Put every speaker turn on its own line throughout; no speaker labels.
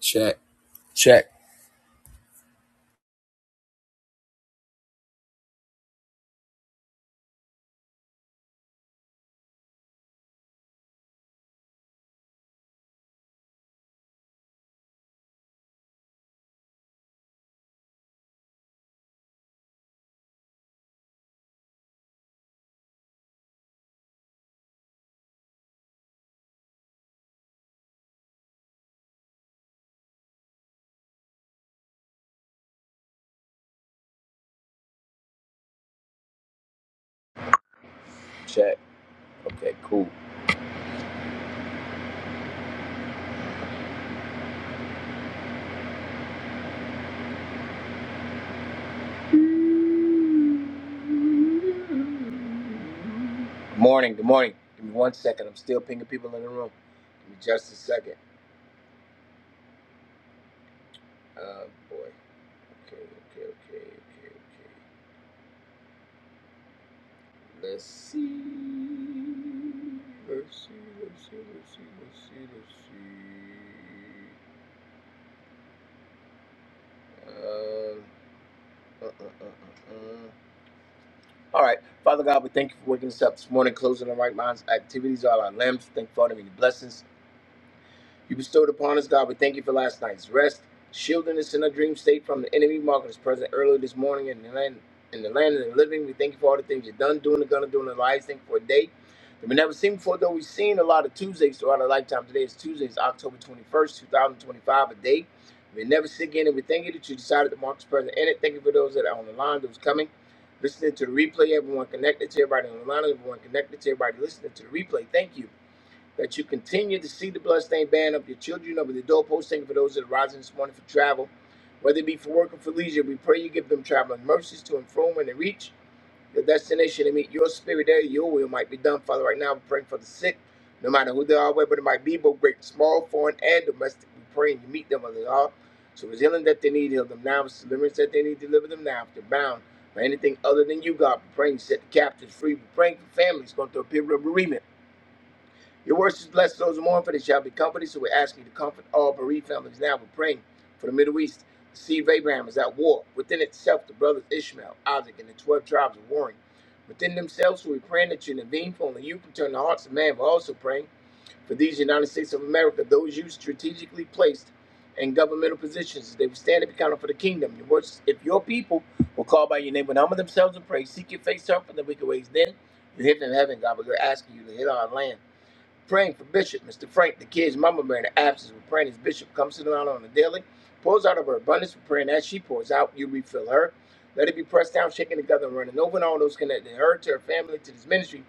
Check. Check.
Check. Okay, cool. Good morning. Good morning. Give me one second. I'm still pinging people in the room. Give me just a second. Uh, boy. Okay, okay, okay, okay, okay. Let's see. Let's see. Let's see. Let's see. Let's see. Let's see. Um. Uh, uh, uh, uh, uh. All right, Father God, we thank you for waking us up this morning, closing the right minds, activities, all our limbs. Thank you for all the many blessings. You bestowed upon us, God. We thank you for last night's rest, shielding us in a dream state from the enemy, marking us present earlier this morning in the land in the land of the living. We thank you for all the things you've done, doing, and gonna do in our lives. Thank you for a day that we never seen before, though we've seen a lot of Tuesdays throughout our lifetime. Today is Tuesday, it's October 21st, 2025, a day we never see again. And we thank you that you decided to mark us present in it. Thank you for those that are on the line, those coming. Listening to the replay, everyone connected to everybody on the line, everyone connected to everybody listening to the replay. Thank you that you continue to see the bloodstained banner of your children over the doorpost. Thank you for those that are rising this morning for travel, whether it be for work or for leisure. We pray you give them traveling mercies to and from when they reach the destination and meet your spirit there. Your will might be done, Father. Right now, we're praying for the sick, no matter who they are, whether it might be, both great, small, foreign, and domestic. We pray and you meet them where they are. So it's healing that they need, heal them now. If It's deliverance that they need, deliver them now. If they're bound by anything other than you, God, we pray you set the captives free. We're praying for families going through a period of bereavement. Your words is blessed those who mourn, for they shall be comforted. So we're asking you to comfort all bereaved families now. We're praying for the Middle East. The seed of Abraham is at war. Within itself, the brothers Ishmael, Isaac, and the 12 tribes are warring. Within themselves, So we're praying that you intervene, for only you can turn the hearts of man. We're also praying for these United States of America, those you strategically placed in governmental positions, they will stand and be counted for the kingdom. Your words, if your people will call by your name and humble themselves and pray, seek your face, turn from the wicked ways, then you hear from heaven, God. But we're asking you to hit our land. Praying for Bishop, Mr. Frank, the kid's mama bearing the absence. We're praying as Bishop comes to the line on the daily, pours out of her abundance. We're praying as she pours out, you refill her. Let it be pressed down, shaken together, and running over, and all those connected to her, to her family, to this ministry.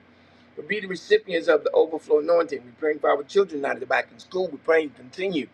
will be the recipients of the overflow anointing. We're praying for our children out of the back in school. We're praying continue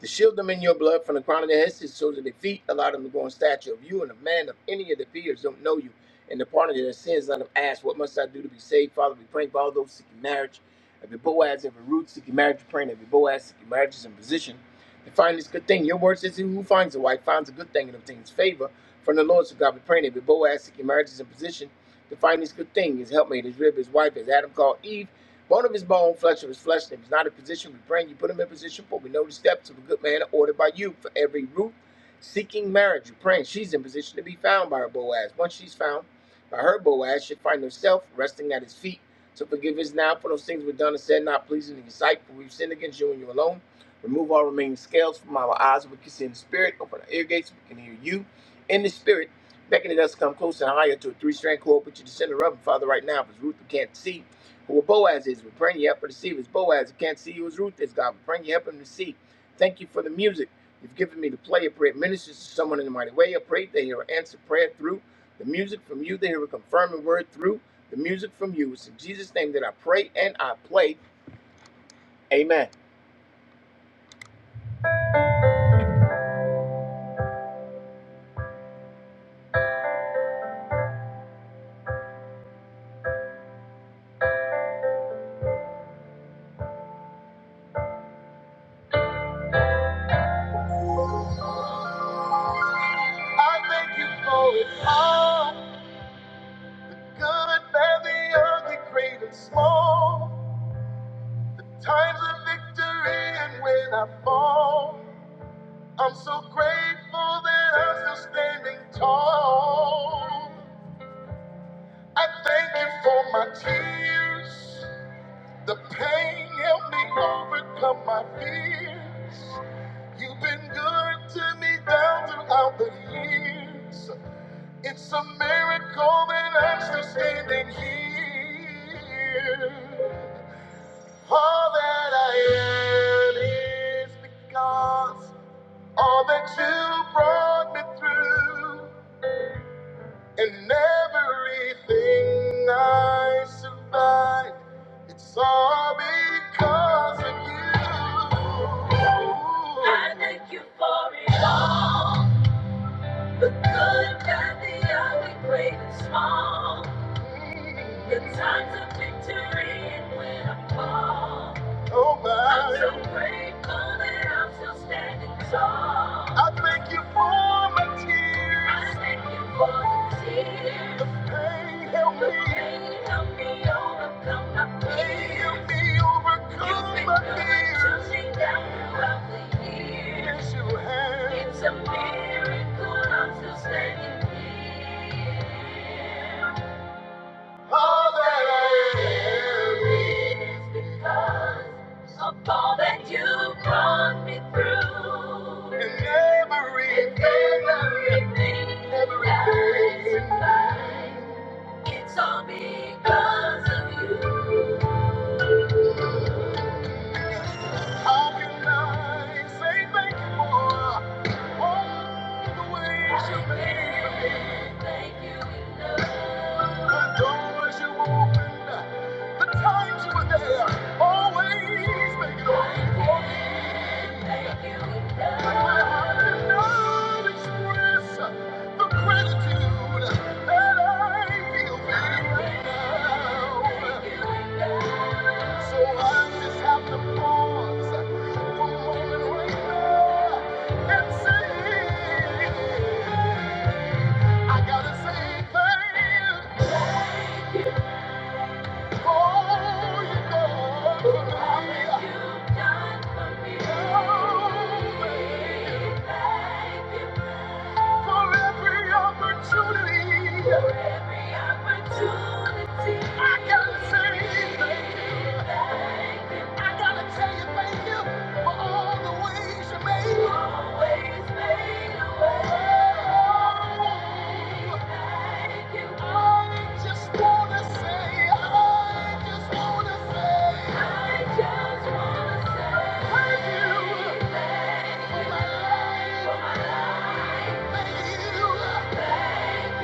to shield them in your blood from the crown of their heads to the soles of their feet. Allow them to grow in stature of you and of man of any of the peers don't know you. And the pardon of their sins, let them ask, What must I do to be saved? Father, we pray for all those seeking marriage. Every Boaz, every Ruth seeking marriage, we praying every Boaz seeking marriage is in position to find this good thing. Your word says, He who finds a wife finds a good thing and obtains favor from the Lord. So God, we praying every Boaz seeking marriage is in position to find this good thing. His helpmate, his rib, his wife, as Adam called Eve. Bone of his bone, flesh of his flesh. And If he's not in position, we bring you, put him in position, for we know the steps of a good man are ordered by you. For every root seeking marriage, you're praying she's in position to be found by her Boaz. Once she's found by her Boaz, she'll find herself resting at his feet. So forgive us now for those things we've done and said not pleasing in your sight, for we've sinned against you and you alone. Remove all remaining scales from our eyes, so we can see in the spirit. Open our ear gates, so we can hear you in the spirit beckoning us to come close and higher to a three-strand cord, but you descend the rub. And Father, right now, if it's Ruth, we can't see. Well, Boaz is. We praying you help her to see. If it's Boaz who can't see you as Ruth is, God, we praying you help him to see. Thank you for the music you've given me to play. A prayer ministers to someone in the mighty way. I pray they hear an answer prayer through the music from you. They hear a confirming word through the music from you. It's in Jesus' name that I pray and I play. Amen. I thank you for it all. Good, bad, the ugly, great and small. Times of victory and when I fall. I'm so grateful that I'm still standing tall. I thank you for my tears. The pain helped me overcome my fears. You've been good to me down throughout the years. It's a miracle that I'm still standing here. All that I am is because. All that you brought me through, and everything I survived, it's all because of you. I thank you for it all. The good, bad, the ugly, great and small. The times of victory and when I fall. Nobody. I'm so grateful that I'm still standing tall. I thank you for my tears. I thank you for the tears. The pain helped The me. pain helped me overcome my pain. fears. helped me You've overcome been my good at fears. Chasing down throughout the years. Yes, you have. It's a miracle I'm still standing here. All that I am is because of all that you brought me through. And every, and everything, everything. I It's all because of you. How can I say thank you for all the ways you made me? Thank you enough. The doors you opened, the times you were there, always making a way for me. Thank you enough. My heart cannot express the gratitude. I gotta say thank you. I gotta say thank you. I gotta tell you, thank you. For all the ways you made. I just wanna say, I just wanna say, thank you for my life. Thank you, thank you,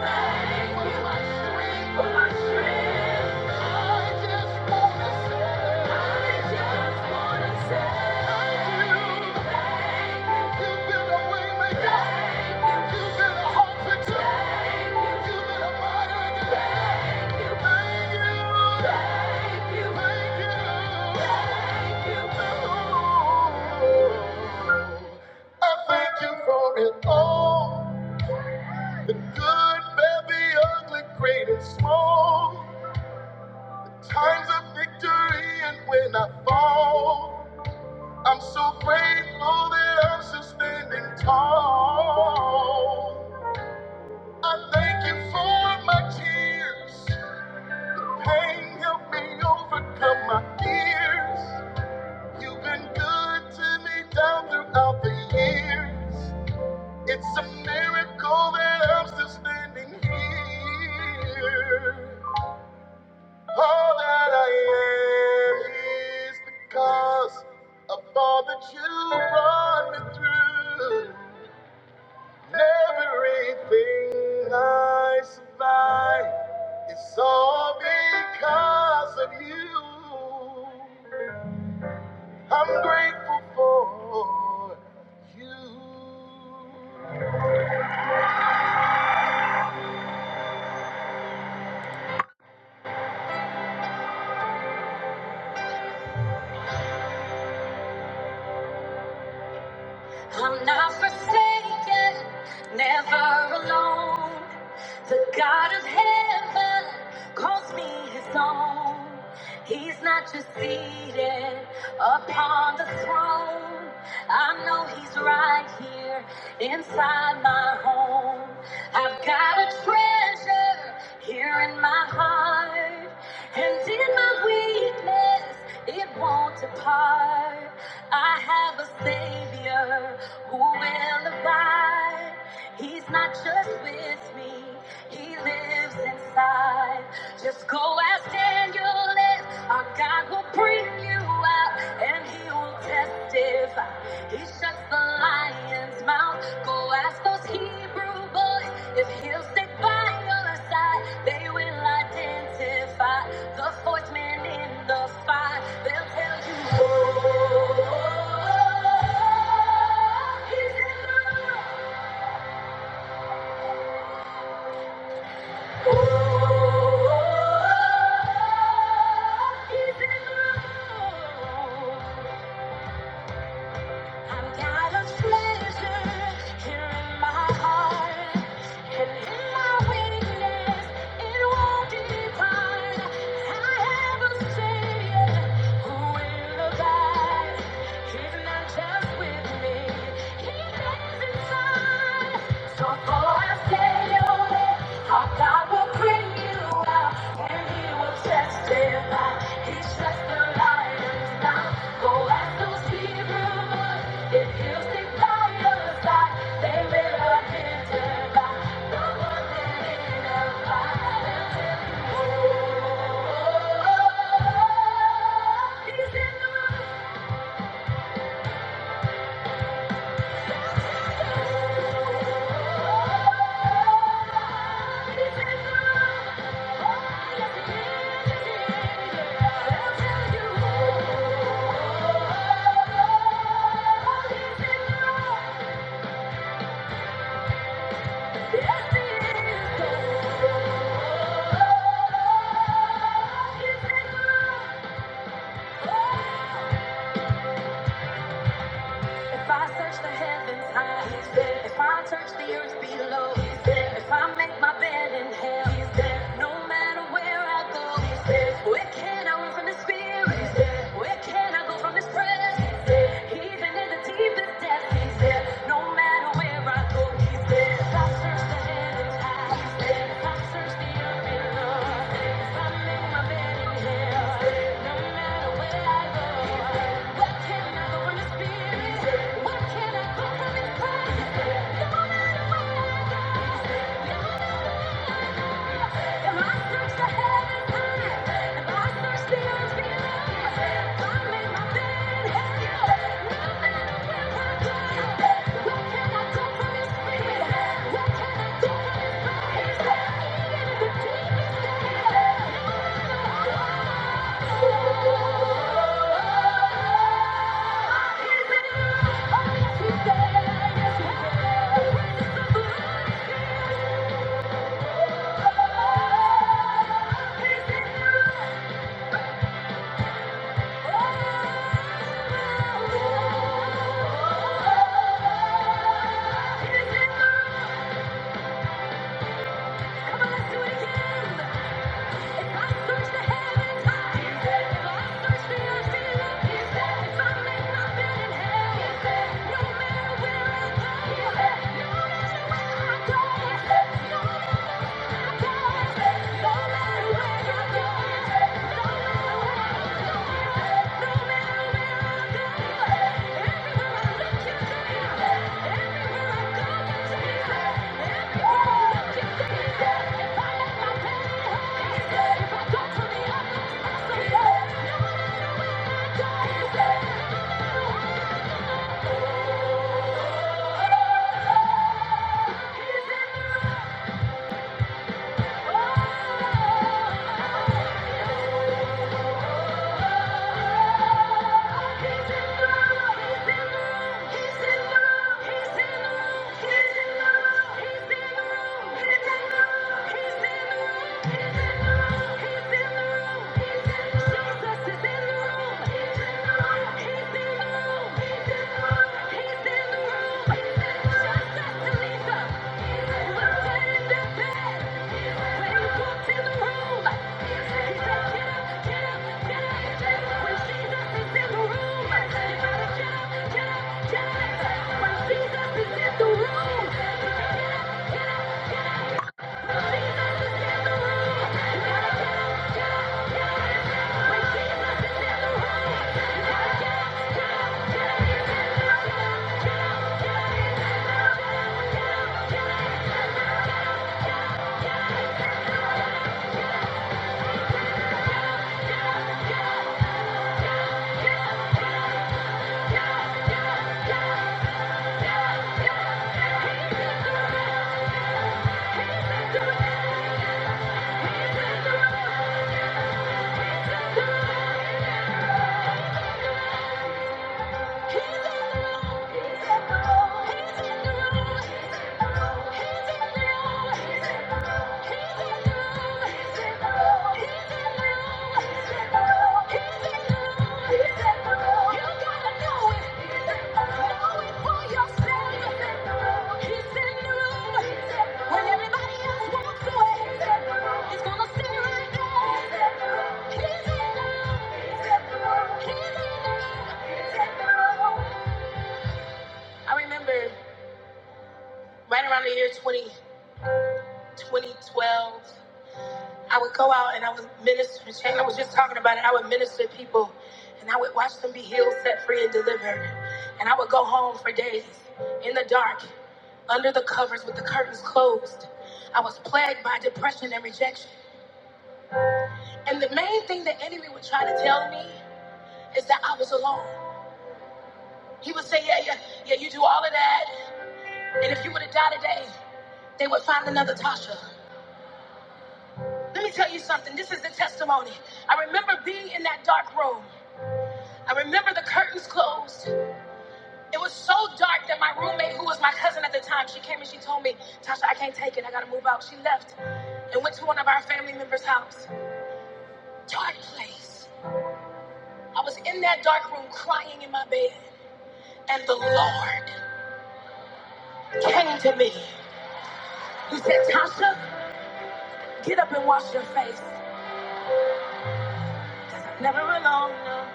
thank you for my strength it All the good, bad, the ugly, great and small. Times of victory and when I fall, I'm so grateful that I'm still standing tall. I thank you for my tears. Pain helped me overcome my fears. You've been good to me down throughout the years. It's a miracle that I'm still standing here. All that I am is because of all that you brought me through. Everything I survive is all because of you. I'm grateful for you. I'm not forsaken, never alone. The God of heaven calls me his own. He's not just seated upon the throne. I know he's right here inside my home. I've got a treasure here in my heart and in my will weakness, it won't depart. I have a Savior who will abide. He's not just with me, He lives inside. Just go as Daniel is, our God will bring you out, and He will testify. He shuts the lion's mouth. Go ask those Hebrew boys if he'll stick by your side. They will identify the fourth man in the fight. They'll tell you, oh, he's in the room. Oh, he's in the room. I've got a treasure here in my heart, and in my weakness, it won't depart. I have a Savior who will abide. He's not just with me, He lives inside. So go and tell your friends, our God will bring you out, and He will testify. He's just the light of dawn. Go and go see the wood. If He'll stand by us, that they will be vindicated. The ones that end up standing up. Oh, He's just the light. Yes, it is. If I search the heavens high, he's there. If I search the earth below, he's there. If I make my bed in hell, he's there. No matter where I go, he's there. Where can I run from his spirit? He's there. Where can I go from his presence? He's there. Even in the deepest depths, he's there. No matter where I go, Thank you yeah. Oh! He's in the room. He's in the room, I remember right around the year twenty, twenty twelve. I would go out and I would minister. Shane, I was just talking about it. I would minister to people and I would watch them be healed, set free, and delivered. And I would go home for days in the dark, under the covers with the curtains closed. I was plagued by depression and rejection. And the main thing the enemy would try to tell me is that I was alone. He would say, Yeah, yeah, yeah, you do all of that. And if you would have died today, they would find another Tasha. Let me tell you something. This is the testimony. I remember being in that dark room. I remember the curtains closed. It was so dark that my roommate, who was my cousin at the time, she came and she told me, Tasha, I can't take it. I gotta move out. She left and went to one of our family members' house. Dark place. I was in that dark room crying in my bed, and the Lord came to me. He said, Tasha, get up and wash your face. Cause I'm never alone. No.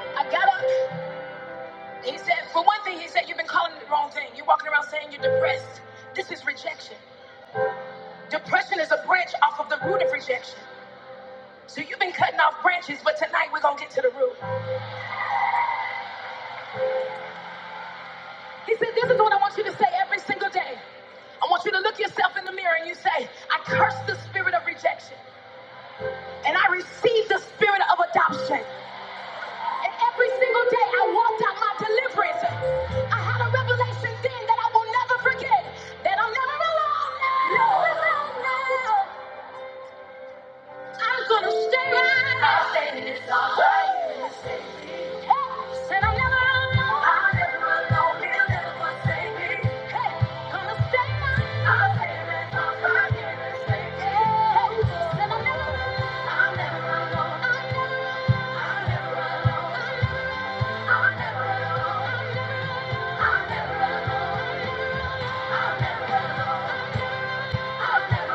I got up. He said, for one thing, he said, you've been calling it the wrong thing. You're walking around saying you're depressed. This is rejection. Depression is a branch off of the root of rejection. So you've been cutting off branches, but tonight we're going to get to the root. He said, This is what I want you to say every single day. I want you to look yourself in the mirror and you say, I curse the spirit of rejection and I receive the spirit of adoption. And every single day I walked out my deliverance. I had a revelation then that I will never forget. That I'm never, never going to stay right. I'll stay right. I'll never, I'll never. I'll never. Impossible.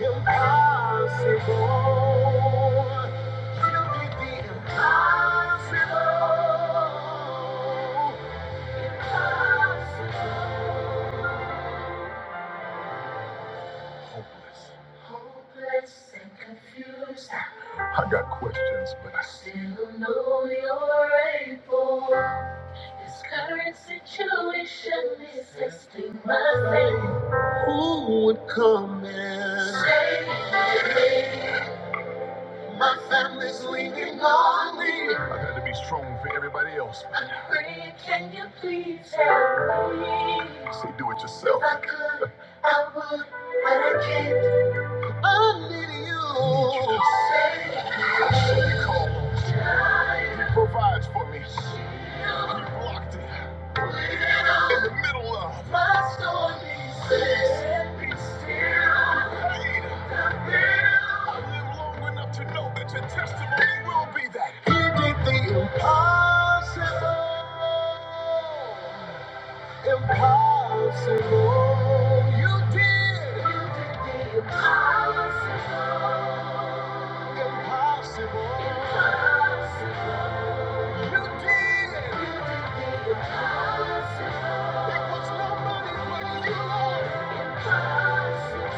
Impossible. You did the impossible. Hopeless. Hopeless and confused. I got questions, but I still know you're able. This current situation is testing my faith. Would come in. I got to be strong for everybody else. Pray, can you please help me? Say, do it yourself. If I could, I would, but I can't. I need you. I need you. Say, so he calls. He provides for me. He blocked it. In the middle of my stormy seas, be still. Are you long enough to know that your testimony will be that He did the impossible? Impossible. You did. You did the impossible. Impossible. Impossible. You did. You did the impossible. It was nobody but you, Lord. Impossible.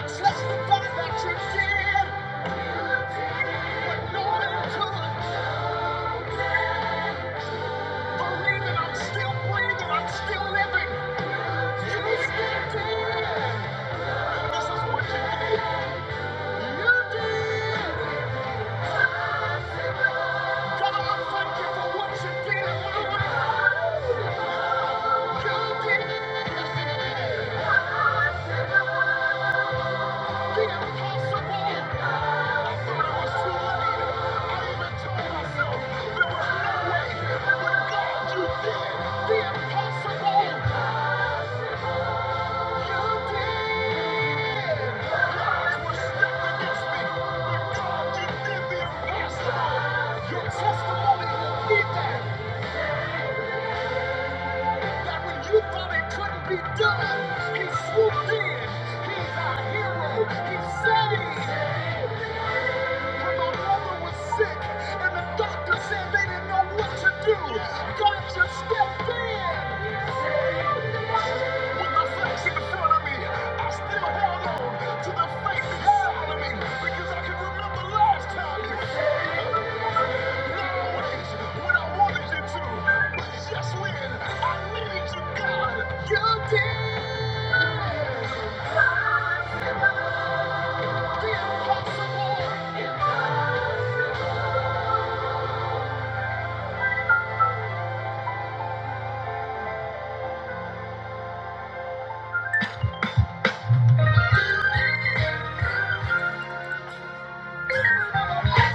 Testify that you did what no man could. Believe that I'm still breathing, I'm still living. The impossible. You When when was That that when you thought it couldn't be done, He He swooped in. He's our hero. He saved When my mother was Sick, and the doctor said they didn't know what to do. God just stepped in.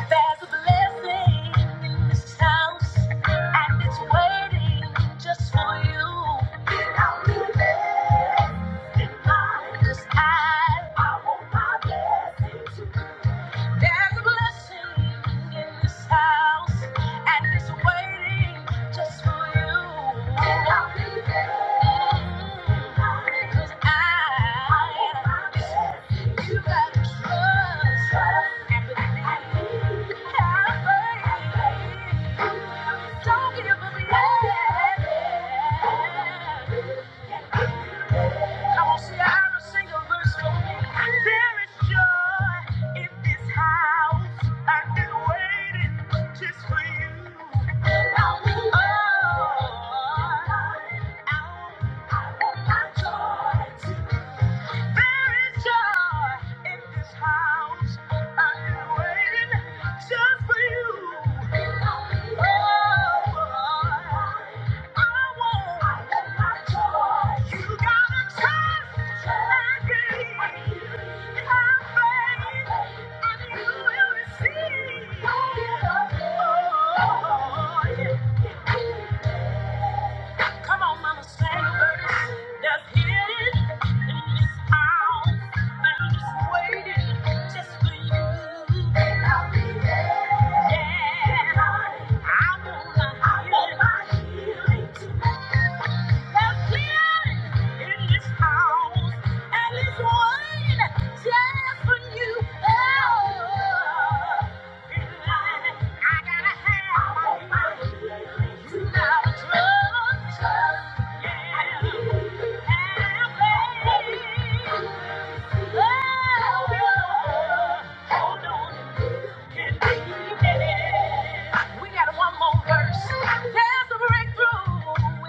There's a blessing in this house, and it's waiting just for you. 'Cause I'm in this house, and it's waiting just for you. Cause I, you got to trust Don't give up yet. Come on, see every single verse for me. There is joy in this house. I've been waiting just for you. Oh, I want joy There is joy in this house. I've been waiting just for you. Oh, I want my joy. You gotta trust and believe. Have faith and you will receive. Oh, Come on, mama, say There's healing in this house, I'm just waiting just for you. And I'll be there. Yeah, I wanna I want my healing tonight. There's healing in this house, and it's waiting just for you. Oh. We got one more verse. There's a breakthrough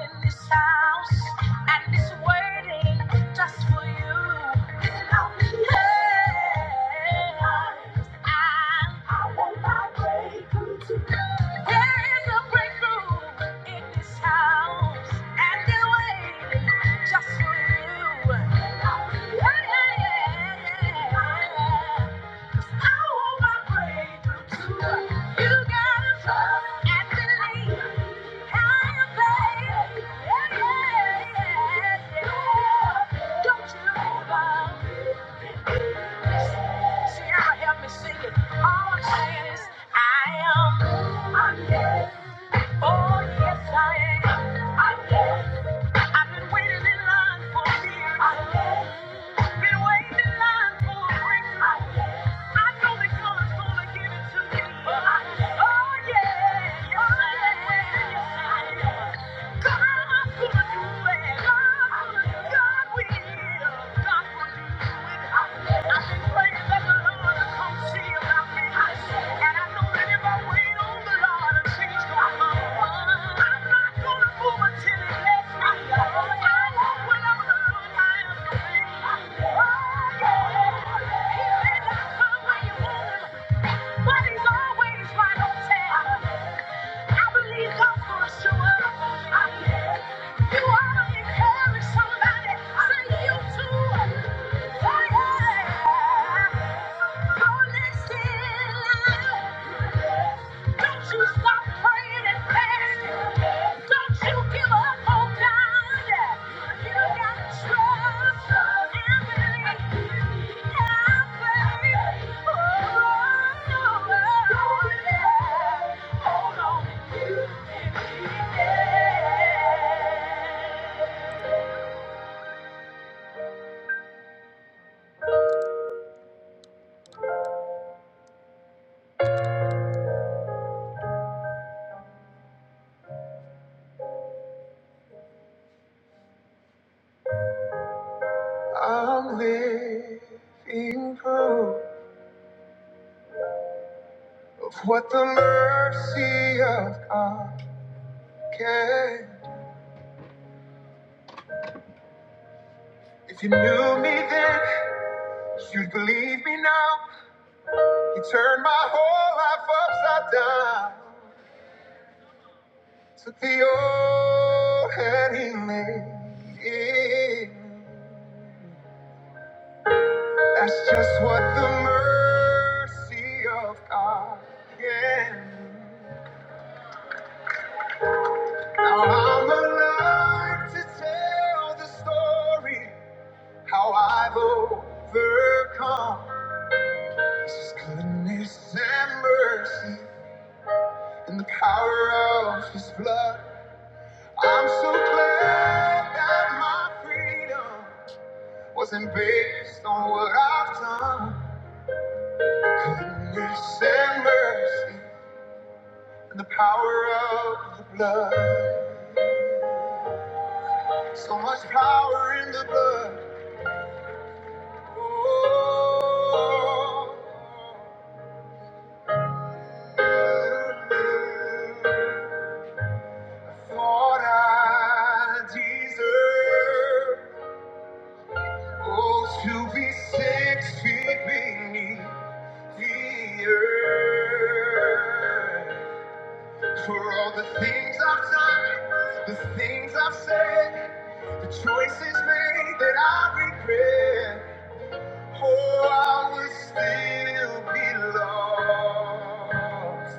in this house, and it's waiting just for you. Hey, I There's a breakthrough in this house, and they're just for you. Yeah, yeah, yeah. I want my breakthrough too. You gotta trust and believe. I am faith. Yeah, yeah, yeah. Don't you love See, I help me sing it. All I'm saying is, I am. I'm dead. Oh, yes, I am. I am. I've been waiting in line for years. I am. Been waiting in line for a breakthrough. I am. I know that God's gonna give it to me. I am. Oh, yeah. Yes, oh, I am. Yes, I am. God's gonna do it. God's gonna do it. God will. God will do it. I am. I've been praying that the Lord will come see about me. I am. And I know that if I wait on Somebody say you too. Oh, yeah. Don't you stop praying and fasting. Don't you give up on God. You gotta trust and believe. Have faith. Oh, yeah. Hold on and get I'm living proof of what the mercy of God can. If you knew me then, you'd believe me now. You turned my whole life upside down. Took the old and he made it. That's just what the mercy of God can do. Now I'm alive to tell the story how I've overcome. It's His goodness and mercy. and the power of his blood. I'm so glad that my freedom wasn't based on what I've done. Goodness and mercy and the power of the blood. So much power in the blood. Oh, I thought I deserved. Oh, to be six feet beneath the earth. For all the things I've done, the things I've said, the choices made that I regret. Oh, I would still be lost.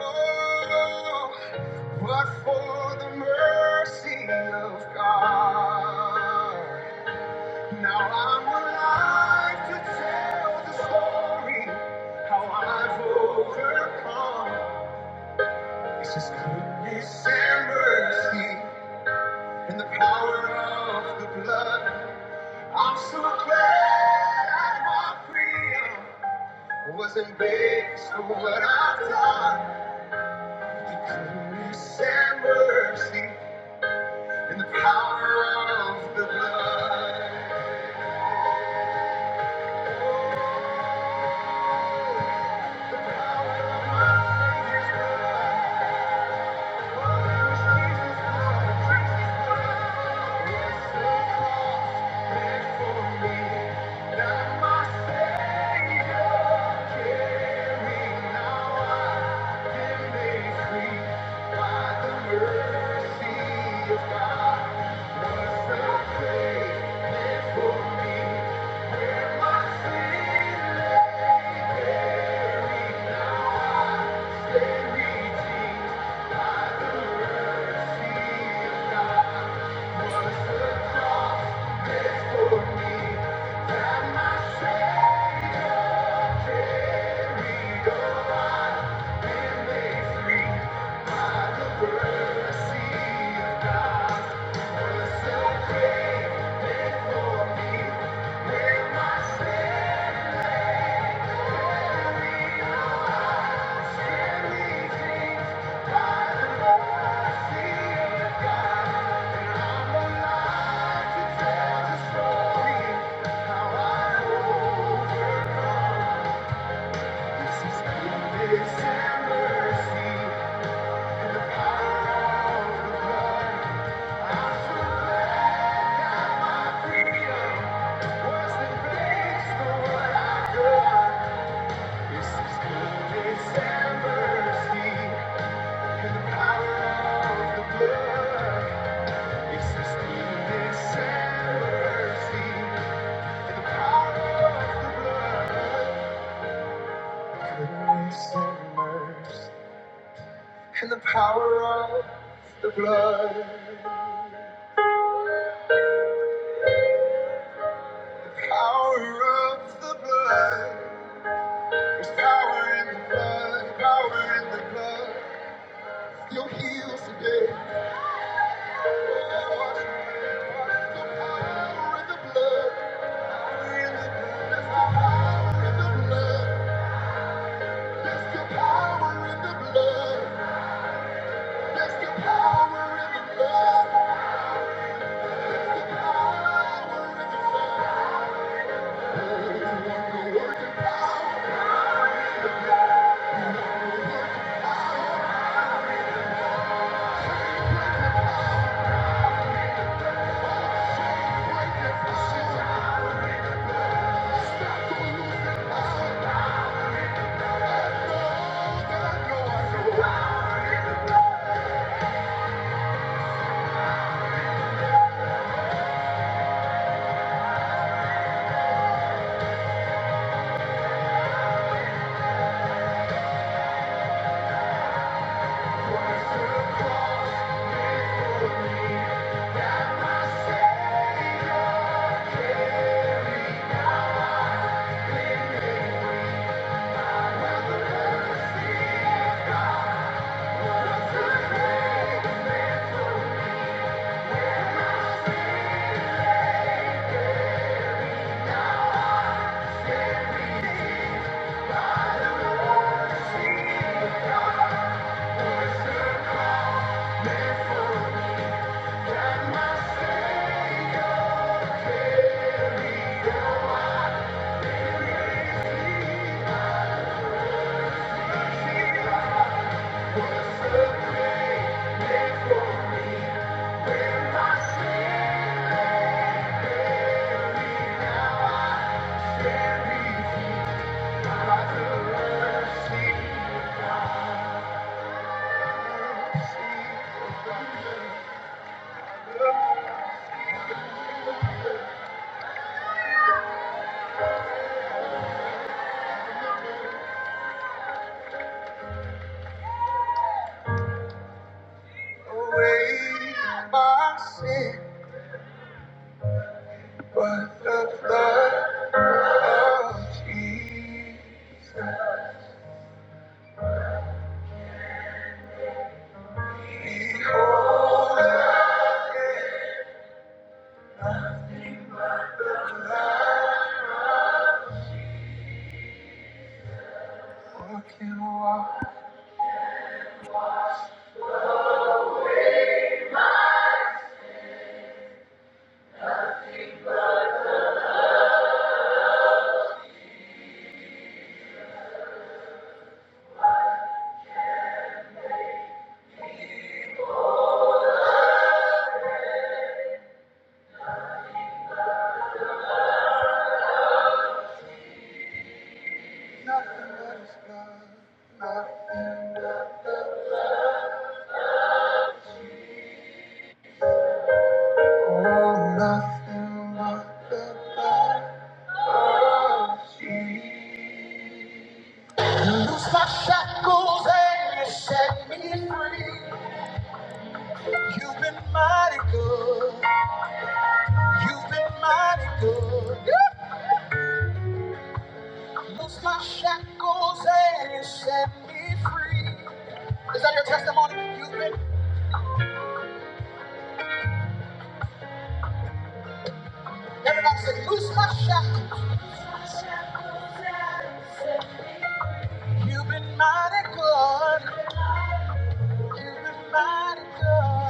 Oh, but for the mercy of God. Now I'm alive to tell the story how I've overcome. It's His goodness and mercy and the power of the blood. I'm so glad my freedom wasn't based on what I've done. The goodness and mercy and the power of the blood. The power of His blood. God, they redeemed the mercy of God. Thank you. This is goodness mercy. Goodness and mercy, and the power of the blood. Power of the blood. There's power in the blood. Power in the blood. You'll heal today. Power in the blood. Power in the blood. There's power in the blood. There's the power in the blood. There's the power in the blood. There's the power in the blood. See, see the blood. away my sin, but the blood of Jesus. Behold, nothing left. I can walk, nothing but His blood, nothing left. Oh, nothing but the blood of Jesus. You loose my shackles and you set me free. You've been mighty good. You've been mighty good. You loosed my shackles and you set me free. Is that your testimony? You've been, you've been mighty good. You've been mighty good.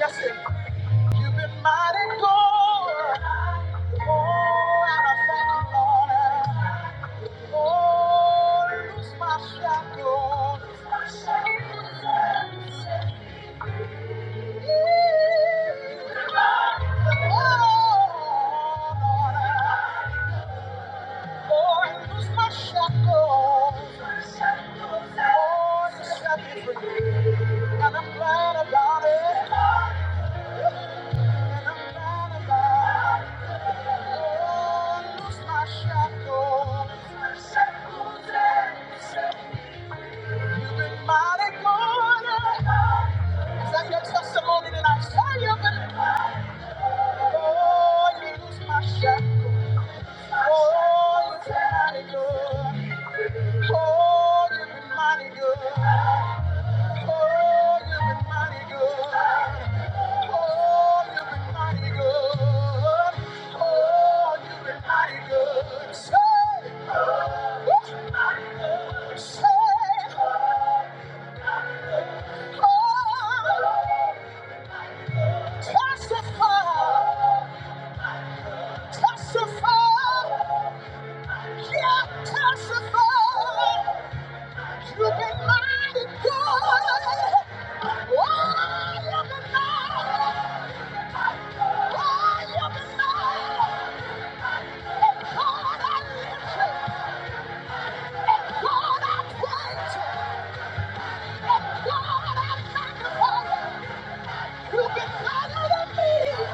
Yes, sir. you've been mighty good. Oh, and I thank you, Lord. Oh, loose my shackles. Yeah. Oh, Lord. Lord, loose my shackles. Lord, you set me free. And I'm glad about it. And I'm glad about it. Lord, loose my shackles. You've been mighty good. Is that your testimony tonight? Say you've been my shackles. Oh, Oh, you've been mighty good. Oh, you've been mighty good. Oh, you've been mighty good. Oh, you've been mighty good. Say, mighty good. Oh, you've been mighty. Oh, you've been mighty. And God, I lift you. And God, I praise you. And God, I magnify you. You've been mighty to me.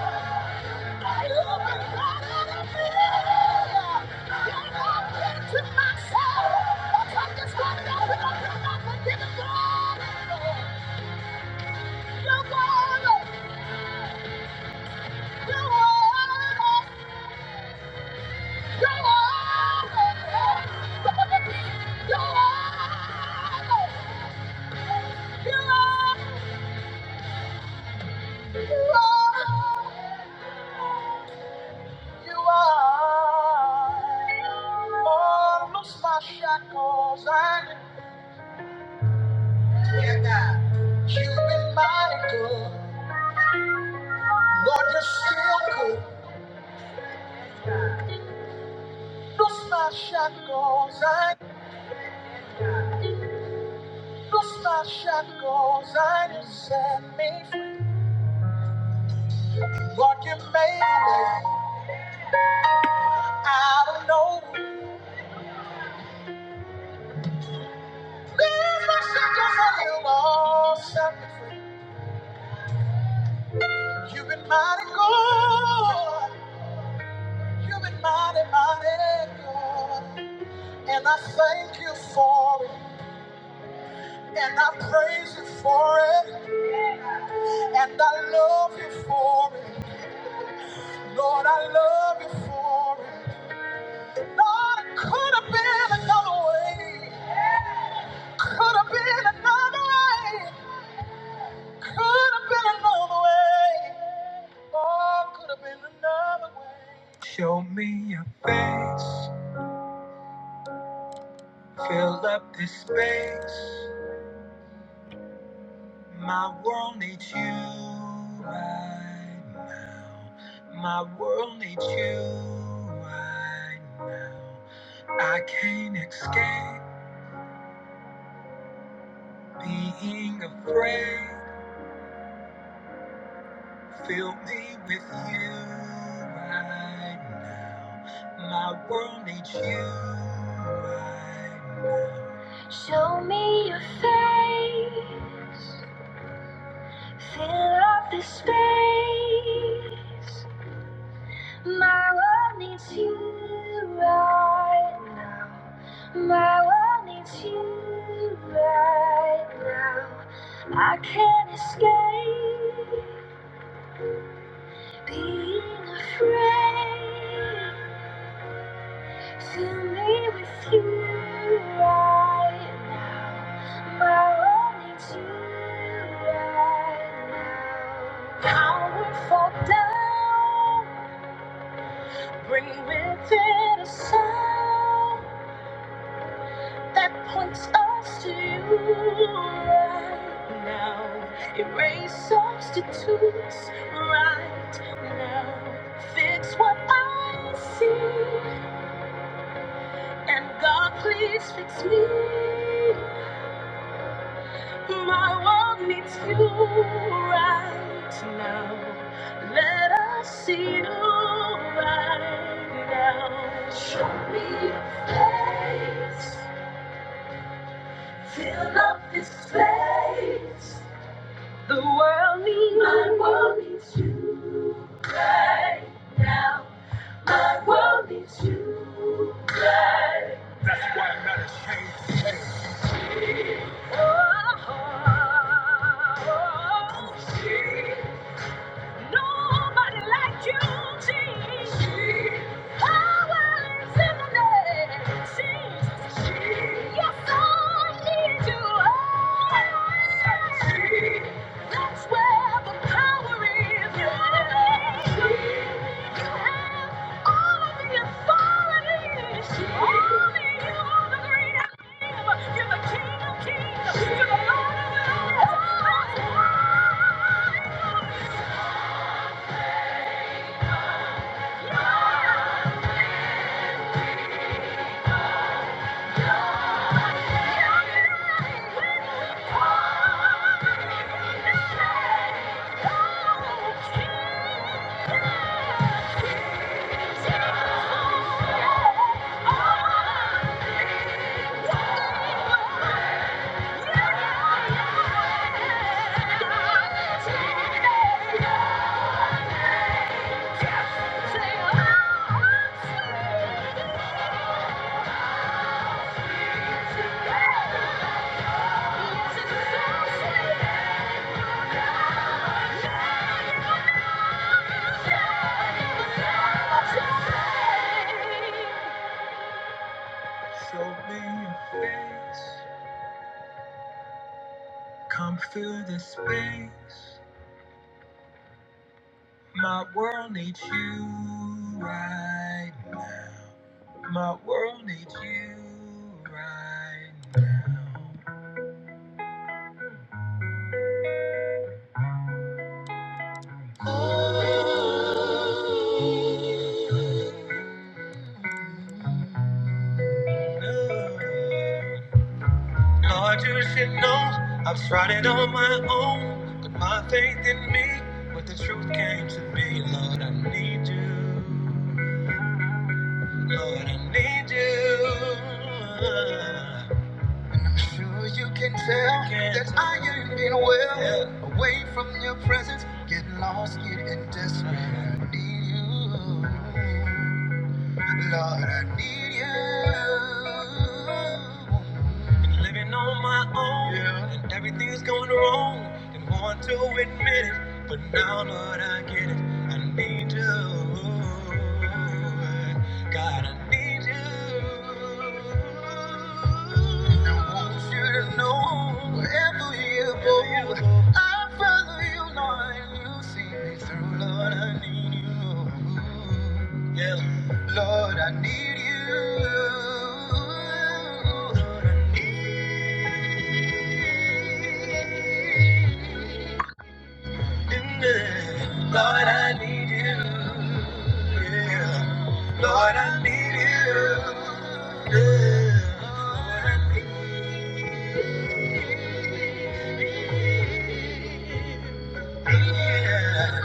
Shackles and yeah, God, you've been mighty good. Lord, you're still good. Lost my shackles, I lost my shackles, I you set me free. Lord, you made me out of nowhere. There's my shackles, and you all set me free. You've been mighty good. You've been mighty, mighty good. And I thank you for it. And I praise you for it. And I love you for it. Lord, I love you for it. Lord, it could have been another way. Could have been another way. Could have been another way. Lord, could have been another way. Show me your face. Fill up this space. My world needs you right now. My world needs you right now. I can't escape being afraid. Fill me with you right now. My world needs you right now. Fill up this space. My world needs you right now. My world needs you right now. I can't escape being afraid. To me with you right now, my only two right now. Power fall down, bring with it a sound that points us to you right now. Erase substitutes right now. Fix what I see, and God please fix me. My world needs you right now. Let us see you right now. Show me your face. Fill up this place. The world needs my world needs. you. Oh, oh, oh. Nobody like you, Jesus. Power is in the name, Jesus. Yes, I need you. Oh, that's where the power is. You have all of the authority. Only you are the great I am. You're the King of Kings. You're the Lord of Lords. Oh, yes. Show me your face. Come through the space. My world needs you right now. My world needs you right now. Lord, you should know I've tried it on my own. But my faith in me, but the truth came to me. Lord, I need you. Lord, I need you. I'm Sure, you can tell that I ain't been well. Away from your presence, get lost, getting desperate. I need you, Lord, I need you. Been living on my own, yeah. and everything's going wrong. Didn't want to admit it, but now, Lord, I get it. I need you. God, I need you. And I want you to know wherever you go, I follow you, Lord. and You see me through, Lord, I need you. Yeah. Lord, I need you. Lord, I need you. Lord, I need you. yeah. Lord, I need you. yeah.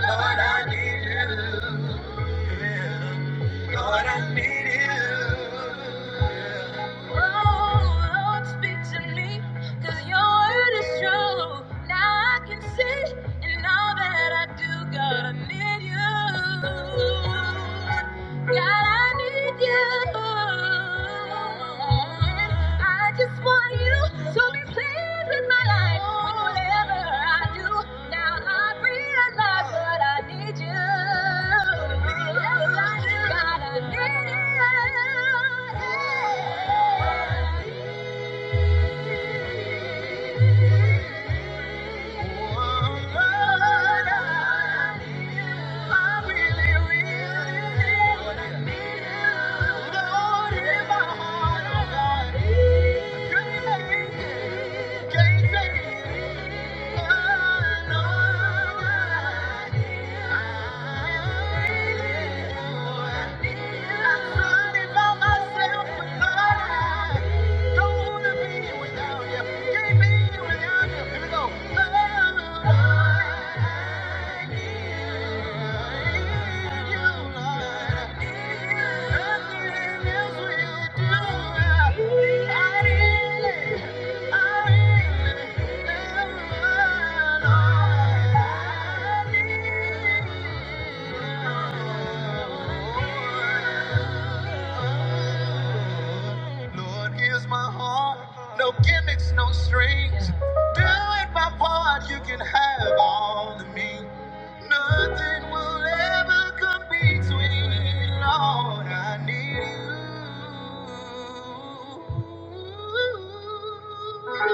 Lord, I need you. yeah. Lord, I need you. yeah. Oh, Lord, speak to me, 'cause your word is true. Now I can see in all that I do, God, I need you. God, I need you. I just want you to be pleased with my life. Whatever I do, now I realize what I need you. God, I need you. I'm running all my life with God. Come on, yeah. Give me you. Here we go. I need you, Lord. Nothing else will do. Lord, here's my heart. No gimmicks, no strings. Do it my part, you can have all of me. Nothing will ever come between. Lord, I need you.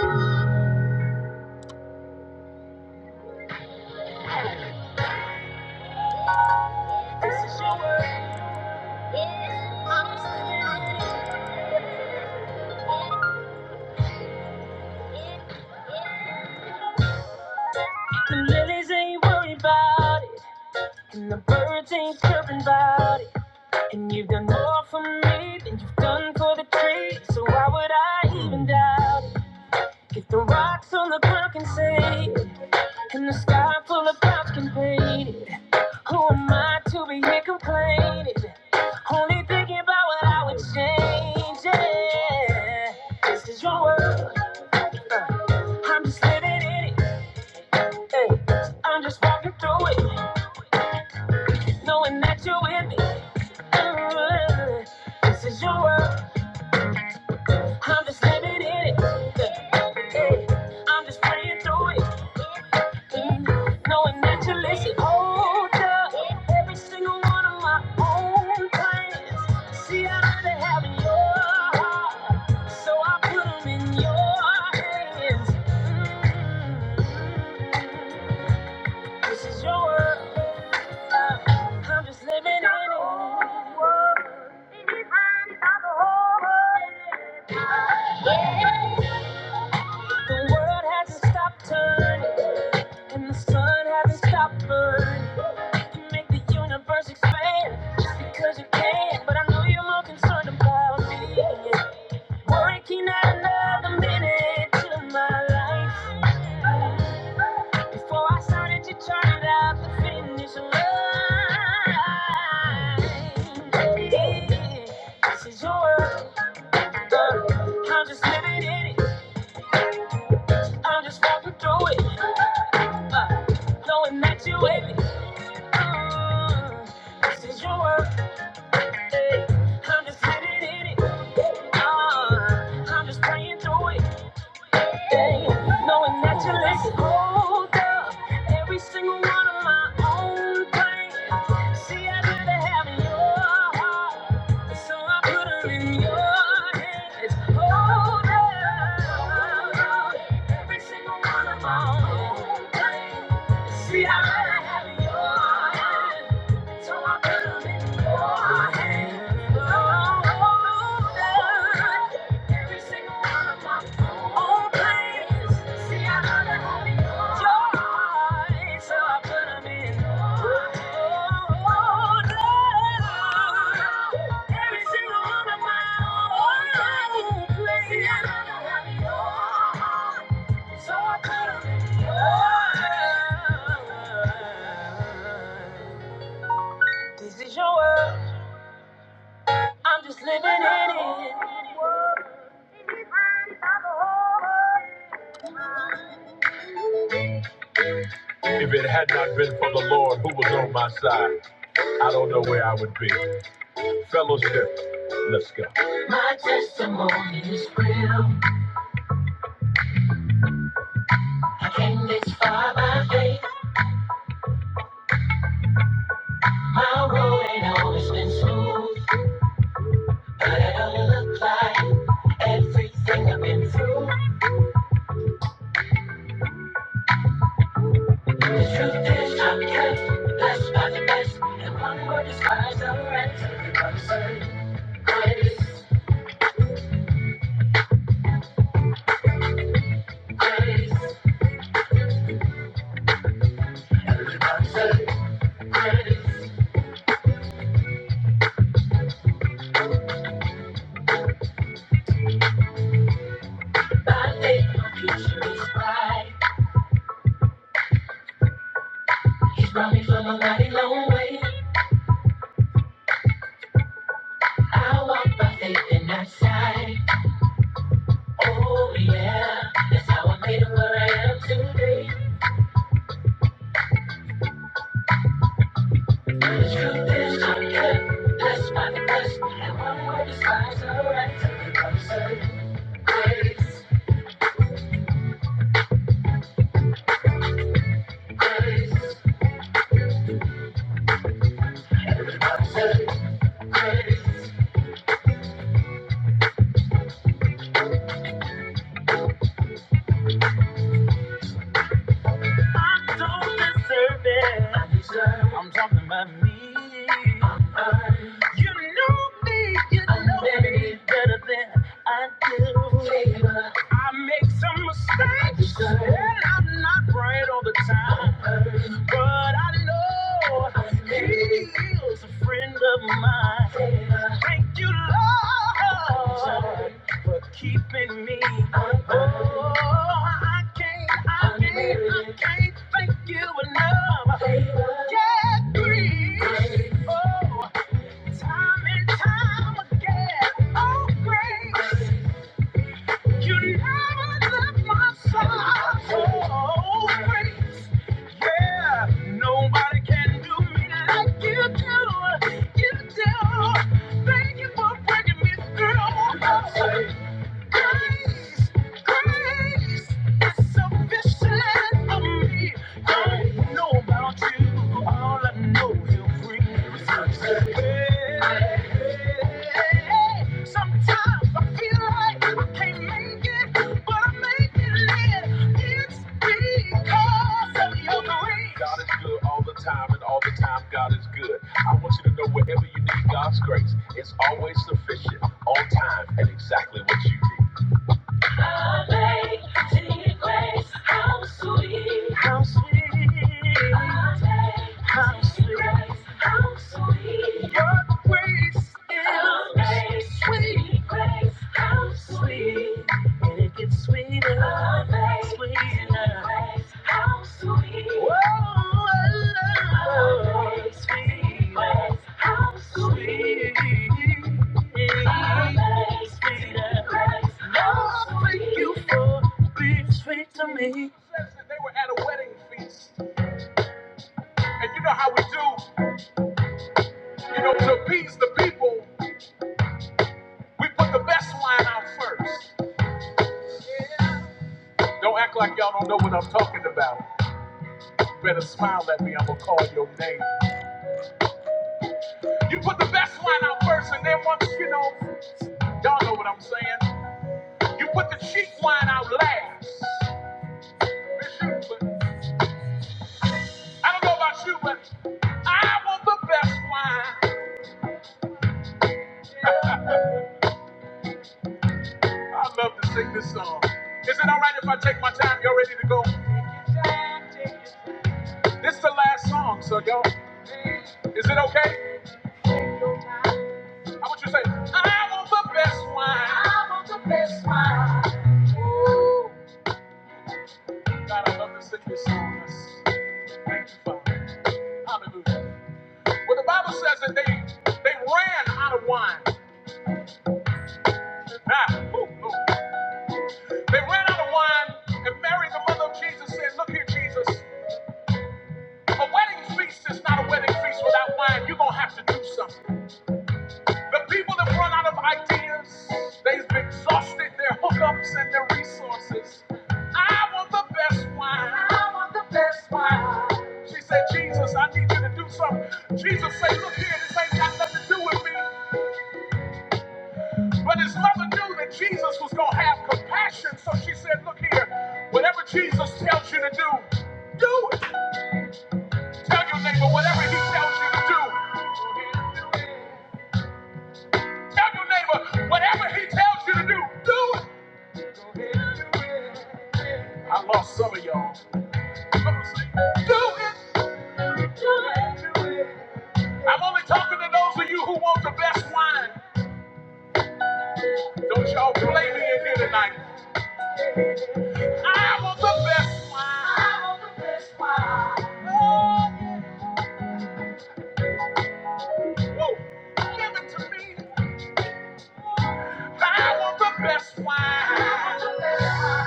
The lilies ain't worried about it, and the birds ain't chirping about it. And you've done more for me than you've done for the tree. So why would I even doubt it? If the rocks on the ground can say it, and the sky full of clouds can paint it, who am I to be here complaining? Only thinking about what I would change. Yeah. This is your world. uh, I'm just living in it. Hey, so I'm just walking through it, knowing that you're with me. Mm, This is your world. I'm just living in it. hey. Hey, I'm just praying through it, mm, knowing that you listen. Hold up, every single one of my own plans. See, I already have in your heart, so I put them in your hands. Mm, this is your world, uh, I'm just living in it. The world hasn't stopped turning, and the sun hasn't stopped burning. to make the universe expand just because you can. But I know you're more concerned about me. Working out another minute to my life. Before I started, you turned out the finish line. Yeah, This is your world. uh, I'm just living in it. I'm just walking through it. Uh, knowing that you're with me. Uh, this is your world. eh. I'm just living in it. Uh, I'm just praying through it day, knowing that you listen. Hold every single one of my own pain. See, I'd rather have your heart, so I put put 'em in your hands. Hold up, every single one of my own pain. See, I'd rather have your hand. So I put put 'em in your hands. Oh, older, every single one of my. All praise joy, so I put 'em in. Order. Every single one of my own plays. So I put 'em in This is your world, I'm just living in it. If it had not been for the Lord who was on my side, I don't know where I would be. Fellowship. Let's go. My testimony is real. I came this far by faith. My road ain't always been smooth, but it don't like everything I've been through. The truth is, I'm kept blessed by the best, and one word describes the rest. Everybody say grace, grace. Everybody say grace. By faith, my future is bright. He's brought me from a mighty long way. I walk by faith and not sight. Oh yeah, that's how I made it where I am today. But the truth is, I'm kept blessed by the best, and one word describes the right to the absurd. Grace, grace, absurd, grace. I don't deserve it. I'm talking about me. You know me, you I know me better than I do. Favor. I make some mistakes, Sure. and I'm not right all the time. But I know He is a friend of mine. Thank you, Lord, for keeping me. Oh, I can't, I can't, I can't thank you enough. Yeah, please. Oh. Time and time again, oh grace, you never left my side. Oh grace, yeah, nobody can do me like you do, you do. Thank you for bringing me through. Oh, Grace, grace is sufficient for me. I don't know about you, all I know is free. Hey, Sometimes I feel like I can't make it, but I make it live. It's because of your grace. God is good all the time, and all the time God is good. I want you to know wherever you need God's grace, it's always sufficient, on time, and exactly what you need. Amazing grace, how sweet, how sweet, how sweet, how sweet. Your grace is amazing grace, how sweet, and it gets sweeter, amazing sweeter. How sweet, whoa, sweet, how sweet. Don't act like y'all don't know what I'm talking about. Better smile at me, I'm gonna call your name. You put the best wine out first, and then once you know, y'all know what I'm saying. You put the cheap wine out last. I don't know about you, but I want the best wine. I love to sing this song. Is it all right if I take my time? Y'all ready to go? This is the last song, so y'all. Is it okay? I want you to say, I want the best wine. God, I love to sing this song. Yes. Thank you, Father. Hallelujah. Well, the Bible says that they they ran out of wine. Ah, ooh, ooh. They ran out of wine, and Mary, the mother of Jesus, said, Look here, Jesus. A wedding feast is not a wedding feast without wine. You're going to have to do something. The people that run out of ideas, they've exhausted their hookups and their resources. I want the best wine. I want the best wine. She said, Jesus, I need you to do something. Jesus said, Look here, this ain't got nothing to do with me. But his mother knew that Jesus was going to have compassion. So she said, Look here, whatever Jesus tells you to do, do it. Tell your neighbor, whatever he tells you to do, Tell your neighbor, whatever he tells you to do, do it. I lost some of y'all. Do it. I'm only talking to those of you who want the best wine. Don't y'all play me in here tonight. I want the best wine. I want the best wine. Oh, woo. Give it to me. I want the best wine. I want the best wine.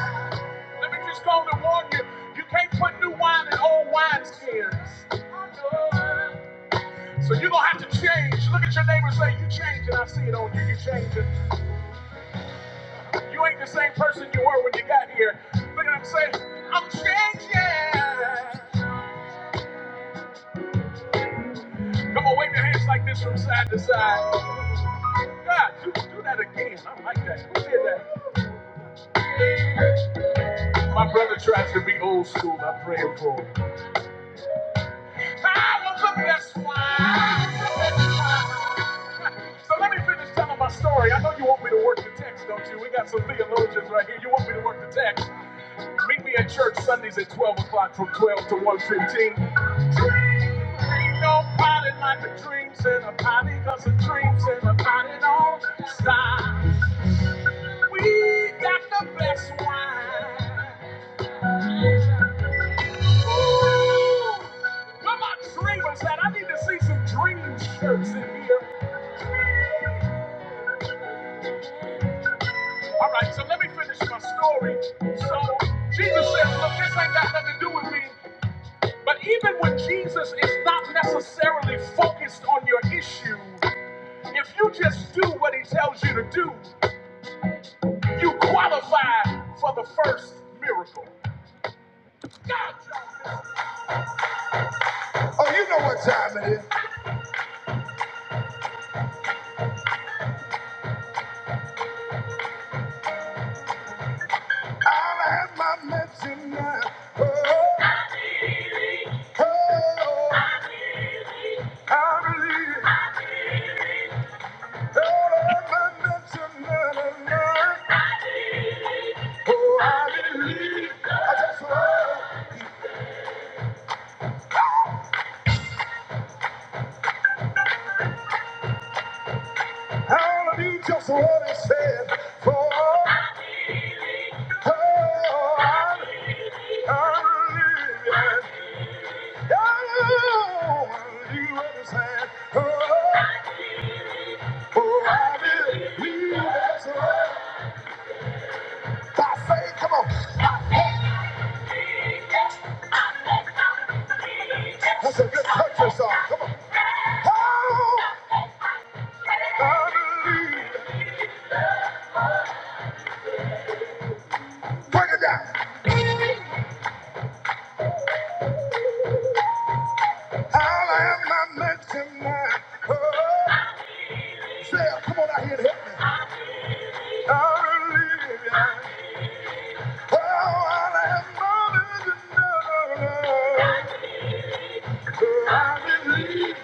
Let me just go and warn you. You can't put new wine in old wineskins. So you're gonna have to change. Look at your neighbor and say, you changing. I see it on you. You changing. You ain't the same person you were when you got here. Look at what I'm saying, I'm changing. Come on, wave your hands like this from side to side. God, do, do that again. I like that. Who did that? My brother tries to be old school. I pray for him. I was the best one. So let me finish telling my story. I know you want me to work the text, don't you? We got some theologians right here. You want me to work the text? Meet me at church Sundays at 12 o'clock from 12 to one fifteen. Ain't nobody like the dreams in a party, cause the dreams in a party don't stop. We got the best wine. Ooh, where my dreamers at? I need to see some dream shirts in here. All right, so let me finish my story. So Jesus says, look, this ain't got nothing to do with me. But even when Jesus is not necessarily focused on your issue, if you just do what he tells you to do, You qualify for the first miracle. Gotcha. Oh, you know what time it is. I'll have my medicine now. Oh, oh, oh. I believe. I'll have my medicine now. Oh, I believe. I just want all of you just what it said. For oh, I, I believe. Yeah. Oh, I believe what it said. Oh, oh, oh. For I believe we will resurrect by faith. Come on. That's a good country song. Come on. Oh, I believe. Break it down. I am not meant to mind. Oh, Sarah, come on out here and help me. I believe. yeah. Oh, I am not meant to know. Oh, I believe.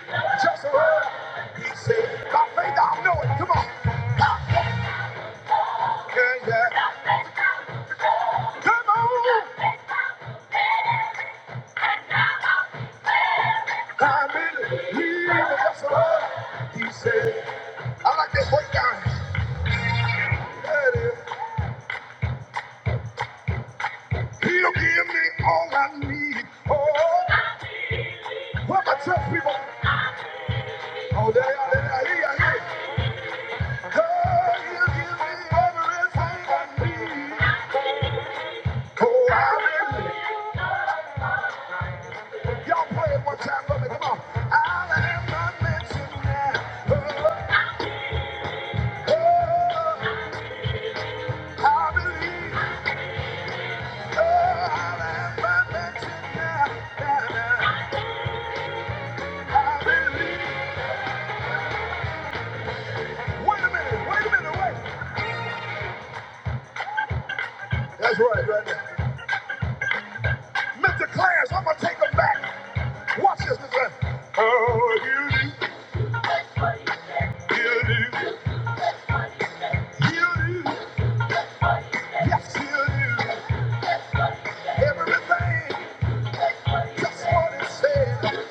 Just a word. He said, by faith I know it. Come on. Yeah, yeah. Come on. I is he that's alive. He said, I like that breakdown. guy. it is. He'll give me all I need. Oh, what my church people. Oh, there there, are, there here, here. Oh, he'll give me everything I need. Oh, I hallelujah. Y'all play it one time for me. Come on. I am not mentioned now. Oh, oh, I believe. Oh, I am not mentioned now. Now, now. Hallelujah. Wait a minute, wait a minute, wait. That's right, right there. Mr. Clarence, I'm gonna take him back. Watch this, Mr. Oh, he'll do, he'll do, he'll do. Yes, he'll do. Everything, just what it said.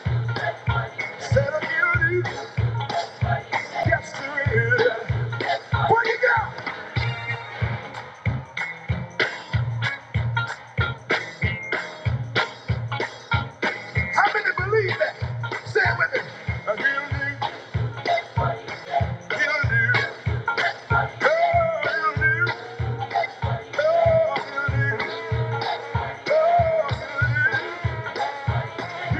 Said of he'll do, yes, he will. Break it down. How many believe that? Say it with me. Oh, he'll do, he'll do. Oh, he'll do, oh, he'll do, oh, he'll do. Oh,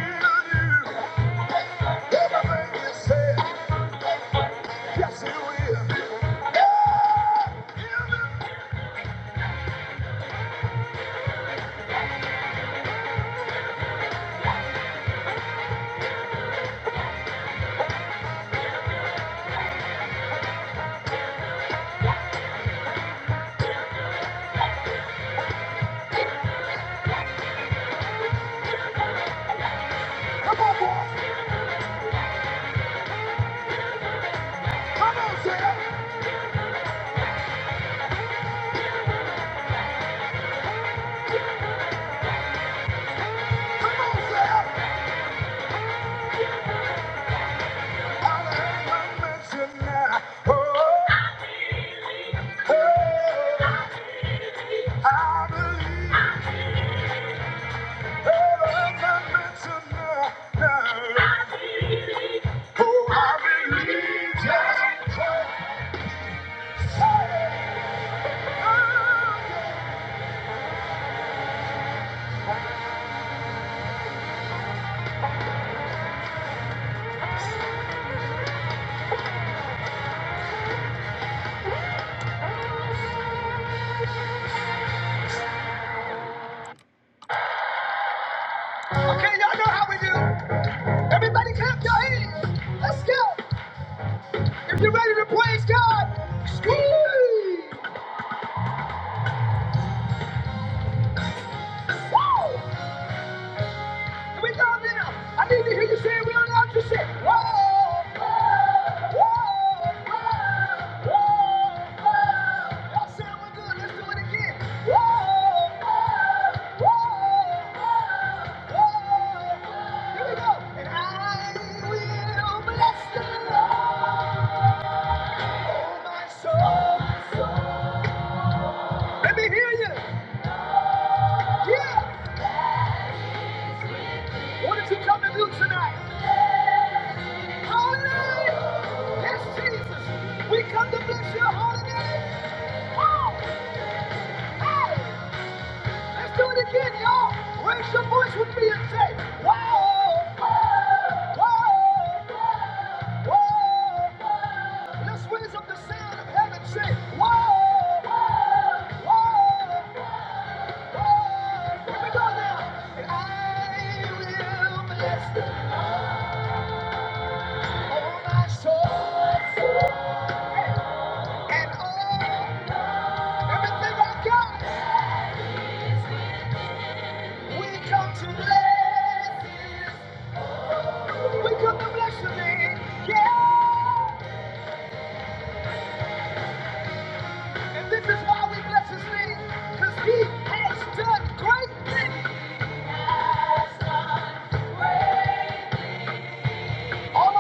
I believe just what say. Let me hear you. Yeah. What did you come to do tonight? Hallelujah. Yes, Jesus. We come to bless your holy name. Raise your voice with me and say, Wow, wow, wow. Let's raise up the sound of heaven. Say, Wow, wow, wow. Here we go now. And I will bless the Lord, my soul, and all everything I have got. We come to bless His. We come to bless Your name. Yeah. And this is why we bless His name, 'cause He has done. all.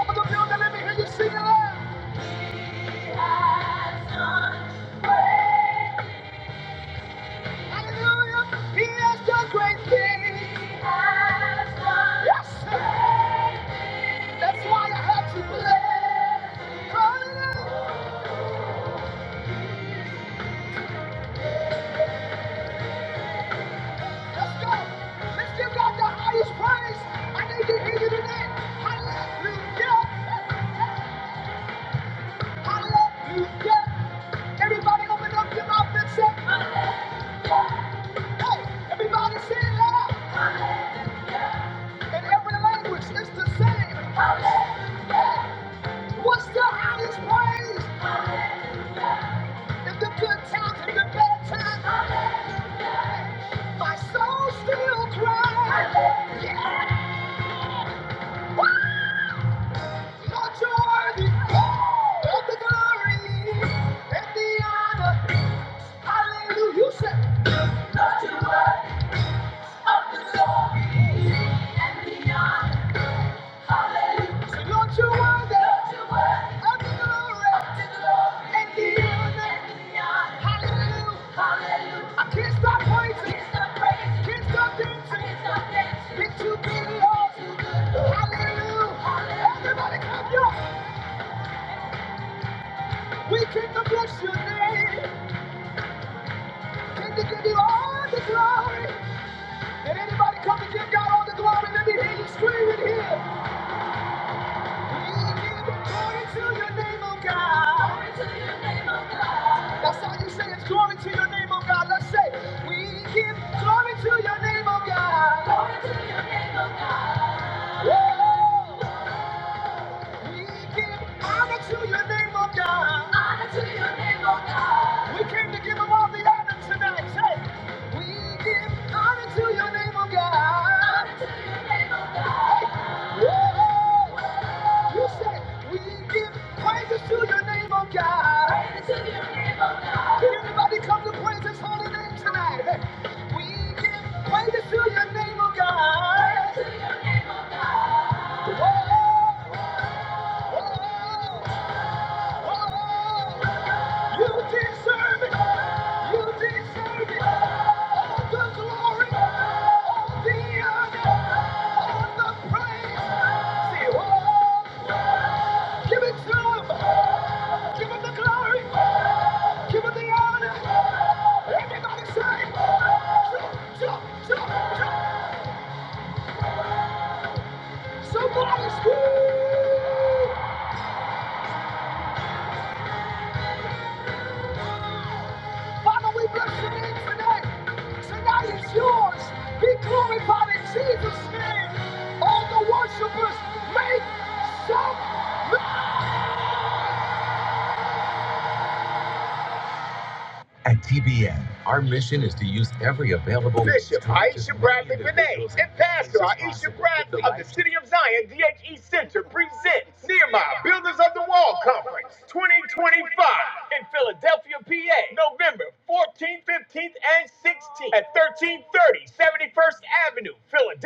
What's the highest praise? In the good times and the bad times, my soul still cries. Yeah. Lord, you're worthy of the glory and the honor. Hallelujah. You said, I can't stop praising, can't stop dancing. It's too big, Lord. Hallelujah. Everybody come, yo. We can bless your name. Can you give you all the glory? And anybody come to give God all the glory? Let me hear you scream it here. We give glory to your name, oh God. Glory to your name, oh God. That's how you say it's glory to your name, oh God. Let's say, we give glory to your name, oh God. Glory to your name, oh God. Whoa. We give honor to your name, oh God. Honor to your name, oh God. We came to give him all the honor tonight. Say, we give honor to your name, oh God. Whoa. You said we give praises to your name, oh God. Praises to your name, oh God. Can everybody come to praise his holy name tonight? We give praises to your name, oh God. Praises to your name. Oh, oh, oh, oh. You deserve it. You deserve it. All the glory, all the honor, all the praise. Say, oh, give it to him. Give him the glory. Give him the honor. Everybody say, jump, jump, jump, jump. Somebody scream. At TBN, our mission is to use every available Bishop Aisha Bradley Vinay and Pastor Aisha Bradley of the City of Zion DHE Center presents Nehemiah Builders of the Wall Conference 2025 in Philadelphia, PA, November 14th, 15th, and 16th at 1330 71st Avenue, Philadelphia.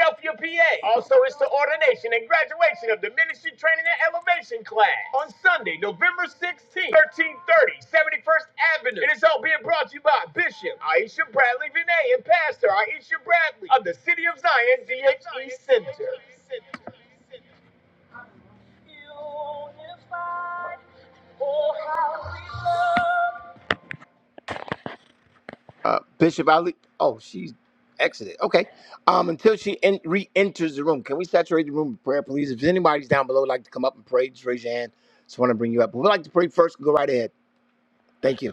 PA. Also, it's the ordination and graduation of the Ministry Training and Elevation class on Sunday, November 16th, 1330, 71st Avenue. It is all being brought to you by Bishop Aisha Bradley Vinay and Pastor Aisha Bradley of the City of Zion DHE Center. uh, Bishop Ali. Oh, she's exited. Okay. Um, until she en- re-enters the room, can we saturate the room with prayer, please? If anybody's down below, would like to come up and pray, just raise your hand. Just want to bring you up. We'd like to pray first. Go right ahead. Thank you.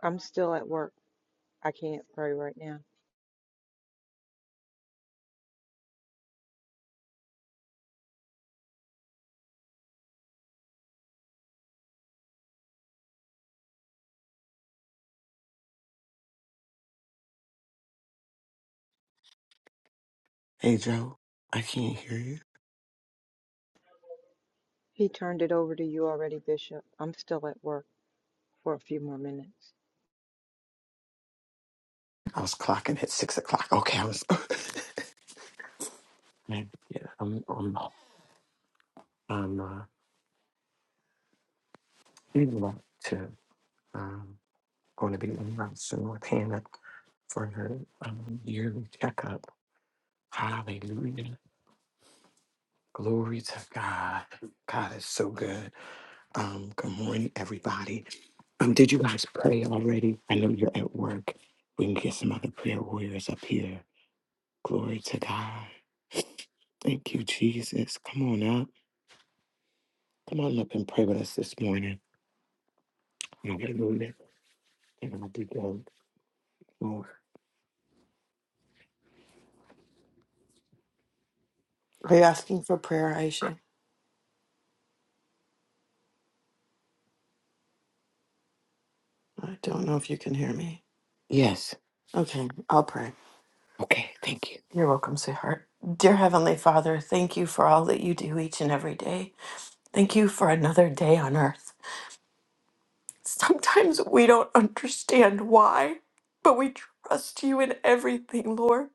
I'm still at work. I can't pray right now.
Hey Joe, I can't hear you.
He turned it over to you already, Bishop. I'm still at work for a few more minutes.
I was clocking at six o'clock. Okay, I was. Man, yeah, I'm. I'm. I'm. Uh, getting back to um, going to be in route soon with Hannah for her um, yearly checkup. Hallelujah, glory to God. God is so good. Um, good morning, everybody. Um, did you guys pray already? I know you're at work. We can get some other prayer warriors up here. Glory to God. Thank you, Jesus. Come on up. Come on up and pray with us this morning. Hallelujah. And I'll be going over.
Are you asking for prayer, Aisha? I don't know if you can hear me.
Yes.
Okay, I'll pray.
Okay. Thank you.
You're welcome, sweetheart. Dear Heavenly Father, thank you for all that you do each and every day. Thank you for another day on earth. Sometimes we don't understand why, but we trust you in everything, Lord.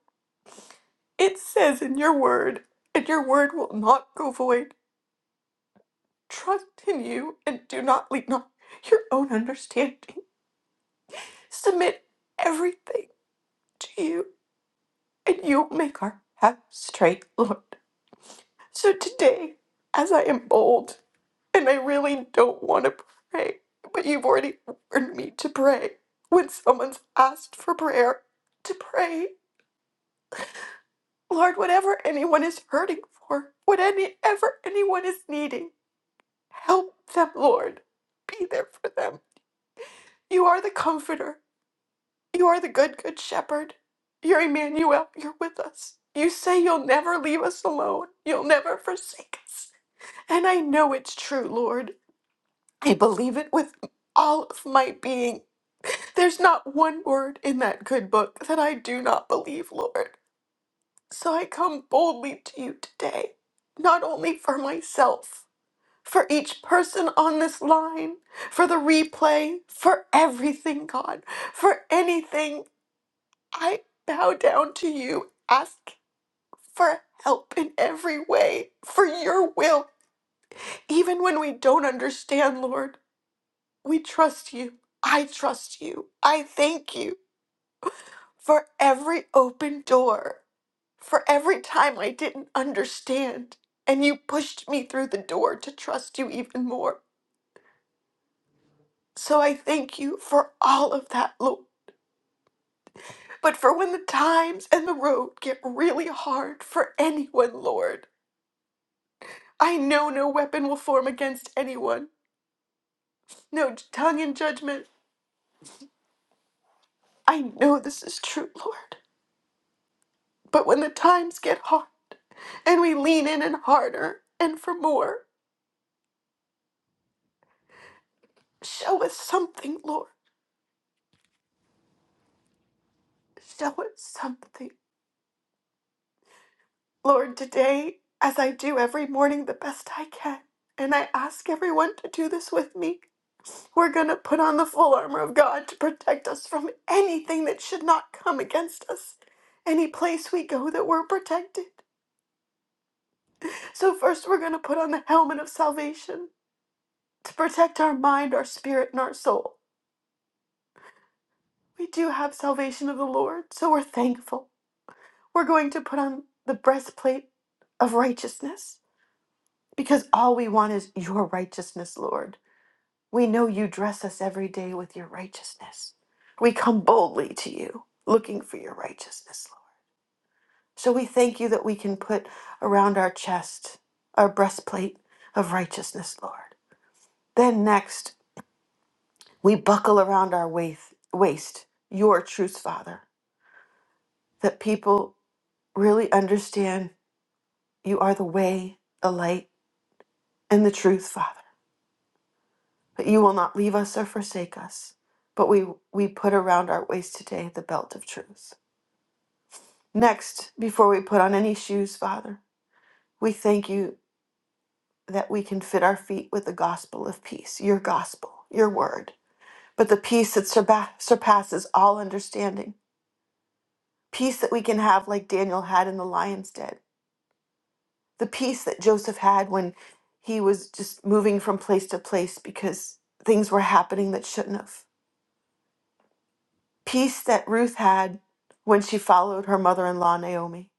It says in your word, and your word will not go void. Trust in you and do not lean on your own understanding. Submit everything to you. and you make our path straight, Lord. So today, as I am bold and I really don't want to pray, but you've already warned me to pray when someone's asked for prayer, to pray, Lord, whatever anyone is hurting for, whatever anyone is needing, help them, Lord. Be there for them. You are the comforter. You are the good, good shepherd. You're Emmanuel. You're with us. You say you'll never leave us alone. You'll never forsake us. And I know it's true, Lord. I believe it with all of my being. There's not one word in that good book that I do not believe, Lord. So I come boldly to you today, not only for myself, for each person on this line, for the replay, for everything, God, for anything. I bow down to you, ask for help in every way, for your will, even when we don't understand, Lord. We trust you. I trust you. I thank you for every open door, for every time I didn't understand, and you pushed me through the door to trust you even more. So I thank you for all of that, Lord. But for when the times and the road get really hard for anyone, Lord, I know no weapon will form against anyone, no tongue in judgment. I know this is true, Lord. But when the times get hard and we lean in and harder and for more, show us something, Lord. Show us something. Lord, today, as I do every morning the best I can, and I ask everyone to do this with me, we're going to put on the full armor of God to protect us from anything that should not come against us, any place we go that we're protected. So, first, we're going to put on the helmet of salvation to protect our mind, our spirit, and our soul. We do have salvation of the Lord, so we're thankful. We're going to put on the breastplate of righteousness because all we want is your righteousness, Lord. We know you dress us every day with your righteousness. We come boldly to you looking for your righteousness, Lord. So we thank you that we can put around our chest our breastplate of righteousness, Lord. Then next, we buckle around our waist, waist your truth, Father, that people really understand You are the way, the light, and the truth, Father. But you will not leave us or forsake us. But we, we put around our waist today the belt of truth. Next, before we put on any shoes, Father, we thank you that we can fit our feet with the gospel of peace, your gospel, your word, but the peace that surpa- surpasses all understanding, peace that we can have like Daniel had in the lion's den the peace that Joseph had when he was just moving from place to place because things were happening that shouldn't have. Peace that Ruth had when she followed her mother in law, Naomi.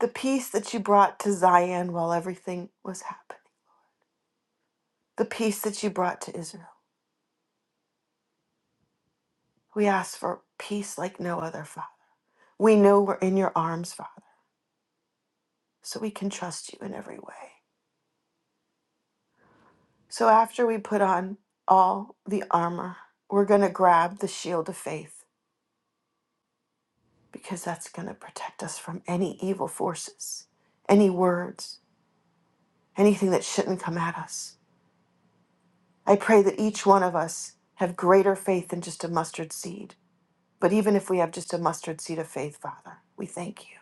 The peace that you brought to Zion while everything was happening. The peace that you brought to Israel. We ask for peace like no other, Father. We know we're in your arms, Father, so we can trust you in every way. So after we put on all the armor, we're going to grab the shield of faith because that's going to protect us from any evil forces, any words, anything that shouldn't come at us. I pray that each one of us have greater faith than just a mustard seed. But even if we have just a mustard seed of faith, Father, we thank you.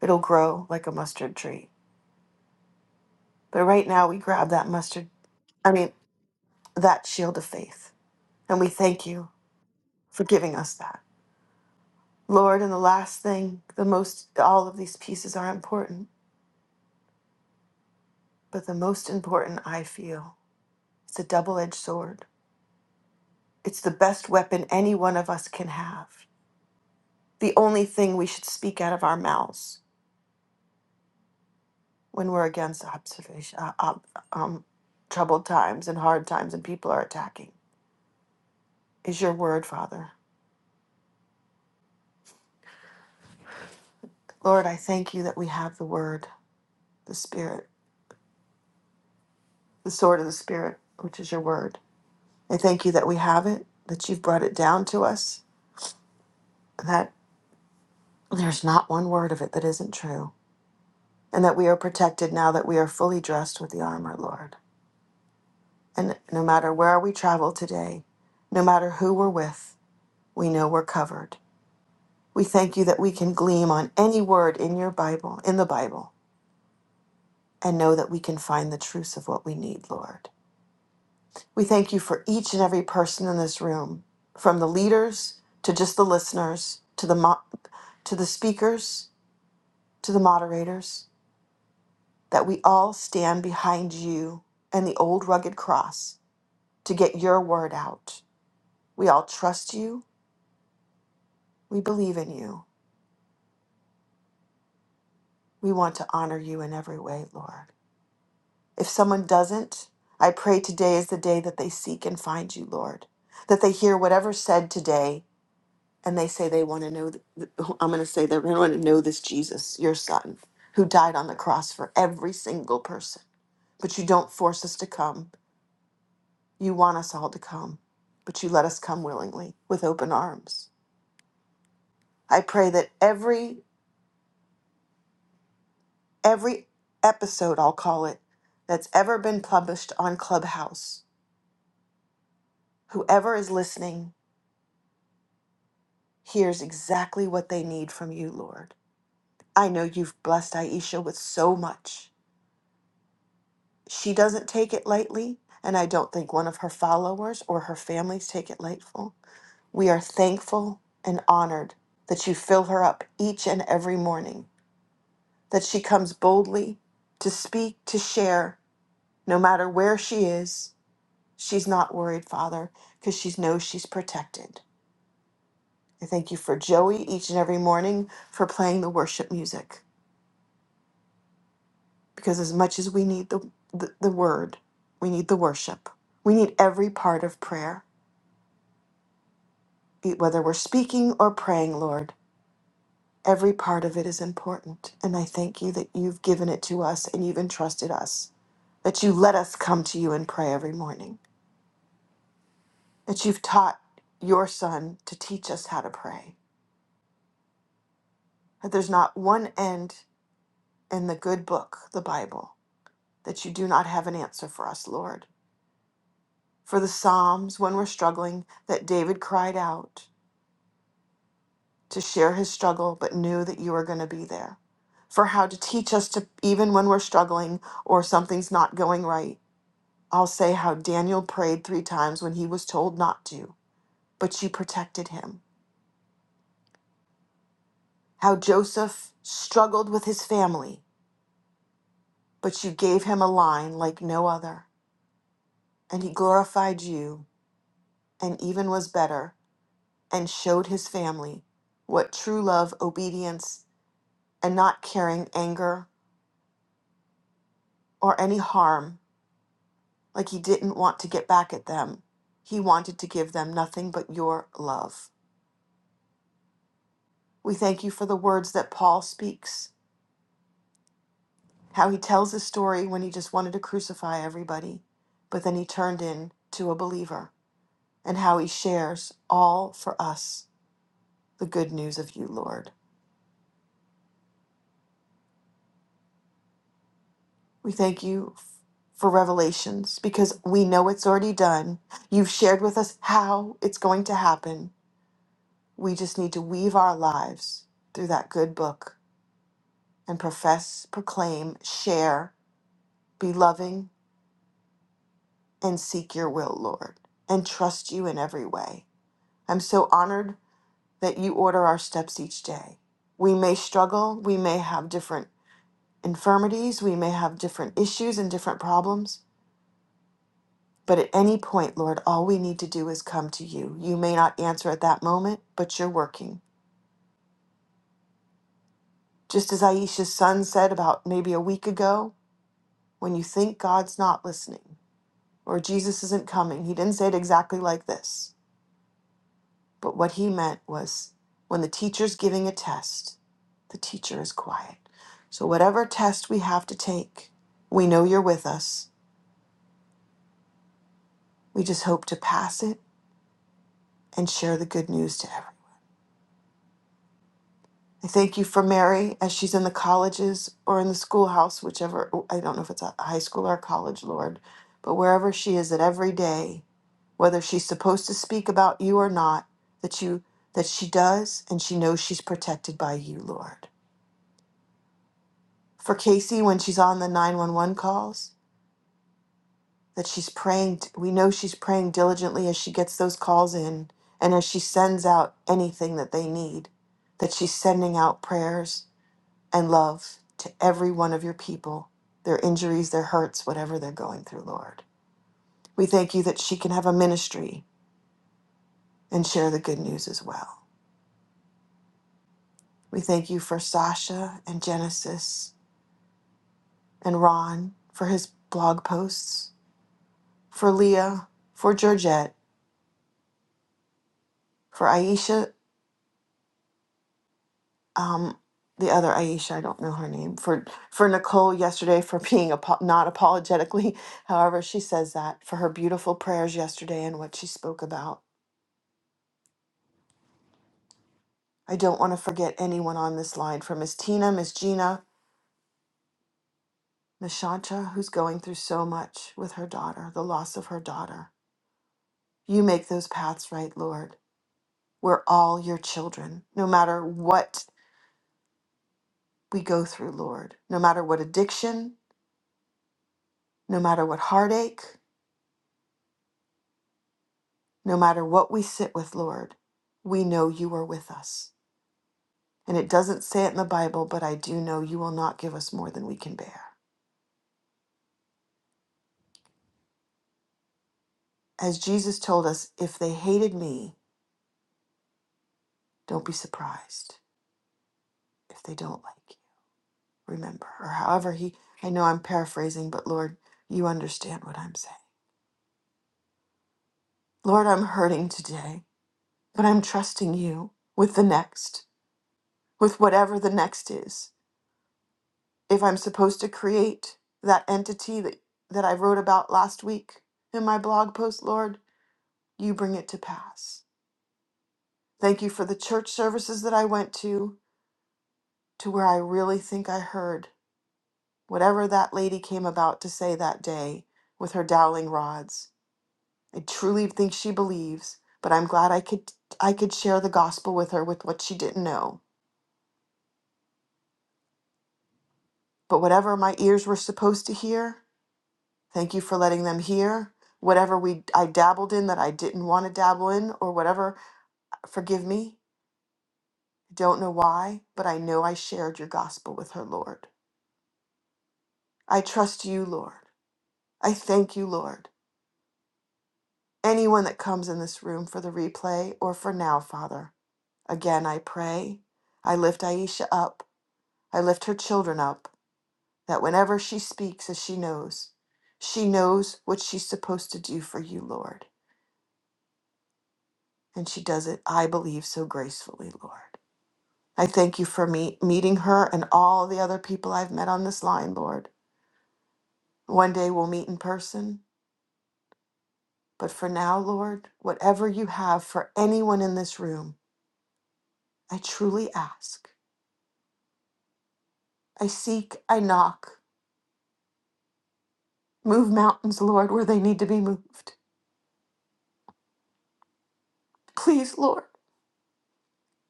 It'll grow like a mustard tree. But right now, we grab that mustard, I mean, that shield of faith, and we thank you for giving us that. Lord, and the last thing, the most, all of these pieces are important, but the most important I feel it's a double edged sword It's the best weapon any one of us can have. The only thing we should speak out of our mouths when we're against observation, uh, ob- um, troubled times and hard times and people are attacking is your word, Father. Lord, I thank you that we have the word, the spirit, the sword of the spirit, which is your word. I thank you that we have it, that you've brought it down to us, and that there's not one word of it that isn't true, and that we are protected now that we are fully dressed with the armor, Lord. And no matter where we travel today, no matter who we're with, we know we're covered. We thank you that we can gleam on any word in your Bible, in the Bible, and know that we can find the truth of what we need, Lord. We thank you for each and every person in this room, from the leaders to just the listeners, to the mo- to the speakers, to the moderators, that we all stand behind you and the old rugged cross to get your word out. We all trust you. We believe in you. We want to honor you in every way, Lord. If someone doesn't, I pray today is the day that they seek and find you, Lord. That they hear whatever said today and they say they want to know, th- I'm going to say they want to know this Jesus, your son, who died on the cross for every single person. But you don't force us to come. You want us all to come, but you let us come willingly with open arms. I pray that every every episode, I'll call it, that's ever been published on Clubhouse Whoever is listening hears exactly what they need from you, Lord. I know you've blessed Aisha with so much. She doesn't take it lightly, and I don't think one of her followers or her families take it lightful. We are thankful and honored that you fill her up each and every morning, that she comes boldly to speak, to share, no matter where she is. She's not worried, Father, because she knows she's protected. I thank you for Joey each and every morning for playing the worship music because as much as we need the, the, the word, we need the worship. We need every part of prayer, be- whether we're speaking or praying, Lord. Every part of it is important. And I thank you that you've given it to us and you've entrusted us, that you let us come to you and pray every morning, that you've taught your son to teach us how to pray, that there's not one end in the good book, the Bible, that you do not have an answer for us, Lord. For the Psalms, when we're struggling, that David cried out to share his struggle, but knew that you were going to be there. For how to teach us to, even when we're struggling or something's not going right. I'll say how Daniel prayed three times when he was told not to, but you protected him. How Joseph struggled with his family, but you gave him a line like no other, and he glorified you and even was better and showed his family what true love, obedience, and not carrying anger or any harm, like he didn't want to get back at them. He wanted to give them nothing but your love. We thank you for the words that Paul speaks, how he tells his story when he just wanted to crucify everybody, but then he turned into a believer, and how he shares all for us the good news of you, Lord. We thank you for revelations because we know it's already done. You've shared with us how it's going to happen. We just need to weave our lives through that good book and profess, proclaim, share, be loving, and seek your will, Lord, and trust you in every way. I'm so honored that you order our steps each day. We may struggle, we may have different infirmities, we may have different issues and different problems, But at any point, Lord, all we need to do is come to you. You may not answer at that moment, but you're working. Just as Aisha's son said about maybe a week ago, when you think God's not listening or Jesus isn't coming, he didn't say it exactly like this. But what he meant was when the teacher's giving a test, the teacher is quiet. So, whatever test we have to take, we know you're with us. We just hope to pass it and share the good news to everyone. I thank you for Mary as she's in the colleges or in the schoolhouse, whichever, oh, I don't know if it's a high school or a college, Lord, but wherever she is at every day, whether she's supposed to speak about you or not, that you that she does and she knows she's protected by you, Lord. For Casey when she's on the 911 calls, that she's praying, we know she's praying diligently as she gets those calls in and as she sends out anything that they need, that she's sending out prayers and love to every one of your people, their injuries, their hurts, whatever they're going through, Lord. We thank you that she can have a ministry and share the good news as well. We thank you for Sasha and Genesis and Ron for his blog posts, for Leah, for Georgette, for Aisha, um, the other Aisha, I don't know her name, for, for Nicole yesterday for being apo- not apologetically, however she says that, for her beautiful prayers yesterday and what she spoke about I don't want to forget anyone on this line from Miss Tina, Miss Gina, Miss Shanta, who's going through so much with her daughter, the loss of her daughter. You make those paths right, Lord. We're all your children, no matter what we go through, Lord, no matter what addiction, no matter what heartache, no matter what we sit with, Lord, we know you are with us. And it doesn't say it in the Bible, but I do know you will not give us more than we can bear. As Jesus told us, if they hated me, don't be surprised. if they don't like you, remember, or however he, I know I'm paraphrasing, but Lord, you understand what I'm saying. Lord, I'm hurting today, but I'm trusting you with the next, with whatever the next is. If I'm supposed to create that entity that, that I wrote about last week in my blog post, Lord, you bring it to pass. Thank you for the church services that I went to, to where I really think I heard whatever that lady came about to say that day with her dowling rods. I truly think she believes, but I'm glad I could I could share the gospel with her with what she didn't know. But whatever my ears were supposed to hear, thank you for letting them hear. Whatever we I dabbled in that I didn't want to dabble in or whatever, forgive me. I Don't know why, but I know I shared your gospel with her, Lord. I trust you, Lord. I thank you, Lord. Anyone that comes in this room for the replay or for now, Father. Again, I pray. I lift Aisha up. I lift her children up. that whenever she speaks, as she knows, she knows what she's supposed to do for you, Lord. And she does it, I believe, so gracefully, Lord. I thank you for me- meeting her and all the other people I've met on this line, Lord. One day we'll meet in person. But for now, Lord, whatever you have for anyone in this room, I truly ask. I seek, I knock. Move mountains, Lord, where they need to be moved. Please, Lord,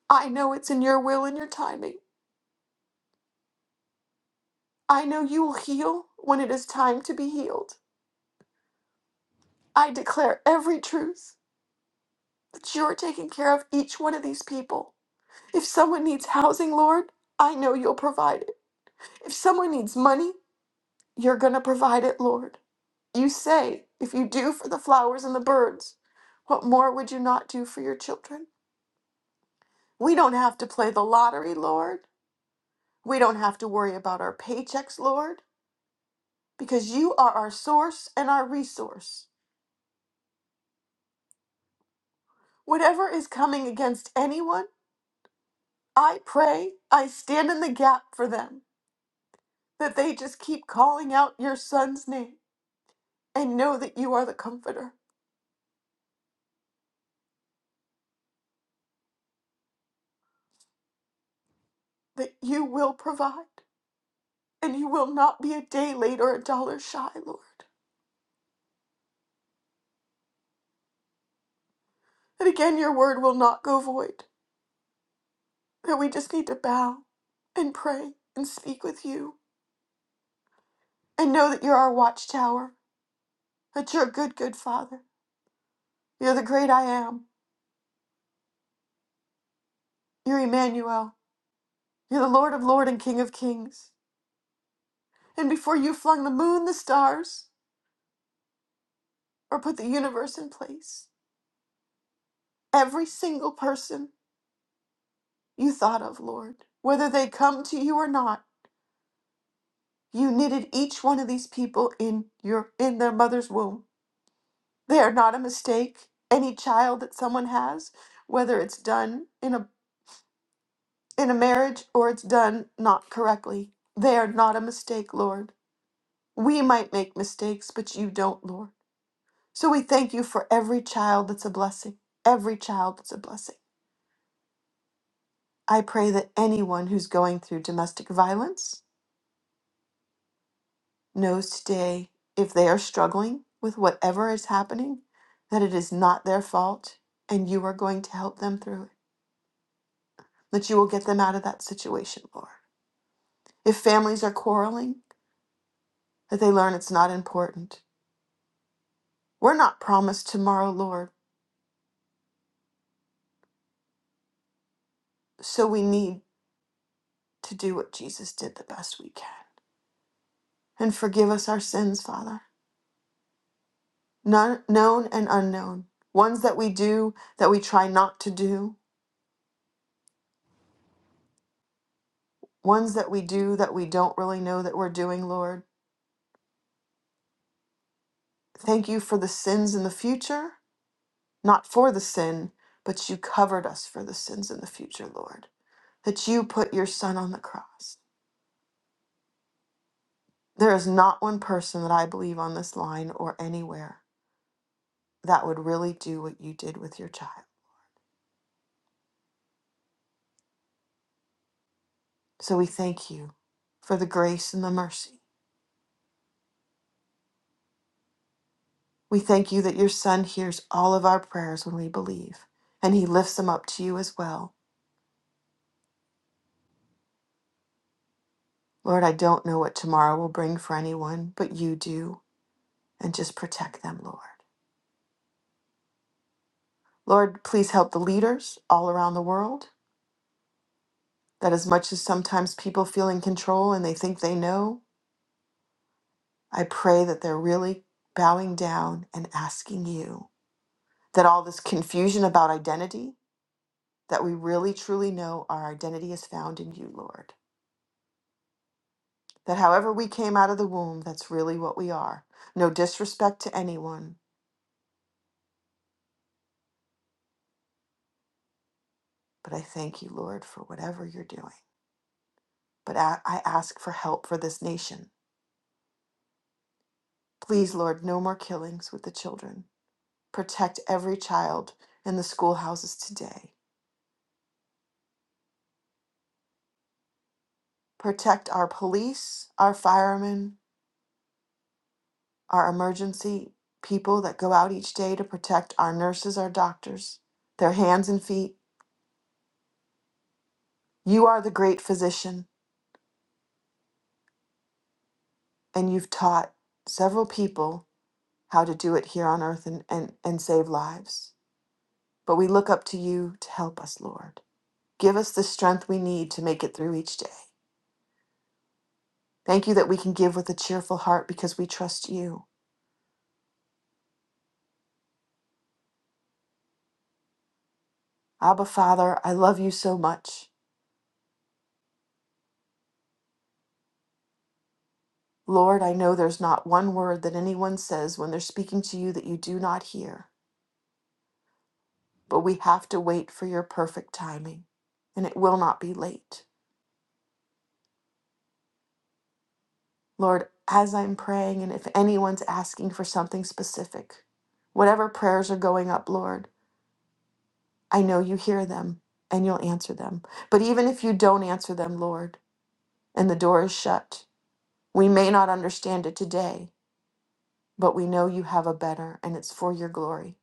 I know it's in your will and your timing. I know you will heal when it is time to be healed. I declare every truth that you are taking care of each one of these people. If someone needs housing, Lord, I know you'll provide it. If someone needs money, you're going to provide it, Lord. You say, if you do for the flowers and the birds, what more would you not do for your children? We don't have to play the lottery, Lord. We don't have to worry about our paychecks, Lord, because you are our source and our resource. Whatever is coming against anyone, I pray, I stand in the gap for them, that they just keep calling out your son's name and know that you are the comforter, that you will provide, and you will not be a day late or a dollar shy, Lord. And again, your word will not go void, that we just need to bow and pray and speak with you and know that you're our watchtower, that you're a good, good Father. You're the great I am. You're Emmanuel. You're the Lord of Lord and King of Kings. And before you flung the moon, the stars, or put the universe in place. Every single person you thought of, Lord, whether they come to you or not, you knitted each one of these people in your in their mother's womb. They are not a mistake. Any child that someone has, whether it's done in a in a marriage or it's done not correctly, they are not a mistake, Lord. We might make mistakes, but you don't, Lord. So we thank you for every child that's a blessing. Every child that's a blessing. I pray that anyone who's going through domestic violence knows today if they are struggling with whatever is happening, that it is not their fault and you are going to help them through it, that you will get them out of that situation, Lord. If families are quarreling, that they learn it's not important. We're not promised tomorrow, Lord, so we need to do what Jesus did the best we can. And forgive us our sins, Father, none, known and unknown, ones that we do that we try not to do ones that we do that we don't really know that we're doing, Lord. Thank you for the sins in the future, not for the sin, but you covered us for the sins in the future, Lord. That you put your son on the cross. There is not one person that I believe on this line or anywhere that would really do what you did with your child. So we thank you for the grace and the mercy. We thank you that your son hears all of our prayers when we believe, and he lifts them up to you as well. Lord, I don't know what tomorrow will bring for anyone, but you do, and just protect them, Lord. Lord, please help the leaders all around the world that as much as sometimes people feel in control and they think they know, I pray that they're really bowing down and asking you that all this confusion about identity, that we really truly know our identity is found in you, Lord. That however we came out of the womb, that's really what we are. No disrespect to anyone, but I thank you, Lord, for whatever you're doing. but I, I ask for help for this nation. Please, Lord, no more killings with the children. Protect every child in the schoolhouses today. Protect our police, our firemen, our emergency people that go out each day to protect our nurses, our doctors, their hands and feet. You are the great physician, and you've taught several people how to do it here on earth and, and, and save lives. But we look up to you to help us, Lord. Give us the strength we need to make it through each day. Thank you that we can give with a cheerful heart because we trust you. Abba, Father, I love you so much. Lord, I know there's not one word that anyone says when they're speaking to you that you do not hear, but we have to wait for your perfect timing, and it will not be late. Lord, as I'm praying, and if anyone's asking for something specific, whatever prayers are going up, Lord, I know you hear them and you'll answer them. But even if you don't answer them, Lord, and the door is shut. We may not understand it today, but we know you have a better, and it's for your glory.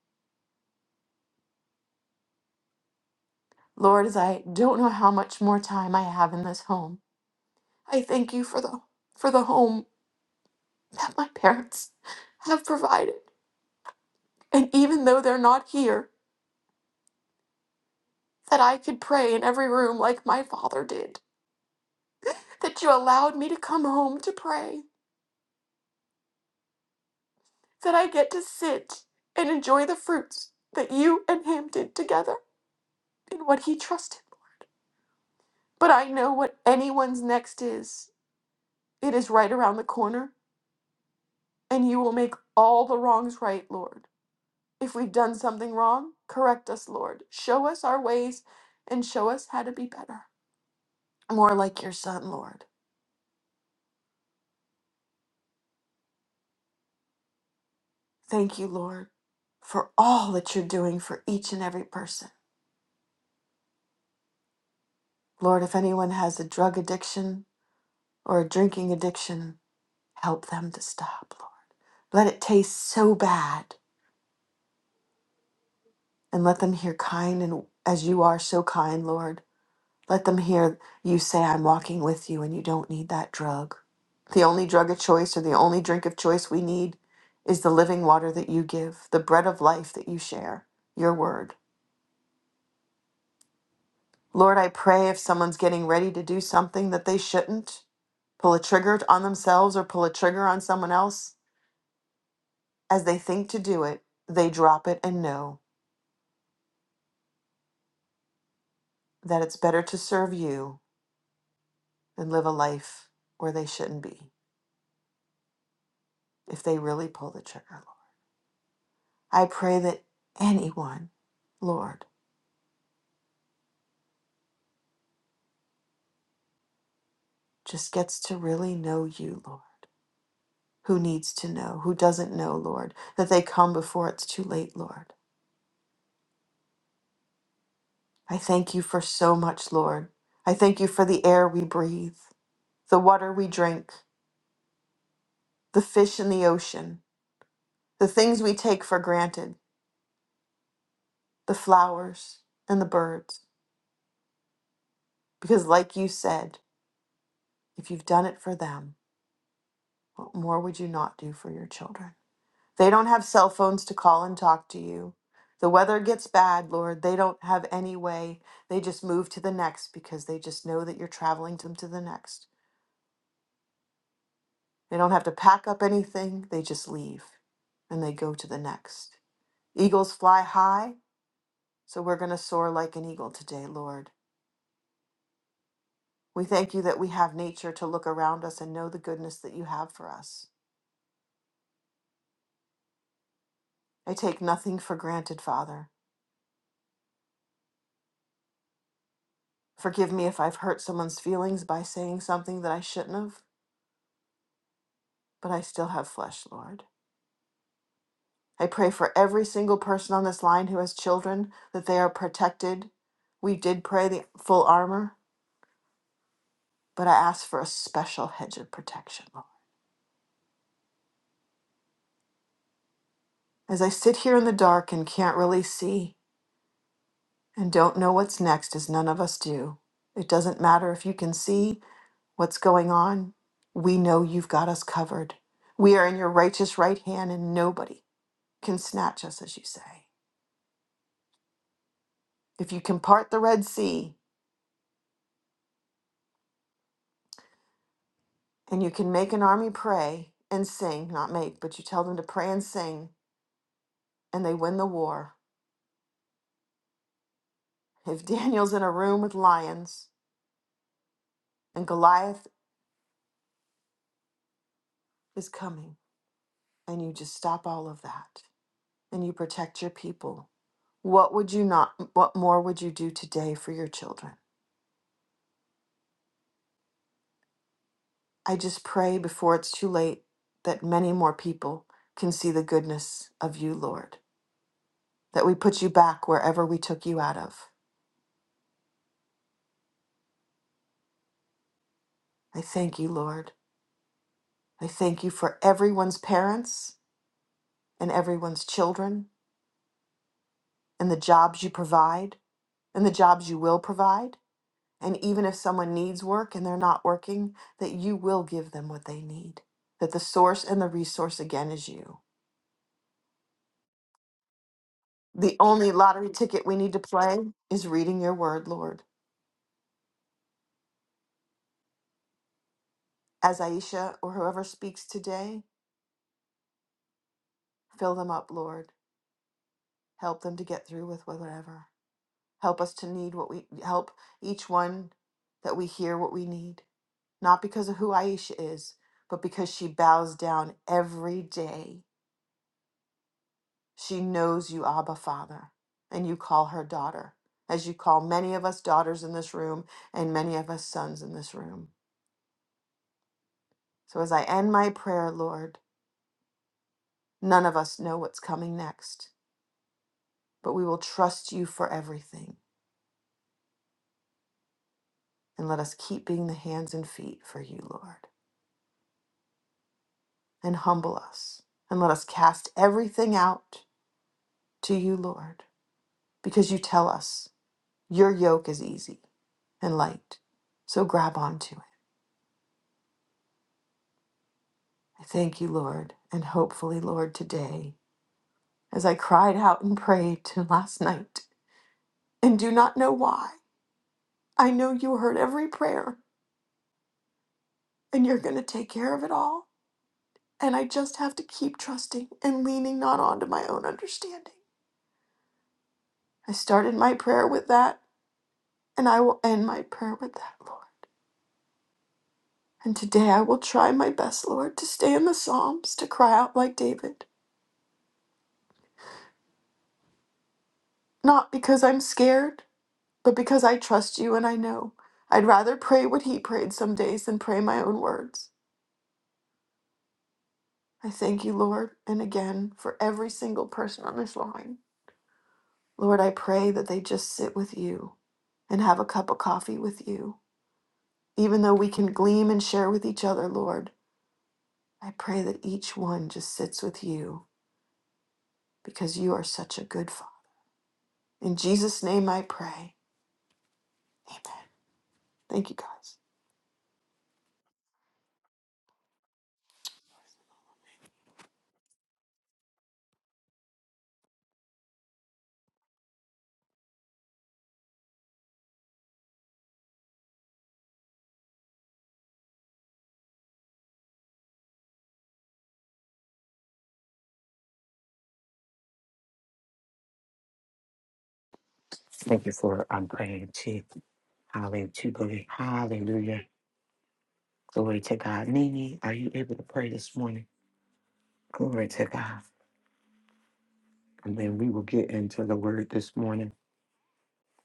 Lord, as I don't know how much more time I have in this home, I thank you for the for the home that my parents have provided. And even though they're not here, that I could pray in every room like my father did. That you allowed me to come home to pray. That I get to sit and enjoy the fruits that you and him did together and what he trusted. But I know what anyone's next is. It is right around the corner, and you will make all the wrongs right, Lord. If we've done something wrong, correct us, Lord. Show us our ways and show us how to be better. More like your son, Lord. Thank you, Lord, for all that you're doing for each and every person. Lord, if anyone has a drug addiction or a drinking addiction, help them to stop, Lord. Let it taste so bad and let them hear kind and as you are so kind, Lord. Let them hear you say, I'm walking with you and you don't need that drug. The only drug of choice or the only drink of choice we need is the living water that you give, the bread of life that you share, your word. Lord, I pray if someone's getting ready to do something that they shouldn't, pull a trigger on themselves or pull a trigger on someone else, as they think to do it, they drop it and know that it's better to serve you than live a life where they shouldn't be if they really pull the trigger. I pray that anyone, Lord, just gets to really know you, Lord, who needs to know, who doesn't know, Lord, that they come before it's too late, Lord. I thank you for so much, Lord. I thank you for the air we breathe, the water we drink, the fish in the ocean, the things we take for granted, the flowers and the birds. Because, like you said, if you've done it for them, what more would you not do for your children? They don't have cell phones to call and talk to you. The weather gets bad, Lord. They don't have any way. They just move to the next because they just know that you're traveling them to the next. They don't have to pack up anything. They just leave and they go to the next. Eagles fly high, so we're going to soar like an eagle today, Lord. We thank you that we have nature to look around us and know the goodness that you have for us. I take nothing for granted, Father. Forgive me if I've hurt someone's feelings by saying something that I shouldn't have. but I still have flesh, Lord. I pray for every single person on this line who has children that they are protected. We did pray the full armor, but I ask for a special hedge of protection, Lord. As I sit here in the dark and can't really see and don't know what's next, as none of us do, it doesn't matter if you can see what's going on. We know you've got us covered. We are in your righteous right hand, and nobody can snatch us, as you say. If you can part the Red Sea, And you can make an army pray and sing, not make, but you tell them to pray and sing, and they win the war. If Daniel's in a room with lions and Goliath is coming, and you just stop all of that and you protect your people, what would you not, what more would you do today for your children? I just pray before it's too late that many more people can see the goodness of you, Lord, that we put you back wherever we took you out of. I thank you, Lord. I thank you for everyone's parents and everyone's children and the jobs you provide and the jobs you will provide. And even if someone needs work and they're not working, that you will give them what they need. That the source and the resource again is you. The only lottery ticket we need to play is reading your word, Lord. As Aisha or whoever speaks today, fill them up, Lord. Help them to get through with whatever. Help us to need what we help each one that we hear what we need not because of who Aisha is, but because she bows down every day. She knows you, Abba Father, and you call her daughter, as you call many of us daughters in this room and many of us sons in this room. So as I end my prayer, Lord, none of us know what's coming next, but we will trust you for everything. And let us keep being the hands and feet for you, Lord, and humble us. And let us cast everything out to you, Lord, because you tell us Your yoke is easy and light, so grab onto it. I thank you, Lord, and hopefully, Lord, today, as I cried out and prayed to last night and do not know why. I know you heard every prayer and you're going to take care of it all. And I just have to keep trusting and leaning not onto my own understanding. I started my prayer with that, and I will end my prayer with that, Lord. And today I will try my best, Lord, to stay in the Psalms, to cry out like David, not because I'm scared But because I trust you and I know, I'd rather pray what he prayed some days than pray my own words. I thank you, Lord, and again for every single person on this line. Lord, I pray that they just sit with you and have a cup of coffee with you. Even though we can gleam and share with each other, Lord, I pray that each one just sits with you because you are such a good Father. In Jesus' name I pray. Amen. Thank you, guys.
Thank you for um, praying to Hallelujah. To glory. Hallelujah. Glory to God. Nini, are you able to pray this morning? Glory to God. And then we will get into the word this morning.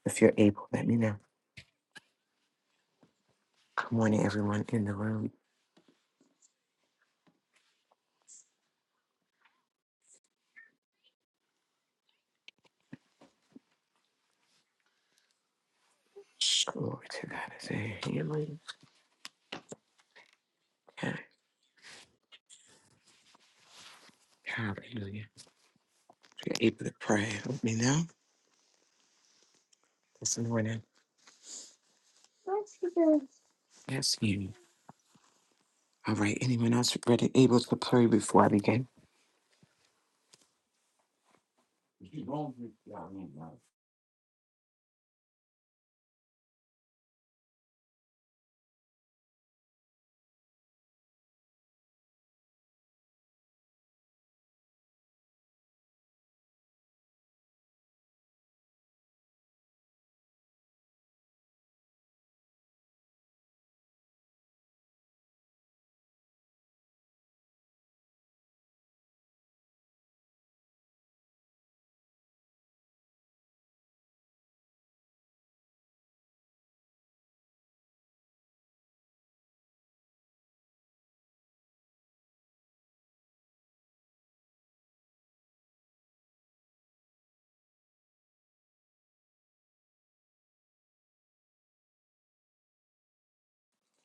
If you're able, let me know. Good morning, everyone in the room. Glory to God. I say, healing. Okay. Hallelujah. If you're able to pray, let me know this morning. Yes, you. All right. Anyone else ready, able to pray before I begin?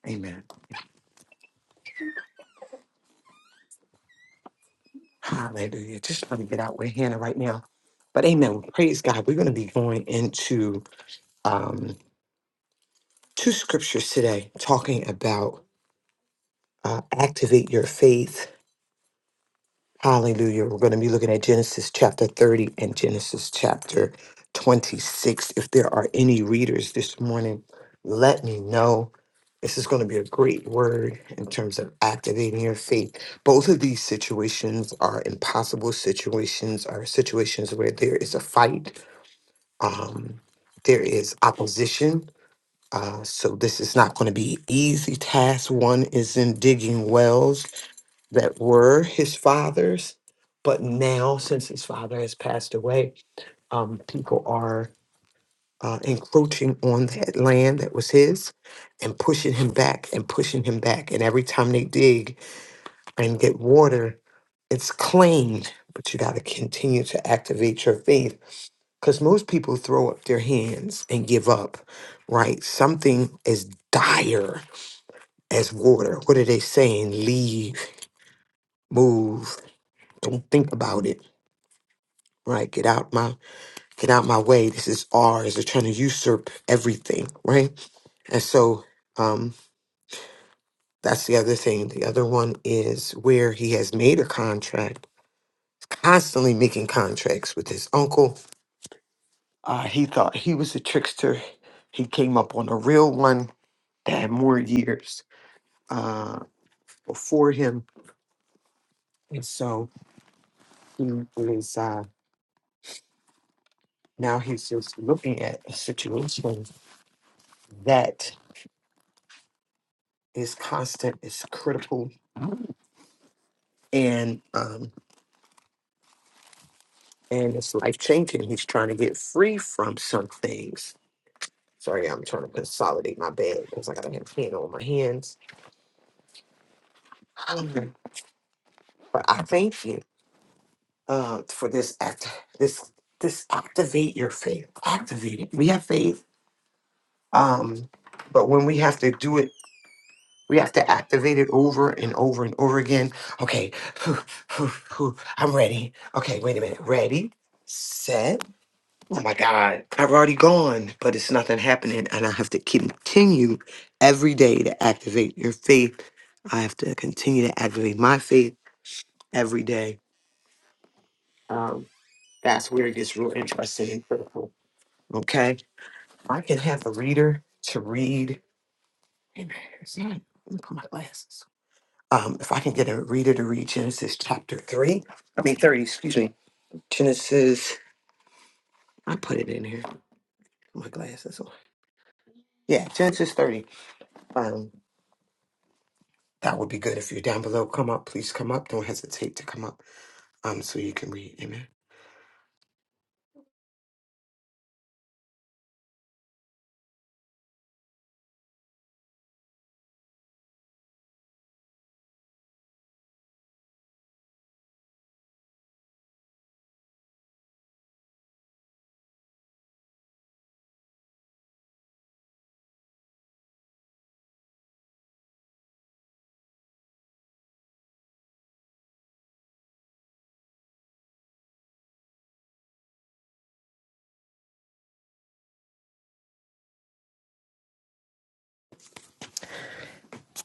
Amen. Hallelujah. Just want to get out with Hannah right now. But amen. Praise God. We're going to be going into um, two scriptures today talking about uh, activate your faith Hallelujah. We're going to be looking at Genesis chapter 30 and Genesis chapter 26. If there are any readers this morning, let me know. This is going to be a great word in terms of activating your faith. Both of these situations are impossible situations, are situations where there is a fight, um, there is opposition. Uh, so this is not going to be an easy task. One is in digging wells that were his father's, but now, since his father has passed away, um, people are uh, encroaching on that land that was his and pushing him back and pushing him back. And every time they dig and get water, it's claimed. But you got to continue to activate your faith because most people throw up their hands and give up, right? Something as dire as water. What are they saying? Leave, move, don't think about it right? Get out my get out my way. This is ours. They're trying to usurp everything, right? And so um that's the other thing. The other one is where he has made a contract, constantly making contracts with his uncle. Uh, he thought he was a trickster. He came up on a real one that had more years uh, before him. And so he is uh, now he's just looking at a situation that is constant, is critical, and um and it's life changing. He's trying to get free from some things. Sorry, I'm trying to consolidate my bed because I got a pen on my hands. Um, But I thank you uh, for this act. This this activate your faith. Activate it. We have faith, um, but when we have to do it, we have to activate it over and over and over again. Okay, I'm ready. Okay, wait a minute. Ready, set. oh my God, I've already gone, but it's nothing happening. And I have to continue every day to activate your faith. I have to continue to activate my faith every day. Um, that's where it gets real interesting and critical. Okay. I can have a reader to read. Hey, man, it's not- Let me put my glasses. Um, if I can get a reader to read Genesis chapter 3, I mean 30, excuse me. Genesis, I put it in here. Put my glasses on. Yeah, Genesis 30. Um. That would be good. If you're down below, come up. Please come up. Don't hesitate to come up um, so you can read. Amen.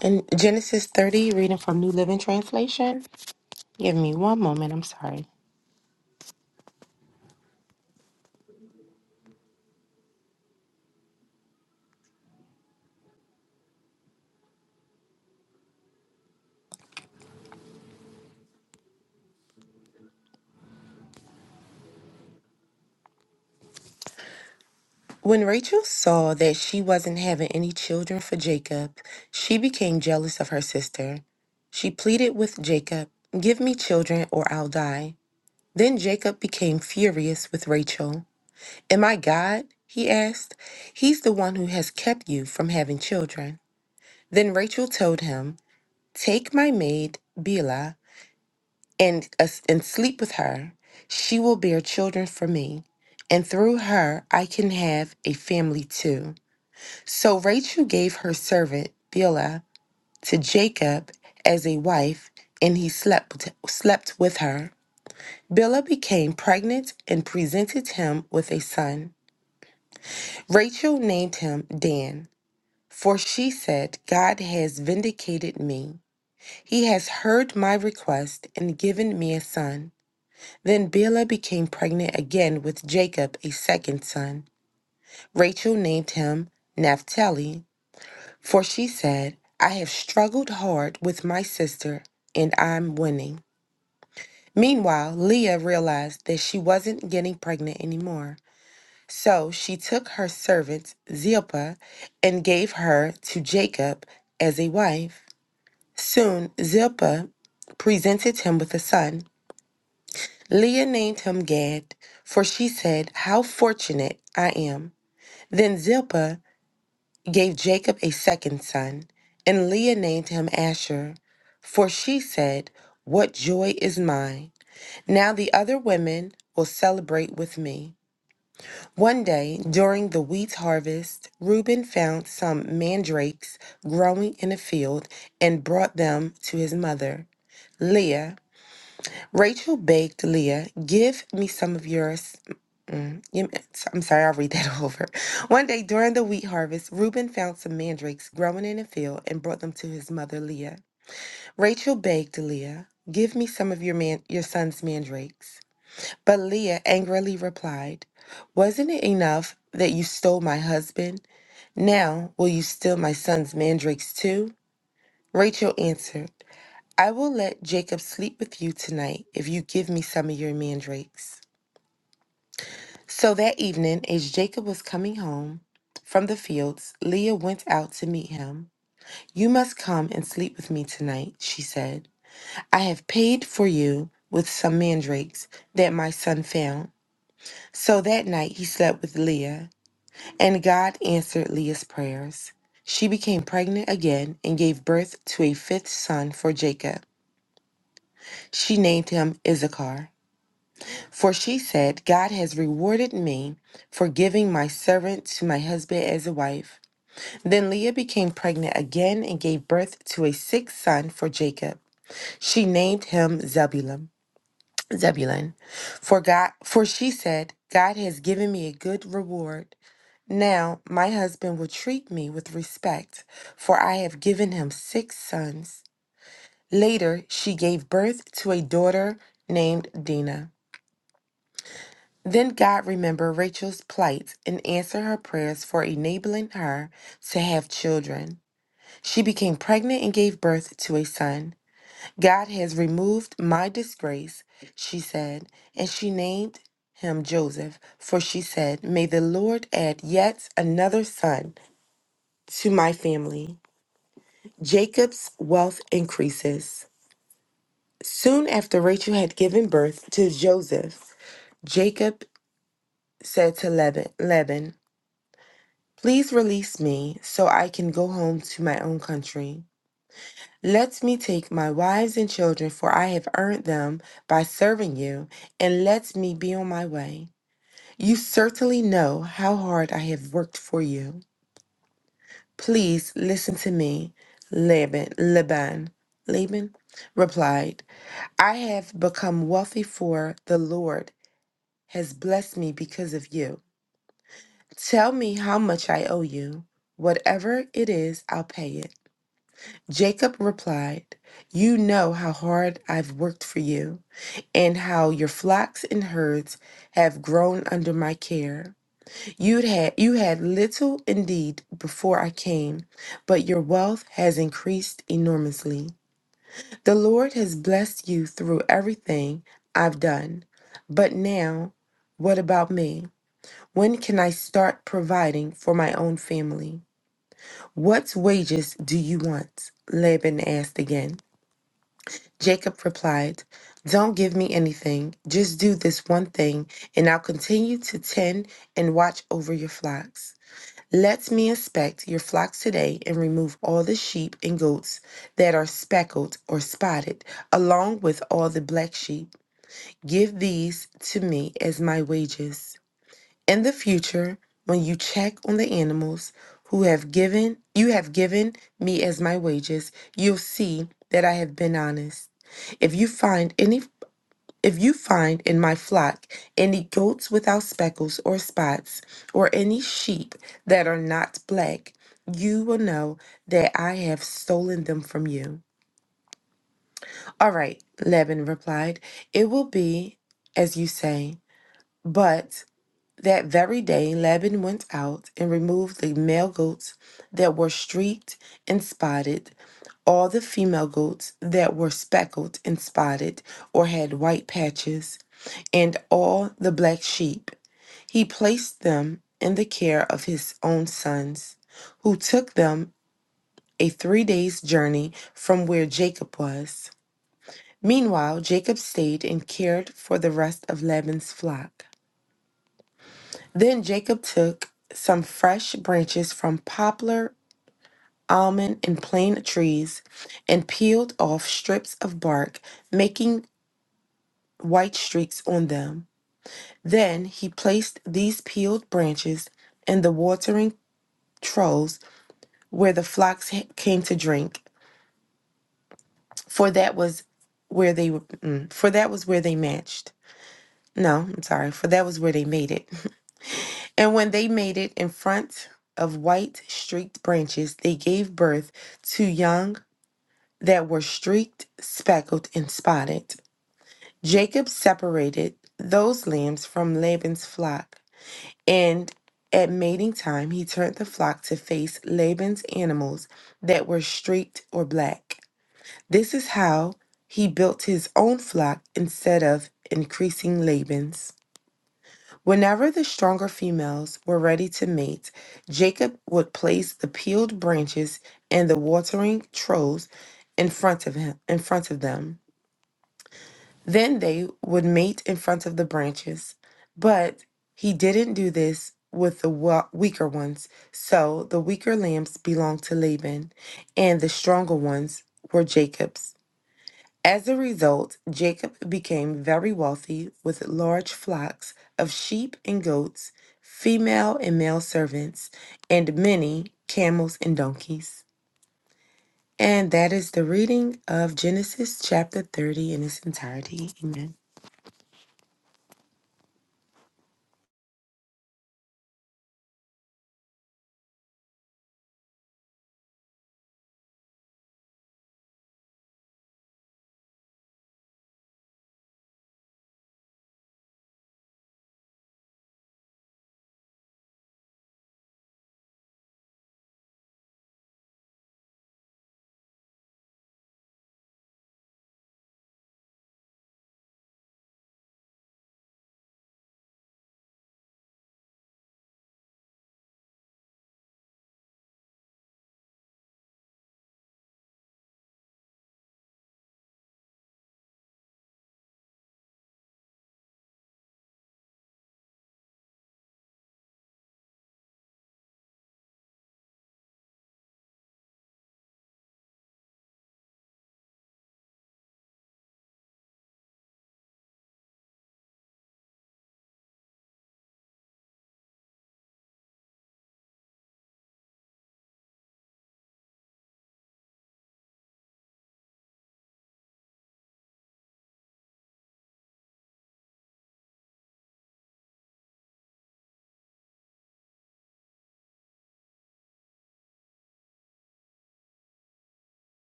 In Genesis 30, reading from New Living Translation. Give me one moment, I'm sorry. When Rachel saw that she wasn't having any children for Jacob, she became jealous of her sister. She pleaded with Jacob, Give me children or I'll die. Then Jacob became furious with Rachel. Am I God? he asked. He's the one who has kept you from having children. Then Rachel told him, Take my maid, Beulah. and uh, and sleep with her, she will bear children for me, and through her I can have a family too. So Rachel gave her servant Bilhah to Jacob as a wife, and he slept slept with her. Bilhah became pregnant and presented him with a son. Rachel named him Dan, for she said, "God has vindicated me. He has heard my request and given me a son." Then Bilhah became pregnant again with Jacob, a second son. Rachel named him Naphtali, for she said, I have struggled hard with my sister, and I'm winning. Meanwhile, Leah realized that she wasn't getting pregnant anymore. So she took her servant, Zilpah, and gave her to Jacob as a wife. Soon, Zilpah presented him with a son. Leah named him Gad, for she said, How fortunate I am. Then Zilpah gave Jacob a second son, and Leah named him Asher, for she said, What joy is mine. Now the other women will celebrate with me. One day, during the wheat harvest, Reuben found some mandrakes growing in a field and brought them to his mother. Leah, Rachel begged Leah, Give me some of yours Mm, you meant- so- I'm sorry, I'll read that over. One day during the wheat harvest, Reuben found some mandrakes growing in a field and brought them to his mother Leah. Rachel begged Leah, "Give me some of your man, your son's mandrakes." But Leah angrily replied, "Wasn't it enough that you stole my husband? Now will you steal my son's mandrakes too?" Rachel answered, "I will let Jacob sleep with you tonight if you give me some of your mandrakes." So that evening, as Jacob was coming home from the fields, Leah went out to meet him. You must come and sleep with me tonight, she said. I have paid for you with some mandrakes that my son found. So that night he slept with Leah, and God answered Leah's prayers. She became pregnant again and gave birth to a fifth son for Jacob. She named him Issachar. For she said, God has rewarded me for giving my servant to my husband as a wife. Then Leah became pregnant again and gave birth to a sixth son for Jacob. She named him Zebulun. Zebulun. For God for she said, God has given me a good reward. Now my husband will treat me with respect, for I have given him six sons. Later she gave birth to a daughter named Dinah. Then God remembered Rachel's plight and answered her prayers for enabling her to have children. She became pregnant and gave birth to a son. God has removed my disgrace, she said, and she named him Joseph, for she said, May the Lord add yet another son to my family. Jacob's wealth increases. Soon after Rachel had given birth to Joseph, Jacob said to Laban, Laban, Please release me so I can go home to my own country. Let me take my wives and children, for I have earned them by serving you, and let me be on my way. You certainly know how hard I have worked for you. Please listen to me. Laban, Laban, Laban replied, I have become wealthy for the Lord has blessed me because of you. Tell me how much I owe you. Whatever it is, I'll pay it. Jacob replied, You know how hard I've worked for you, and how your flocks and herds have grown under my care. You'd had, you had little indeed before I came, but your wealth has increased enormously. The Lord has blessed you through everything I've done. But now, what about me? When can I start providing for my own family? What wages do you want? Laban asked again. Jacob replied, Don't give me anything. Just do this one thing, and I'll continue to tend and watch over your flocks. Let me inspect your flocks today and remove all the sheep and goats that are speckled or spotted, along with all the black sheep. Give these to me as my wages. In the future, when you check on the animals who have given you have given me as my wages, you'll see that I have been honest. If you find any if you find in my flock any goats without speckles or spots, or any sheep that are not black, you will know that I have stolen them from you. All right, Laban replied, it will be as you say. But that very day, Laban went out and removed the male goats that were streaked and spotted, all the female goats that were speckled and spotted or had white patches, and all the black sheep. He placed them in the care of his own sons, who took them a three days' journey from where Jacob was. Meanwhile, Jacob stayed and cared for the rest of Laban's flock. Then Jacob took some fresh branches from poplar, almond, and plane trees and peeled off strips of bark, making white streaks on them. Then he placed these peeled branches in the watering troughs where the flocks ha- came to drink, for that was where they were, mm, for that was where they matched. No, I'm sorry, for that was where they made it. And when they made it in front of white streaked branches, they gave birth to young that were streaked, speckled, and spotted. Jacob separated those lambs from Laban's flock, and at mating time, he turned the flock to face Laban's animals that were streaked or black. This is how he built his own flock instead of increasing Laban's. Whenever the stronger females were ready to mate, Jacob would place the peeled branches and the watering troughs in front of him in front of them. Then they would mate in front of the branches. But he didn't do this with the wa- weaker ones. So the weaker lambs belonged to Laban, and the stronger ones were Jacob's. As a result, Jacob became very wealthy with large flocks of sheep and goats, female and male servants, and many camels and donkeys. And that is the reading of Genesis chapter 30 in its entirety. Amen.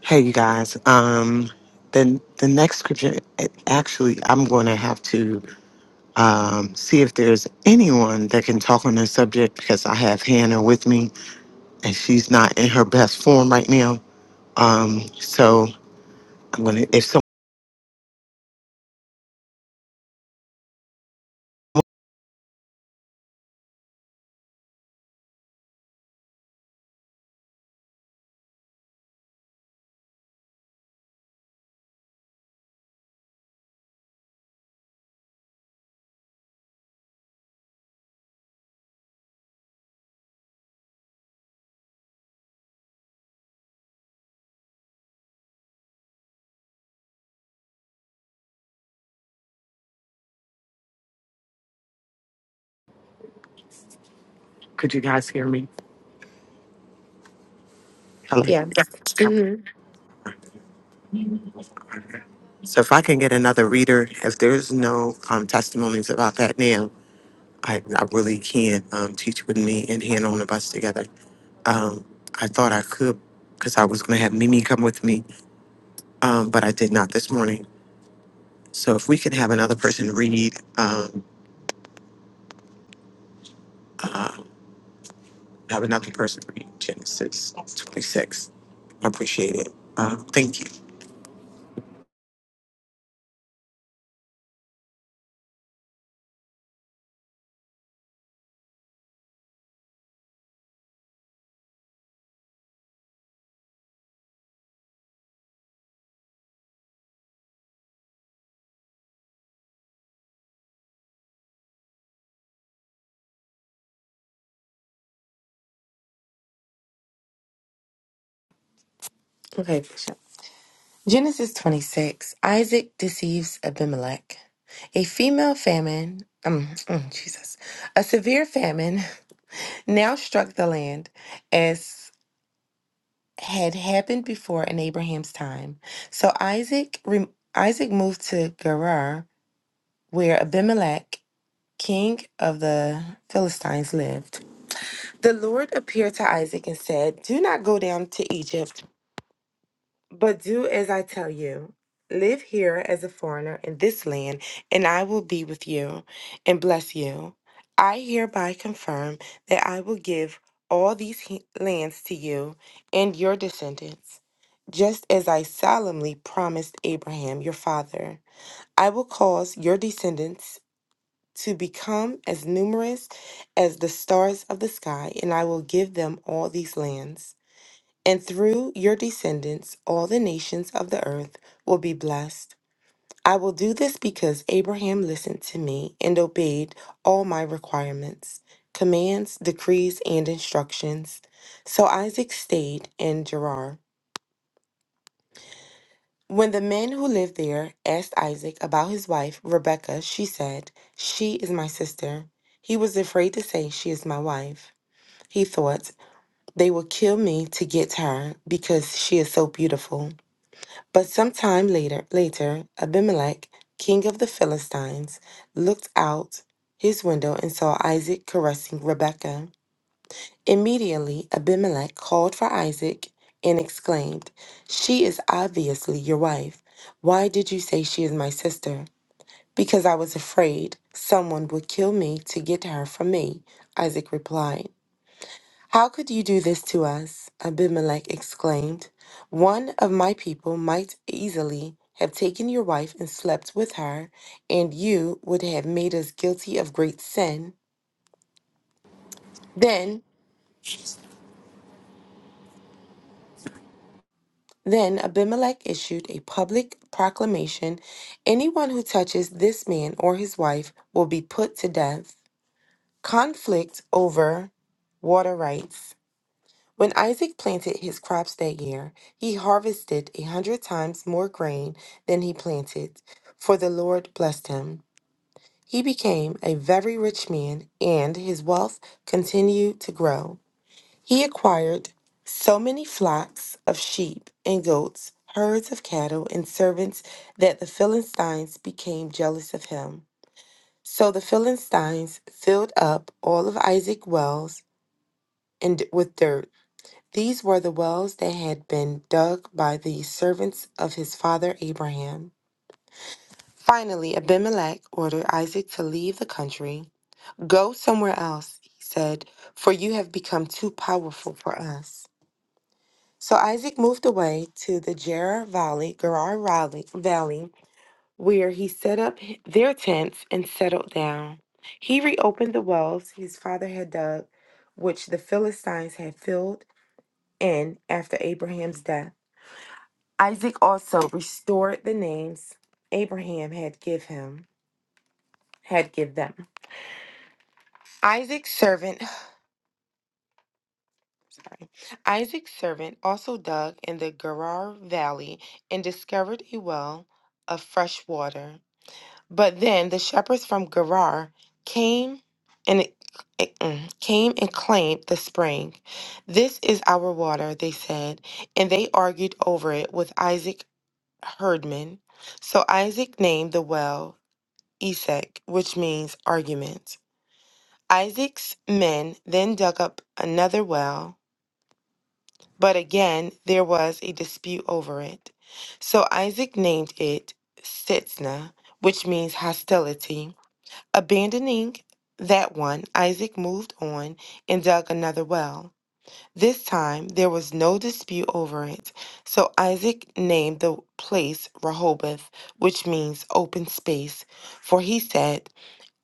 Hey, you guys. Um, the, the next scripture, it- actually, I'm going to have to um, see if there's anyone that can talk on this subject because I have Hannah with me and she's not in her best form right now. Um, so I'm going to, if someone, could you guys hear me? Hello. Yes.
Yes. hmm
So if I can get another reader, if there's no um, testimonies about that now, I, I really can um, teach with me and Hannah on the bus together. Um, I thought I could because I was going to have Mimi come with me, um, but I did not this morning. So if we could have another person read, um, have another person read Genesis 26, I appreciate it. Uh, thank you.
Okay, Bishop. Genesis 26 Isaac deceives Abimelech. A female famine, um, mm, Jesus, a severe famine now struck the land. as. had happened before in Abraham's time. So Isaac re- Isaac moved to Gerar, where Abimelech, king of the Philistines, lived. The Lord appeared to Isaac and said, "Do not go down to Egypt. But do as I tell you. Live here as a foreigner in this land, and I will be with you and bless you. I hereby confirm that I will give all these he- lands to you and your descendants, just as I solemnly promised Abraham your father. I will cause your descendants to become as numerous as the stars of the sky, and I will give them all these lands. And through your descendants, all the nations of the earth will be blessed. I will do this because Abraham listened to me and obeyed all my requirements, commands, decrees, and instructions. So Isaac stayed in Gerar. When the men who lived there asked Isaac about his wife, Rebekah, she said, She is my sister. He was afraid to say, She is my wife. He thought, They will kill me to get to her because she is so beautiful. But sometime later, later, Abimelech, king of the Philistines, looked out his window and saw Isaac caressing Rebekah. Immediately, Abimelech called for Isaac and exclaimed, "She is obviously your wife. Why did you say she is my sister?" Because I was afraid someone would kill me to get her from me, Isaac replied. How could you do this to us? Abimelech exclaimed. One of my people might easily have taken your wife and slept with her, and you would have made us guilty of great sin. Then, then Abimelech issued a public proclamation anyone who touches this man or his wife will be put to death. Conflict over water rights. When Isaac planted his crops that year, he harvested a hundred times more grain than he planted, for the Lord blessed him. He became a very rich man, and his wealth continued to grow. He acquired so many flocks of sheep and goats, herds of cattle, and servants that the Philistines became jealous of him. So the Philistines filled up all of Isaac's wells and with dirt these were the wells that had been dug by the servants of his father Abraham. Finally, Abimelech ordered Isaac to leave the country. Go somewhere else, he said, for you have become too powerful for us. So Isaac moved away to the Gerar Valley, Gerar Valley, Valley, where he set up h- their tents and settled down. He reopened the wells his father had dug, which the Philistines had filled in after Abraham's death. Isaac also restored the names Abraham had give him had give them. Isaac's servant sorry, Isaac's servant also dug in the Gerar valley and discovered a well of fresh water. But then the shepherds from Gerar came and mm, came and claimed the spring. This is our water, they said, and they argued over it with Isaac herdmen. So Isaac named the well Esek, which means argument. Isaac's men then dug up another well, but again there was a dispute over it. So Isaac named it Sitnah, which means hostility. Abandoning that one, Isaac moved on and dug another well. This time there was no dispute over it, so Isaac named the place Rehoboth, which means open space, for he said,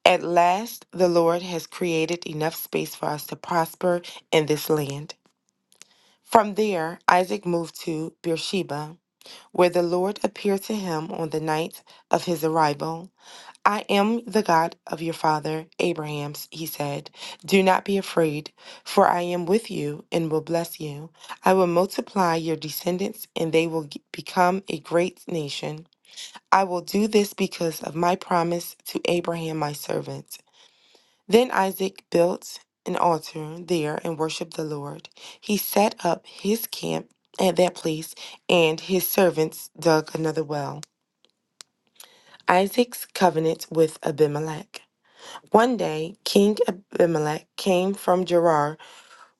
at last, the Lord has created enough space for us to prosper in this land. From there, Isaac moved to Beersheba, where the Lord appeared to him on the night of his arrival. I am the God of your father Abraham, he said. Do not be afraid, for I am with you and will bless you. I will multiply your descendants, and they will g- become a great nation. I will do this because of my promise to Abraham, my servant. Then Isaac built an altar there and worshiped the Lord. He set up his camp at that place, and his servants dug another well. Isaac's covenant with Abimelech. One day, King Abimelech came from Gerar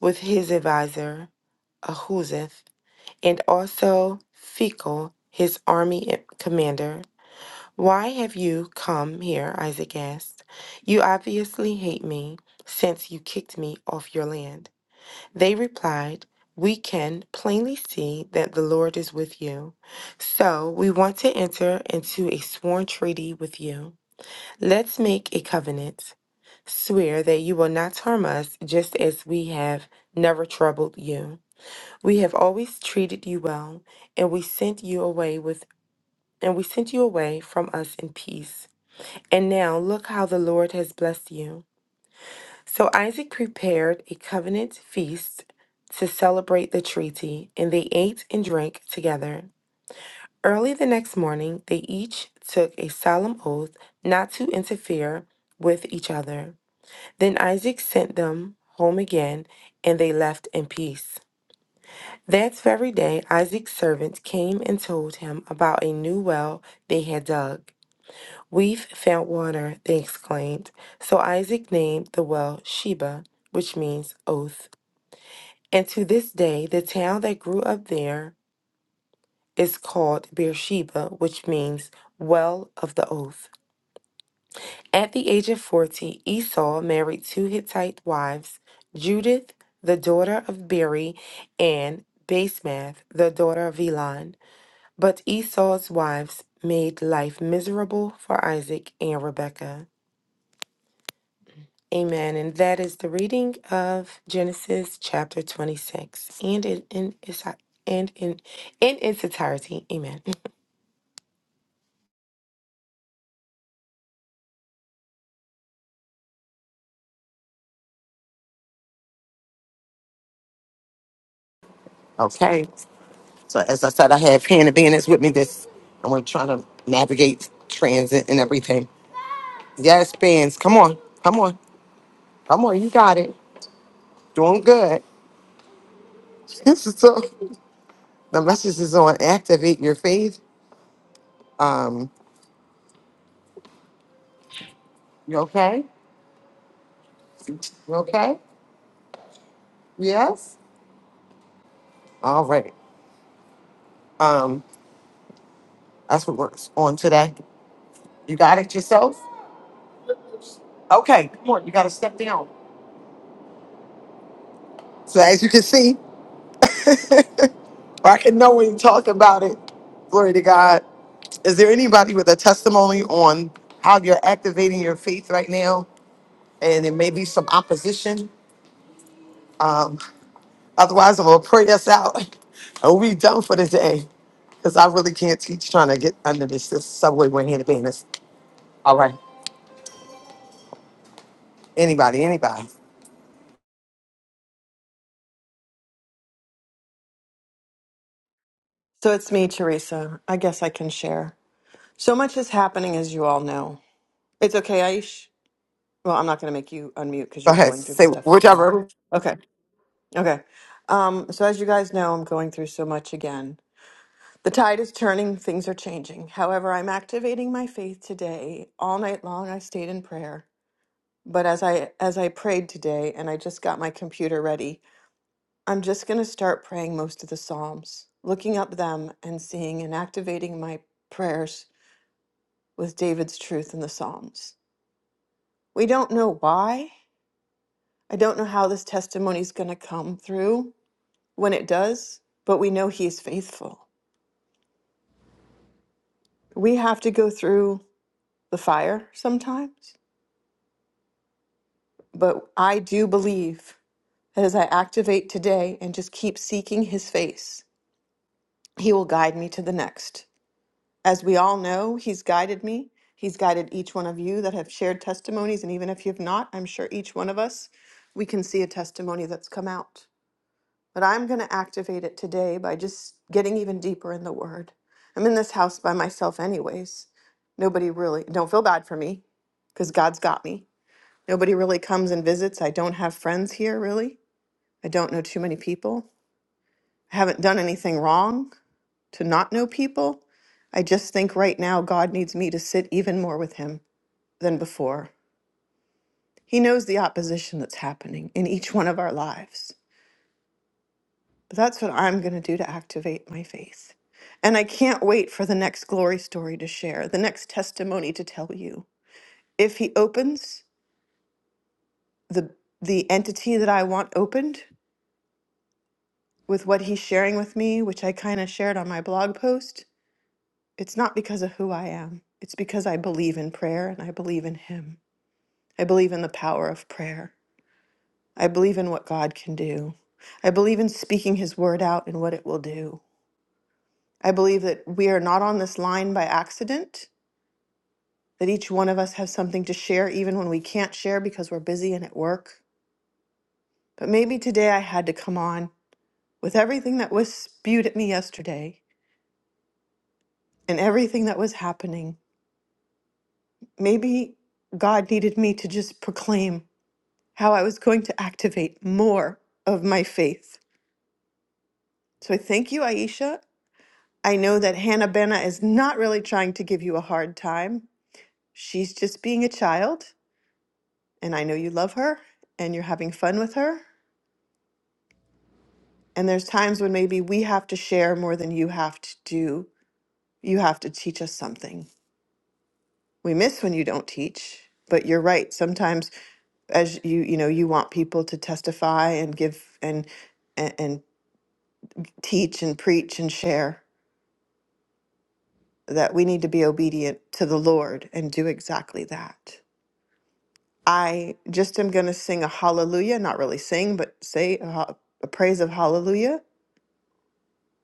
with his advisor Ahuzeth and also Phicol, his army commander. Why have you come here? Isaac asked. You obviously hate me since you kicked me off your land. They replied, We can plainly see that the Lord is with you. So we want to enter into a sworn treaty with you. Let's make a covenant. Swear that you will not harm us just as we have never troubled you. We have always treated you well, and we sent you away with and we sent you away from us in peace. And now look how the Lord has blessed you. So Isaac prepared a covenant feast to celebrate the treaty, and they ate and drank together. Early the next morning, they each took a solemn oath not to interfere with each other. Then Isaac sent them home again, and they left in peace. That very day, Isaac's servant came and told him about a new well they had dug. We've found water, they exclaimed. So Isaac named the well Sheba, which means oath. And to this day, the town that grew up there is called Beersheba, which means well of the oath. At the age of 40, Esau married two Hittite wives, Judith, the daughter of Beri, and Basemath, the daughter of Elon. But Esau's wives made life miserable for Isaac and Rebekah. Amen. And that is the reading of Genesis chapter 26 and in, in, its- and in, in its entirety. Amen.
Okay. So as I said, I have Hannah Banners with me this and we're trying to navigate transit and everything. Yes, Bands, come on. Come on. Come on. You got it. Doing good. so The message is on activate your faith. Um, you okay? You okay? Yes? All right. Um, that's what we're on today. You got it yourself? Okay, come on, you gotta step down. So as you can see, or I can know when you talk about it. Glory to God. Is there anybody with a testimony on how you're activating your faith right now? And it may be some opposition. Um, otherwise I'm gonna pray us out. and we done for the day. Because I really can't teach trying to get under this, this subway when here to business. All right. Anybody, anybody.
So it's me, Teresa. I guess I can share. So much is happening, as you all know. It's okay, Aish. Well, I'm not going to make you unmute because
Go
you're
ahead.
going through the
Say
stuff with him.
whichever.
Okay. Okay. Um, so, as you guys know, I'm going through so much again. The tide is turning, things are changing. However, I'm activating my faith today. All night long, I stayed in prayer. But as I as I prayed today and I just got my computer ready, I'm just going to start praying most of the psalms, looking up them and seeing and activating my prayers with David's truth in the psalms. We don't know why, I don't know how this testimony is going to come through when it does, but we know He is faithful. We have to go through the fire sometimes, but I do believe that as I activate today and just keep seeking His face, He will guide me to the next. As we all know, He's guided me. He's guided each one of you that have shared testimonies. And even if you've not, I'm sure each one of us, we can see a testimony that's come out. But I'm going to activate it today by just getting even deeper in the Word. I'm in this house by myself, anyways. Nobody really, don't feel bad for me because God's got me. Nobody really comes and visits. I don't have friends here, really. I don't know too many people. I haven't done anything wrong to not know people. I just think right now God needs me to sit even more with Him than before. He knows the opposition that's happening in each one of our lives. But that's what I'm going to do to activate my faith. And I can't wait for the next glory story to share, the next testimony to tell you. If he opens the the entity that I want opened with what he's sharing with me, which I kind of shared on my blog post, it's not because of who I am. It's because I believe in prayer and I believe in him. I believe in the power of prayer. I believe in what God can do. I believe in speaking his word out and what it will do. I believe that we are not on this line by accident. that each one of us has something to share, even when we can't share because we're busy and at work. But maybe today I had to come on with everything that was spewed at me yesterday and everything that was happening. Maybe God needed me to just proclaim how I was going to activate more of my faith. So I thank you, Aisha. I know that Hannah Benna is not really trying to give you a hard time. She's just being a child, and I know you love her and you're having fun with her. And there's times when maybe we have to share more than you have to do. You have to teach us something. We miss when you don't teach, but you're right. Sometimes as you you know, you want people to testify and give and and, and teach and preach and share that we need to be obedient to the Lord and do exactly that. I just am going to sing a hallelujah, not really sing, but say a, ho- a praise of hallelujah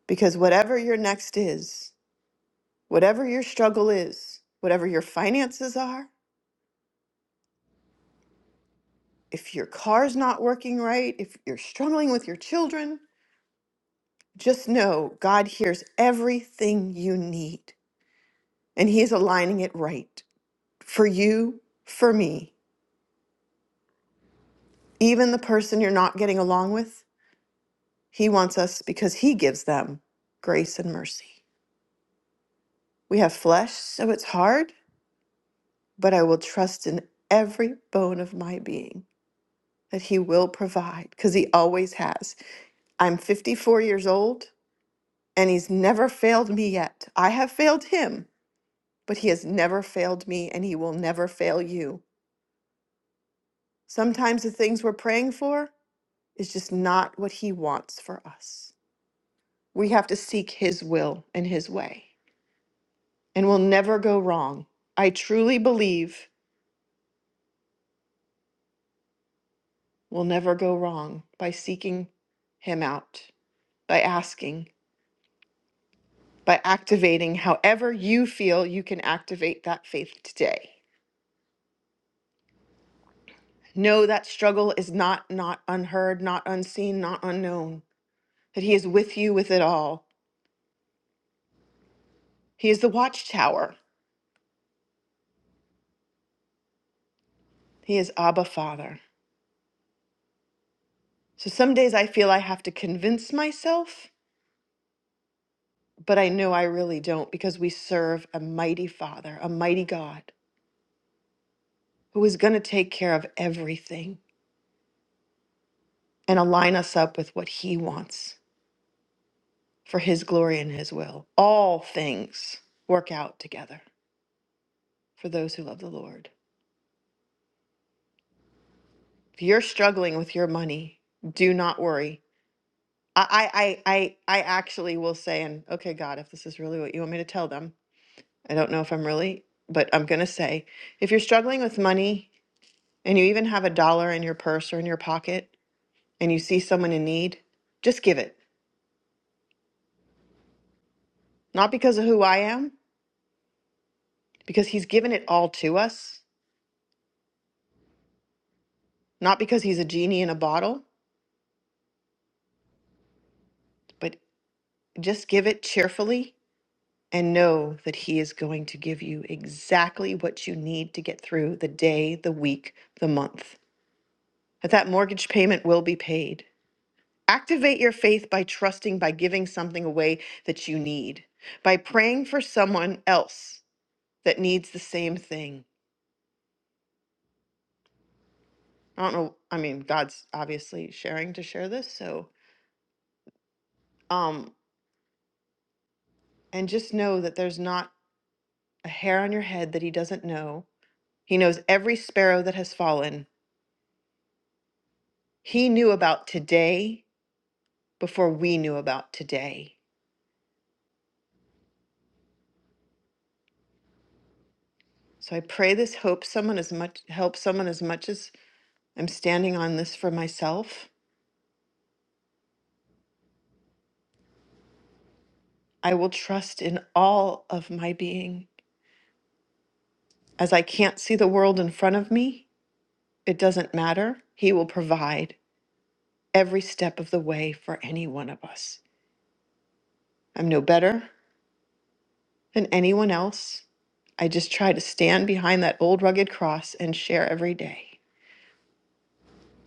because whatever your next is, Whatever your struggle is, whatever your finances are, if your car's not working right, if you're struggling with your children, just know God hears everything you need and He is aligning it right for you, for me. Even the person you're not getting along with, He wants us because He gives them grace and mercy. We have flesh, so it's hard, but I will trust in every bone of my being that He will provide because He always has. I'm 54 years old, and he's never failed me yet. I have failed him, but he has never failed me, and he will never fail you. Sometimes the things we're praying for is just not what he wants for us. We have to seek his will and his way, and we'll never go wrong. I truly believe we'll never go wrong by seeking him out, by asking, by activating however you feel you can activate that faith today. Know that struggle is not not unheard, not unseen, not unknown. That he is with you with it all. He is the watchtower. He is Abba Father. So some days I feel I have to convince myself, but I know I really don't because we serve a mighty Father, a mighty God who is going to take care of everything and align us up with what he wants for his glory and his will. All things work out together for those who love the Lord. If you're struggling with your money, do not worry. I, I, I, I I actually will say, and okay, God, if this is really what you want me to tell them, I don't know if I'm really, but I'm going to say if you're struggling with money and you even have a dollar in your purse or in your pocket and you see someone in need, just give it. Not because of who I am, because He's given it all to us, not because He's a genie in a bottle, but just give it cheerfully and know that He is going to give you exactly what you need to get through the day, the week, the month. That that mortgage payment will be paid. Activate your faith by trusting, by giving something away that you need, by praying for someone else that needs the same thing. I don't know. I mean, God's obviously sharing to share this. So, um, and just know that there's not a hair on your head that He doesn't know. He knows every sparrow that has fallen. He knew about today before we knew about today. So I pray this hope someone as much helps someone as much as I'm standing on this for myself. I will trust in all of my being. As I can't see the world in front of me, it doesn't matter. He will provide every step of the way for any one of us. I'm no better than anyone else. I just try to stand behind that old rugged cross and share every day.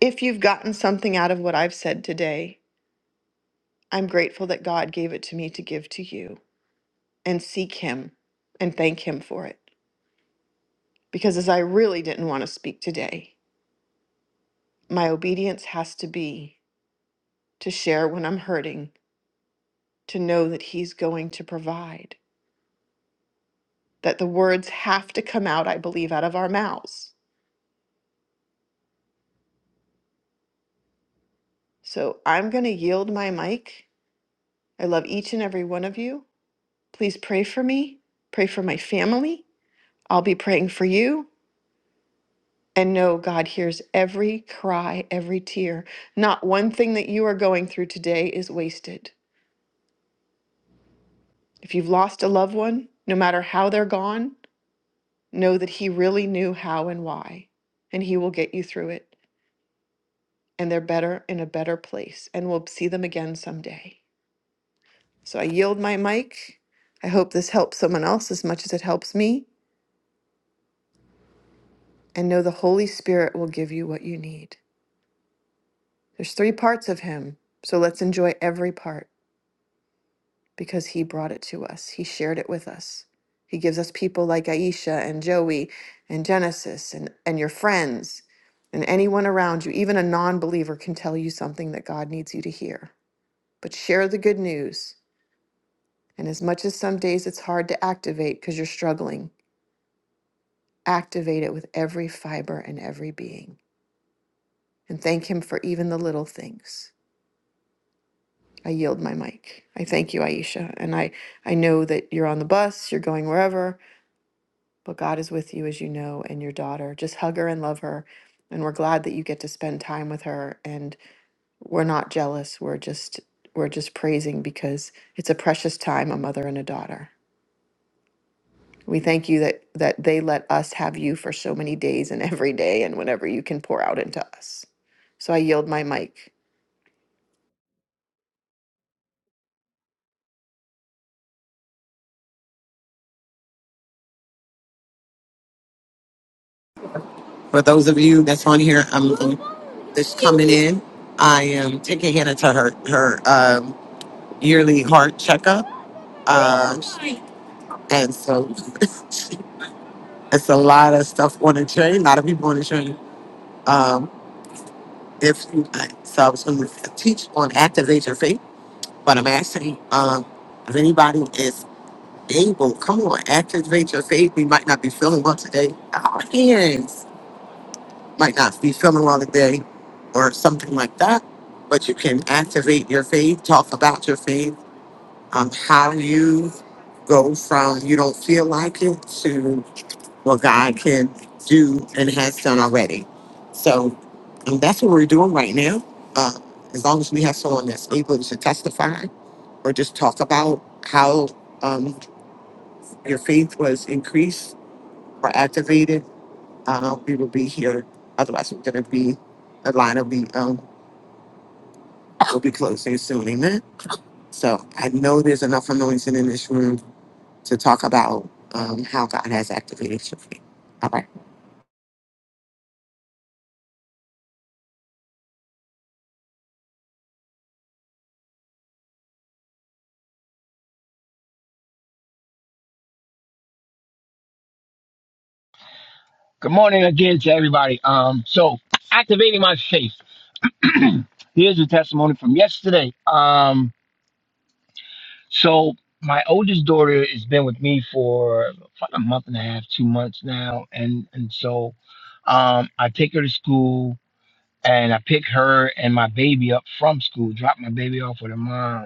If you've gotten something out of what I've said today, I'm grateful that God gave it to me to give to you and seek Him and thank Him for it. Because as I really didn't want to speak today, my obedience has to be to share when I'm hurting, to know that He's going to provide, that the words have to come out, I believe, out of our mouths. So I'm going to yield my mic. I love each and every one of you. Please pray for me, pray for my family. I'll be praying for you. and know God hears every cry, every tear. Not one thing that you are going through today is wasted. If you've lost a loved one, no matter how they're gone, know that He really knew how and why, and He will get you through it. And they're better in a better place, and we'll see them again someday. So I yield my mic. I hope this helps someone else as much as it helps me, and know the Holy Spirit will give you what you need. There's three parts of Him, so let's enjoy every part. because he brought it to us. He shared it with us. He gives us people like Aisha and Joey and Genesis and, and your friends and anyone around you. Even a non believer can tell you something that God needs you to hear. But share the good news. And as much as some days it's hard to activate because you're struggling, activate it with every fiber and every being. And thank Him for even the little things. I yield my mic. I thank you, Aisha. And I, I know that you're on the bus, you're going wherever But God is with you, as you know, and your daughter. Just hug her and love her. And we're glad that you get to spend time with her. And we're not jealous. We're just we're just praising because it's a precious time, a mother and a daughter. We thank you that that they let us have you for so many days and every day and whenever you can pour out into us. So I yield my mic.
For those of you that's on here, I'm I'm just coming in. I am taking Hannah to her her um, yearly heart checkup. Um, and so it's a lot of stuff on the train, a lot of people on the train. Um, if you, so I was going to teach on activate your faith, but I'm asking um, if anybody is able. Come on, activate your faith. We might not be feeling well today. Our hands might not be feeling well today or something like that. But you can activate your faith, talk about your faith, um, how you go from you don't feel like it to what God can do and has done already. So um, that's what we're doing right now. Uh, as long as we have someone that's able to testify or just talk about how um, your faith was increased are activated, uh, we will be here. Otherwise, we're going to be, the line will be, um, will be closing soon. Amen. So I know there's enough anointing in this room to talk about um, how God has activated your faith. All right.
Good morning again to everybody. Um, so activating my faith. Here's a testimony from yesterday. Um, so my oldest daughter has been with me for about a month and a half, two months now, and and so um, I take her to school and I pick her and my baby up from school, drop my baby off with her mom,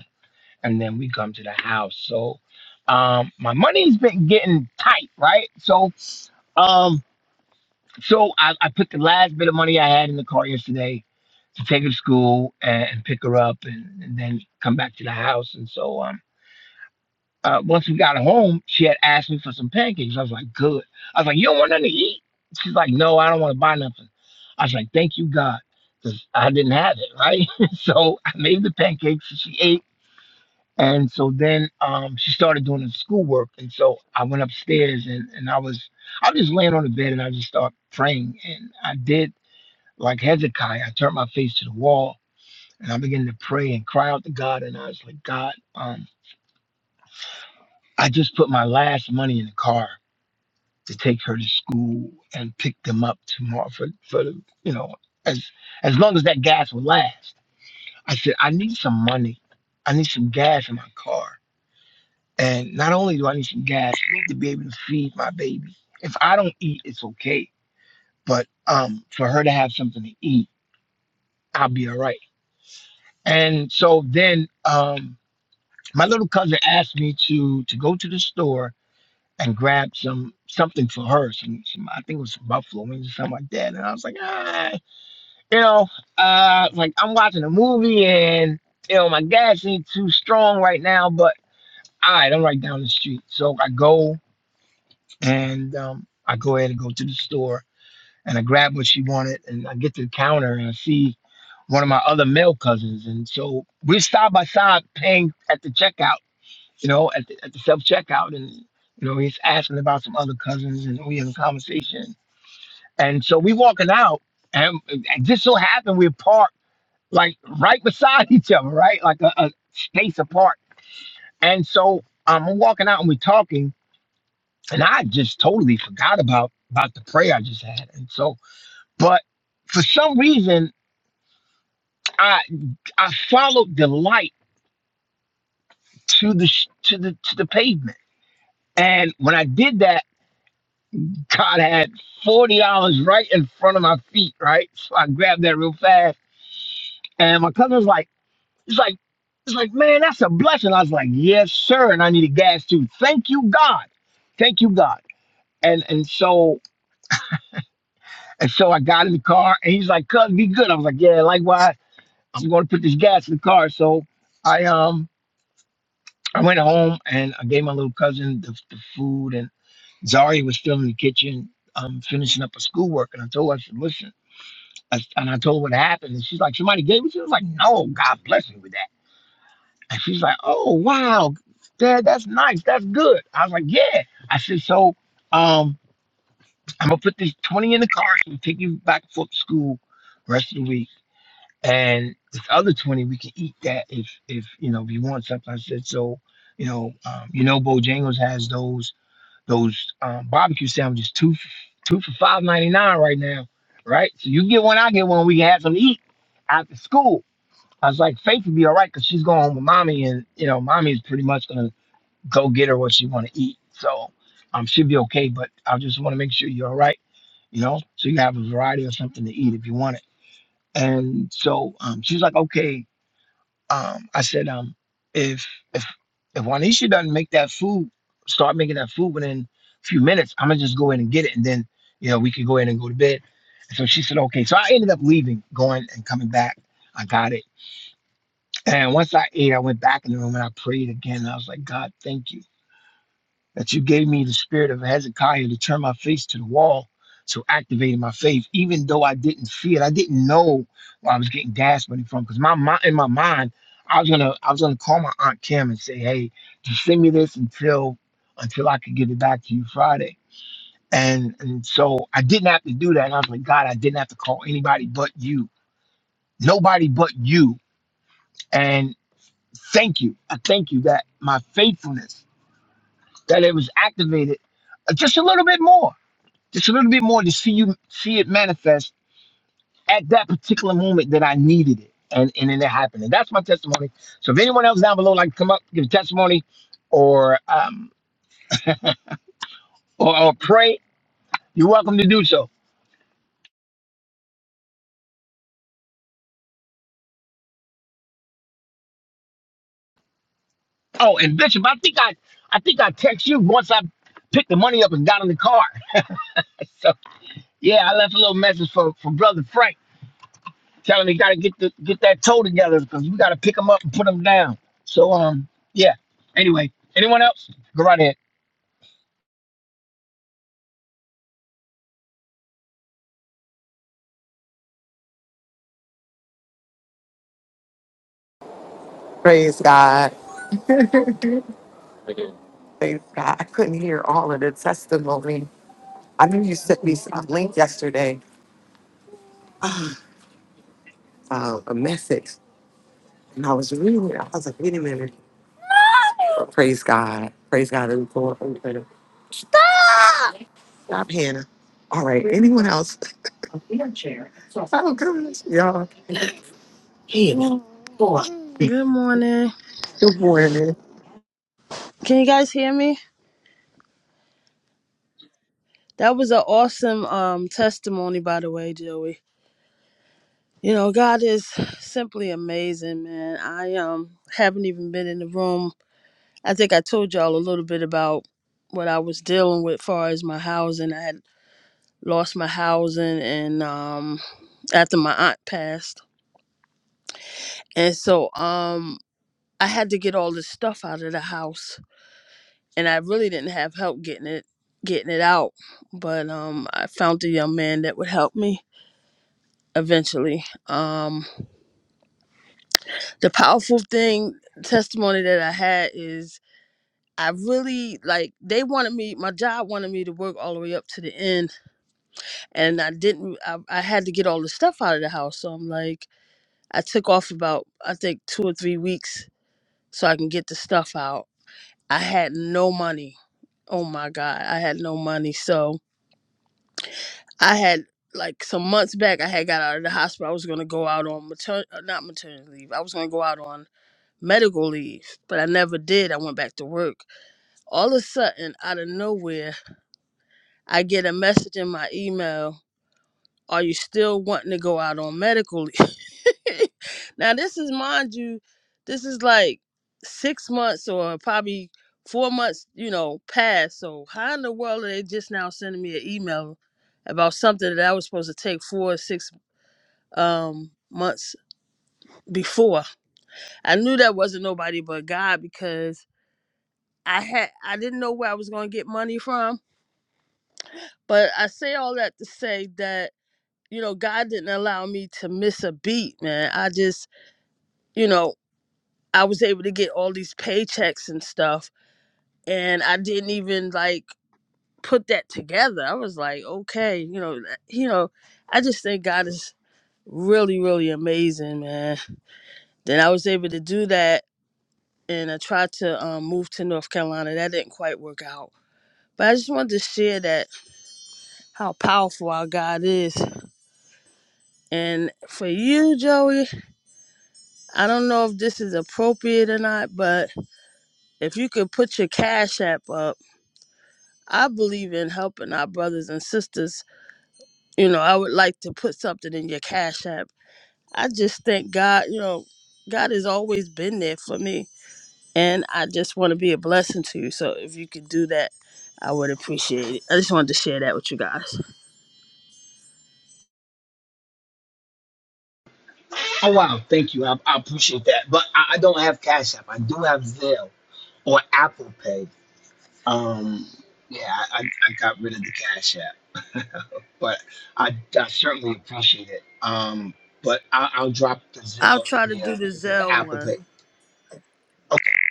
and then we come to the house. So um, my money's been getting tight, right? So um. So I, I put the last bit of money I had in the car yesterday to take her to school and, and pick her up and, and then come back to the house. And so um, uh, once we got home, she had asked me for some pancakes. I was like, good. I was like, you don't want nothing to eat? She's like, no, I don't want to buy nothing. I was like, thank you, God, because I didn't have it, right? so I made the pancakes and she ate. And so then um, she started doing the schoolwork. And so I went upstairs and, and I was I was just laying on the bed and I just started praying. And I did like Hezekiah, I turned my face to the wall and I began to pray and cry out to God. And I was like, God, um, I just put my last money in the car to take her to school and pick them up tomorrow for, for the, you know, as as long as that gas will last. I said, I need some money. I need some gas in my car. And not only do I need some gas, I need to be able to feed my baby. If I don't eat, it's okay. But um, for her to have something to eat, I'll be all right. And so then um, My little cousin asked me to to go to the store and grab some something for her. Some, some I think it was some buffalo wings or something like that. And I was like, ah, you know, uh, like I'm watching a movie and you know my gas ain't too strong right now, but all right, I'm right down the street. So I go and um, I go ahead and go to the store and I grab what she wanted and I get to the counter and I see one of my other male cousins. And so we're side by side paying at the checkout you know, at the, at the self checkout, and you know, he's asking about some other cousins, and we have a conversation. And so we walking out, and it just so happened we're parked like right beside each other, right, like a, a space apart. And so um, I'm walking out, and we're talking, and I just totally forgot about about the prayer I just had. And so, but for some reason, I I followed the light to the sh- to the to the pavement, and when I did that. God had forty dollars right in front of my feet, right? So I grabbed that real fast, and my cousin was like, "It's like, it's like, man, that's a blessing." I was like, "Yes, sir," and I needed gas too. Thank you, God. Thank you, God. And and so and so I got in the car, and he's like, "Cuz, be good." I was like, "Yeah, likewise." I'm going to put this gas in the car. So I um I went home and I gave my little cousin the, the food, and Zari was still in the kitchen, um, finishing up her schoolwork, and I told her, I said, "Listen." And and I told her what happened. And she's like, somebody gave it. She was like, no, God bless me with that. And she's like, oh, wow, Dad, that's nice. That's good. I was like, yeah. I said, so um, I'm going to put this 20 in the car. So we take you back and forth to school the rest of the week. And this other 20, we can eat that if, if you know, if you want something. I said, so, you know, um, you know, Bojangles has those those um, barbecue sandwiches two two for five ninety nine right now, right? So you get one, I get one. We can have some to eat after school. I was like, Faith would be all right because she's going home with mommy, and you know, mommy's pretty much gonna go get her what she want to eat. So um, she'll be okay. But I just want to make sure you're all right, you know, so you have a variety of something to eat if you want it. And so um, she's like, okay. Um, I said, um, if if if Juanisha doesn't make that food, start making that food within a few minutes, I'm gonna just go in and get it, and then you know we could go in and go to bed. And so she said, okay. So I ended up leaving, going and coming back. I got it, and once I ate, I went back in the room and I prayed again. I was like, God, thank you that you gave me the spirit of Hezekiah to turn my face to the wall. So activating my faith, even though I didn't see it, I didn't know where I was getting gas money from. Because my mind, in my mind, I was gonna, I was gonna call my aunt Kim and say, "Hey, just send me this until, until I could get it back to you Friday." And and so I didn't have to do that. And I was like, God, I didn't have to call anybody but you, nobody but you. And thank you, I thank you that my faithfulness, that it was activated uh, just a little bit more just a little bit more to see you see it manifest at that particular moment that I needed it. And and then it happened. And that's my testimony. So if anyone else down below like to come up, give a testimony or um or, or pray, you're welcome to do so. Oh, and Bishop, I think I I think I text you once I picked the money up and got in the car. so yeah, I left a little message for, for brother Frank telling me he gotta get the get that toe together because we gotta pick him up and put him down. So um yeah. Anyway, anyone else? Go right ahead.
Praise God. Okay. Praise God. I couldn't hear all of the testimony. I knew you sent me a link yesterday, uh, a message, and I was reading it. I was like, wait a minute. Praise God. Praise God. It was going on. Stop, Hannah. All right. Anyone else? Oh, goodness, y'all. Hannah. Boy.
Good morning.
Good morning.
Can you guys hear me? That was an awesome um testimony by the way, Joey. You know, God is simply amazing, man. I um haven't even been in the room. I think I told y'all a little bit about what I was dealing with far as my housing. I had lost my housing and um after my aunt passed. And so um I had to get all this stuff out of the house and I really didn't have help getting it getting it out. But um, I found a young man that would help me eventually. Um, the powerful thing testimony that I had is I really like they wanted me. My job wanted me to work all the way up to the end, and I didn't. I, I had to get all the stuff out of the house, so I'm like, I took off about I think two or three weeks so I can get the stuff out. I had no money. Oh my God, I had no money. So I had like some months back. I had got out of the hospital. I was gonna go out on matern uh, not maternity leave. I was gonna go out on medical leave, but I never did. I went back to work. All of a sudden, out of nowhere, I get a message in my email. Are you still wanting to go out on medical leave? now this is, mind you, this is like six months or probably four months, you know, past. So how in the world are they just now sending me an email about something that I was supposed to take four or six um months before. I knew that wasn't nobody but God because I had I didn't know where I was going to get money from, but I say all that to say that you know God didn't allow me to miss a beat, man. I just, you know, I was able to get all these paychecks and stuff and I didn't even like put that together. I was like, okay, you know, you know, I just think God is really really amazing, man. Then I was able to do that and I tried to um, move to North Carolina. That didn't quite work out. But I just wanted to share that how powerful our God is. And for you, Joey, I don't know if this is appropriate or not, but if you could put your cash app up, I believe in helping our brothers and sisters. You know, I would like to put something in your cash app. I just thank God, you know, God has always been there for me and I just want to be a blessing to you. So if you could do that, I would appreciate it. I just wanted to share that with you guys.
Oh wow, thank you. I, I appreciate that. But I, I don't have Cash App. I do have Zelle or Apple Pay. Um, yeah, I, I, I got rid of the Cash App, but I, I certainly appreciate it. Um, but I, I'll drop the
I'll
Zelle
try
and
to
the uh,
do the
the
Zell
Apple
one.
Pay.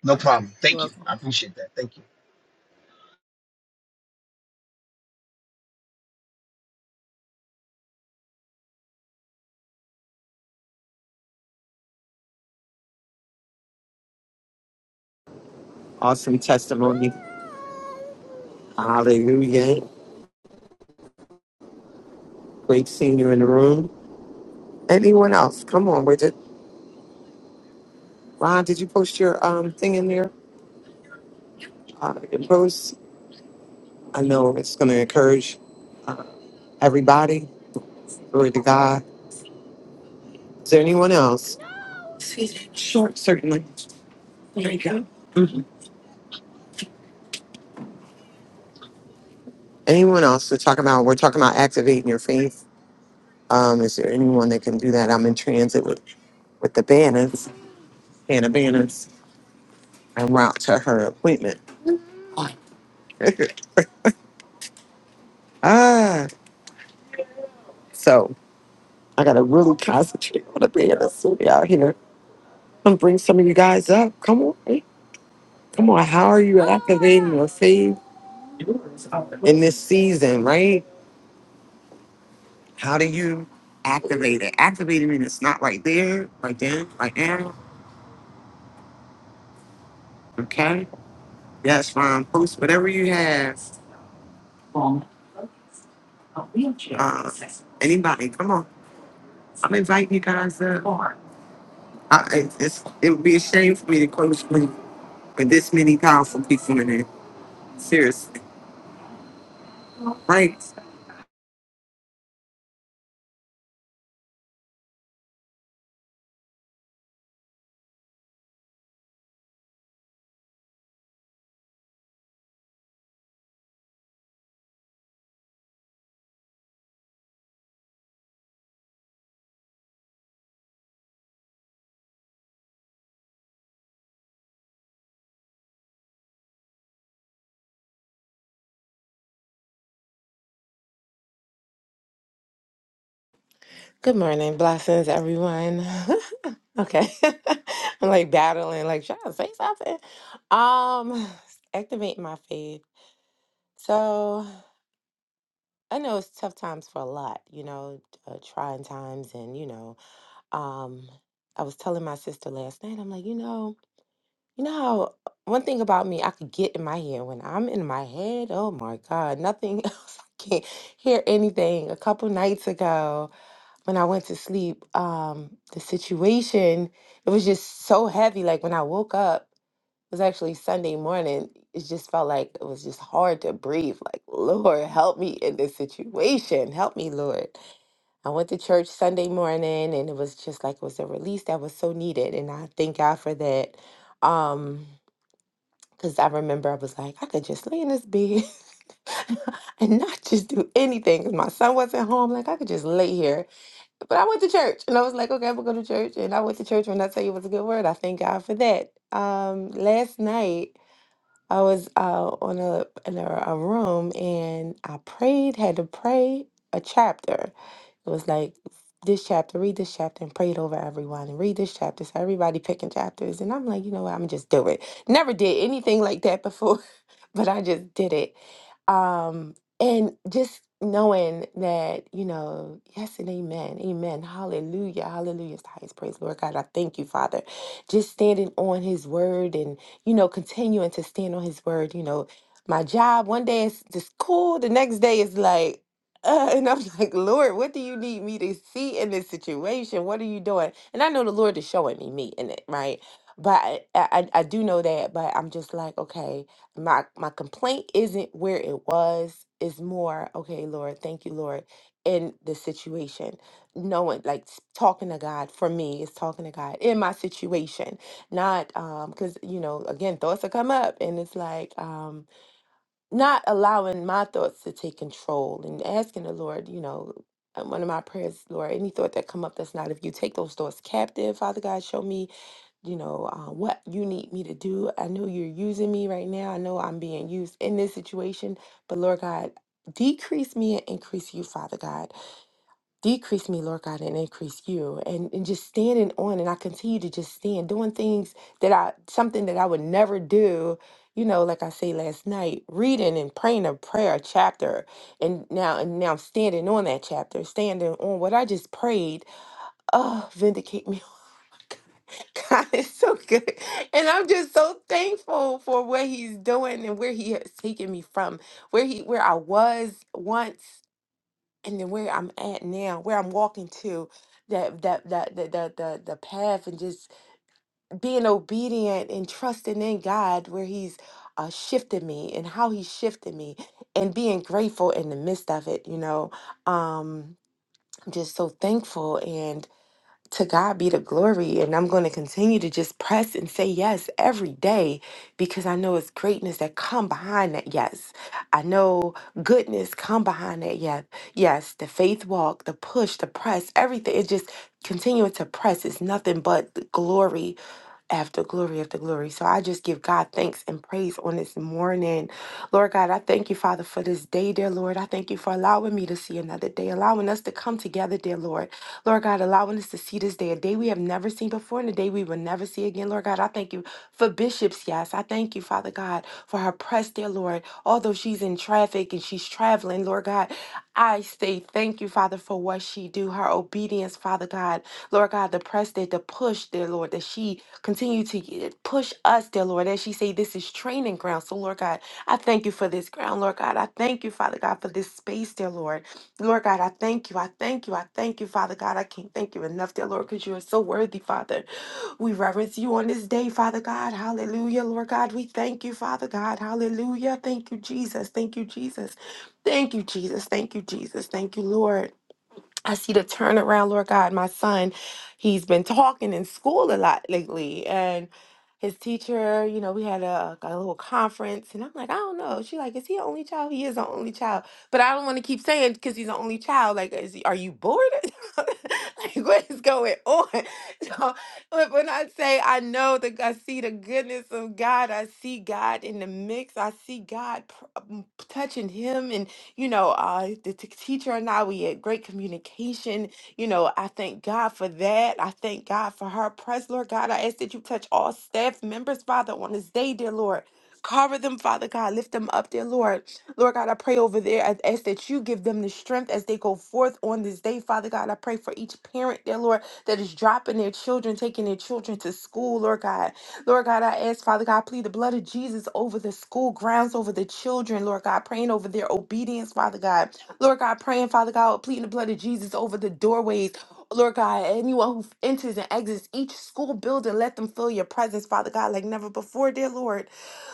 No
All right.
problem.
You're
Thank you.
welcome.
I appreciate that. Thank you.
Awesome testimony. Hallelujah. Great seeing you in the room. Anyone else? Come on, Bridget. Ron, did you post your um thing in there? Uh, your post? I know it's going to encourage uh, everybody. Glory to God. Is there anyone else? Excuse me. Sure, certainly. There you go. Mhm. Anyone else? We're talking about we're talking about activating your faith Um, is there anyone that can do that? I'm in transit with, with the banners, Hannah Banners, en route to her appointment. ah, so I gotta really concentrate on the banners we out here. I'm bring some of you guys up. Come on, come on. How are you activating your faith in this season, right? How do you activate it? Activating it, it's not right there, right then, right now. Okay, that's fine. Post whatever you have Uh, anybody, come on. I'm inviting you guys up. I, it- it's, it would be a shame for me to close with with this many powerful people in it. Seriously. Right?
Good morning. Blessings, everyone. okay. I'm like battling, like trying to say something. Um, Activate my faith. So I know it's tough times for a lot, you know, uh, trying times. And, you know, um, I was telling my sister last night, I'm like, you know, You know how one thing about me, I could get in my head. When I'm in my head, oh my God, nothing else. I can't hear anything. A couple nights ago, when I went to sleep, um, the situation, it was just so heavy. Like when I woke up, it was actually Sunday morning. It just felt like it was just hard to breathe. Like, Lord, help me in this situation. Help me, Lord. I went to church Sunday morning and it was just like it was a release that was so needed. And I thank God for that. Um, because I remember I was like, I could just lay in this bed and not just do anything. 'Cause my son wasn't home. Like, I could just lay here. But I went to church and I was like, okay, I'm going to go to church. And I went to church. When I tell you it was a good word, I thank God for that. Um, last night, I was uh, on a, in a, a room and I prayed, had to pray a chapter. It was like this chapter, read this chapter and pray it over everyone and read this chapter. So everybody picking chapters. And I'm like, you know what, I'm just do it. Never did anything like that before, but I just did it. Um, and just knowing that, you know, yes and amen, amen, hallelujah, hallelujah is the highest praise, Lord God. I thank you, Father. Just standing on his word and, you know, continuing to stand on his word, you know, my job one day is just cool, the next day is like, uh, and I'm like, Lord, what do you need me to see in this situation? What are you doing? And I know the Lord is showing me me in it, right? But I, I, I do know that, but I'm just like, okay, my my complaint isn't where it was it's more okay lord thank you lord in the situation knowing like s- talking to god for me is talking to god in my situation not um because you know again thoughts will come up and it's like um not allowing my thoughts to take control and asking the lord you know uh, one of my prayers lord any thought that come up that's not of you take those thoughts captive father god show me you know, uh, what you need me to do. I know you're using me right now. I know I'm being used in this situation, but Lord God, decrease me and increase you, Father God. Decrease me, Lord God, and increase you. And, and just standing on, and I continue to just stand, doing things that I, something that I would never do. You know, like I say last night, reading and praying a prayer, a chapter, and now and now I'm standing on that chapter, standing on what I just prayed. Oh, vindicate me God is so good. And I'm just so thankful for what he's doing and where he has taken me from, where he where I was once and then where I'm at now, where I'm walking to. That that that the the the, the path and just being obedient and trusting in God where He's uh, shifted me and how He shifted me and being grateful in the midst of it, you know. Um, I'm just so thankful to God be the glory. And I'm going to continue to just press and say yes every day because I know it's greatness that come behind that yes. I know goodness come behind that yes. Yes, the faith walk, the push, the press, everything. It just continuing to press is nothing but the glory after glory after glory. So I just give God thanks and praise on this morning. Lord God, I thank you, Father, for this day, dear Lord. I thank you for allowing me to see another day, allowing us to come together, dear Lord. Lord God, allowing us to see this day, a day we have never seen before and a day we will never see again. Lord God, I thank you for Bishop's yes. I thank you, Father God, for her press, dear Lord. Although she's in traffic and she's traveling, Lord God, I say thank you, Father, for what she do, her obedience, Father God. Lord God, the press that the push, dear Lord, that she Continue to push us, dear Lord, as she say, this is training ground. So, Lord God, I thank you for this ground, Lord God. I thank you, Father God, for this space, dear Lord. Lord God, I thank you. I thank you. I thank you, Father God. I can't thank you enough, dear Lord, because you are so worthy, Father. We reverence you on this day, Father God. Hallelujah, Lord God. We thank you, Father God. Hallelujah. Thank you, Jesus. Thank you, Jesus. Thank you, Jesus. Thank you, Jesus. Thank you, Lord. I see the turnaround, Lord God. My son, he's been talking in school a lot lately, and his teacher, you know, we had a, like, a little conference, and I'm like, I don't know. She like, is he an only child? He is an only child, but I don't want to keep saying because he's an only child. Like, is he, are you bored? like, what is going on? So, but when I say I know that I see the goodness of God, I see God in the mix. I see God pr- um, touching him, you know, uh, the t- teacher and I, we had great communication. You know, I thank God for that. I thank God for her Praise, Lord God. I ask that you touch all staff members, Father, on this day, dear Lord. Cover them, Father God. Lift them up, dear Lord. Lord God, I pray over there. I ask that you give them the strength as they go forth on this day, Father God. I pray for each parent, dear Lord, that is dropping their children, taking their children to school, Lord God. Lord God, I ask, Father God, plead the blood of Jesus over the school grounds, over the children, Lord God, praying over their obedience, Father God. Lord God, praying, Father God, pleading the blood of Jesus over the doorways. Lord God, anyone who enters and exits each school building, let them feel your presence, Father God, like never before, dear Lord.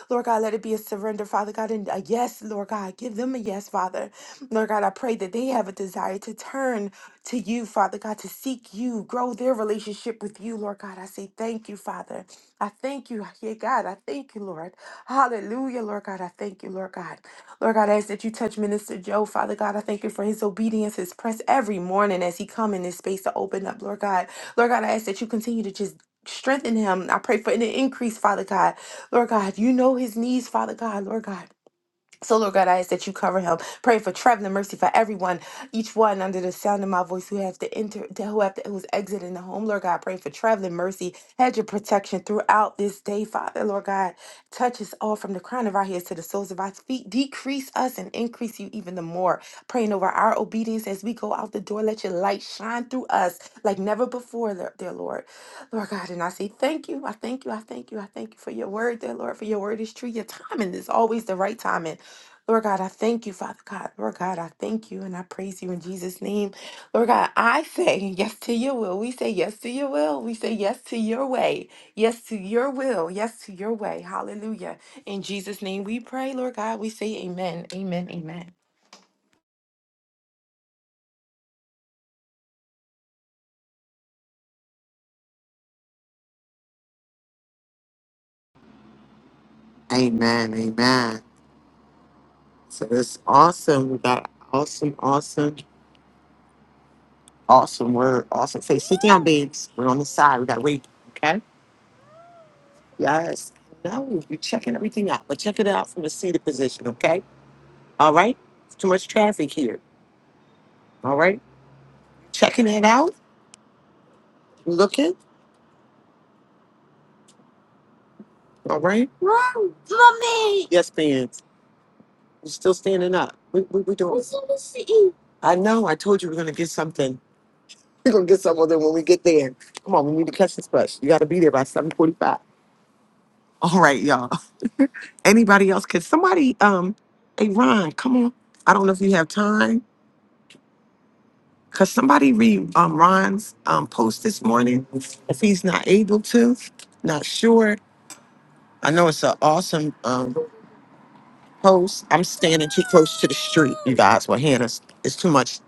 Lord God, let it be a surrender, Father God, and a yes, Lord God. Give them a yes, Father. Lord God, I pray that they have a desire to turn to you, Father God, to seek you, grow their relationship with you, Lord God. I say thank you, Father. I thank you, yeah, God. I thank you, Lord. Hallelujah, Lord God. I thank you, Lord God. Lord God, I ask that you touch Minister Joe, Father God. I thank you for his obedience, his press every morning as he come in this space to open up, Lord God. Lord God, I ask that you continue to just strengthen him. I pray for an increase, Father God. Lord God, you know his needs, Father God, Lord God. So, Lord God, I ask that you cover him. Pray for traveling mercy for everyone, each one under the sound of my voice who have to enter, to who have to, who's exiting the home. Lord God, pray for traveling mercy. Hedge your protection throughout this day, Father. Lord God, touch us all from the crown of our heads to the soles of our feet. Decrease us and increase you even the more. Praying over our obedience as we go out the door. Let your light shine through us like never before, Lord- dear Lord. Lord God, and I say thank you. I thank you. I thank you. I thank you for your word, dear Lord, for your word is true. Your timing is always the right timing. Lord God, I thank you, Father God. Lord God, I thank you and I praise you in Jesus' name. Lord God, I say yes to your will. We say yes to your will. We say yes to your way. Yes to your will. Yes to your way. Hallelujah. In Jesus' name we pray, Lord God. We say amen. Amen. Amen.
Amen. Amen. So it's awesome. We got awesome, awesome, awesome word. Awesome. Say, sit down, babes. We're on the side. We got to wait. Okay? Yes. No, you're checking everything out, but check it out from the seated position. Okay? All right? It's Too much traffic here. All right? Checking it out. Looking. All right. Run mommy. Yes, ma'am. You're still standing up. We we, we doing. I wanna see. I know. I told you we're gonna get something. We're gonna get something when we get there. Come on, we need to catch this bus. You gotta be there by seven forty-five. All right, y'all. Anybody else? Can somebody um, hey Ron, come on. I don't know if you have time. Cause somebody read um Ron's um post this morning. If he's not able to, not sure. I know it's an awesome um close. I'm standing too close to the street, you guys. Well, Hannah's it's too much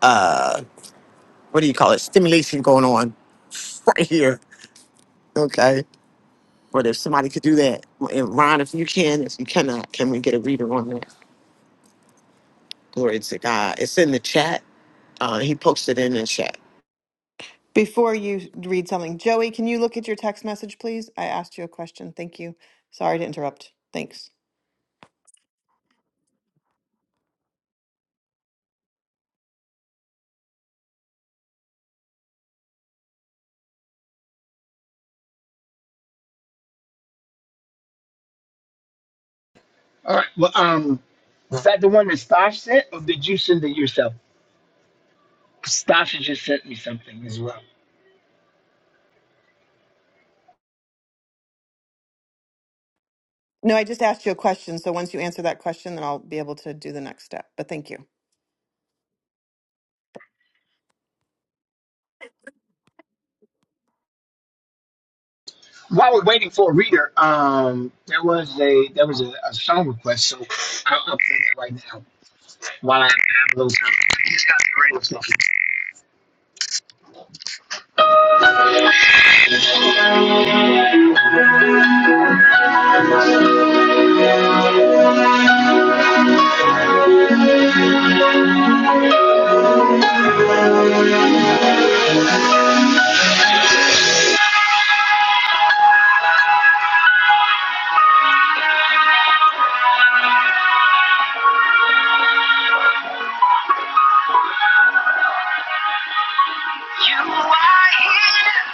uh what do you call it? Stimulation going on right here. Okay. But if somebody could do that, and Ron, if you can, if you cannot, can we get a reader on that? Glory to God. It's in the chat. Uh, he posted in the chat.
Before you read something, Joey, can you look at your text message, please? I asked you a question. Thank you. Sorry to interrupt. Thanks.
All right. Well, um, was that the one that Stash sent, or did you send it yourself? Stash has just sent me something as well.
No, I just asked you a question. So once you answer that question, then I'll be able to do the next step. But thank you.
While we're waiting for a reader, um, there was a there was a, a song request, so I'll upload it right now while I have a little time. I just got the radio station. You are here,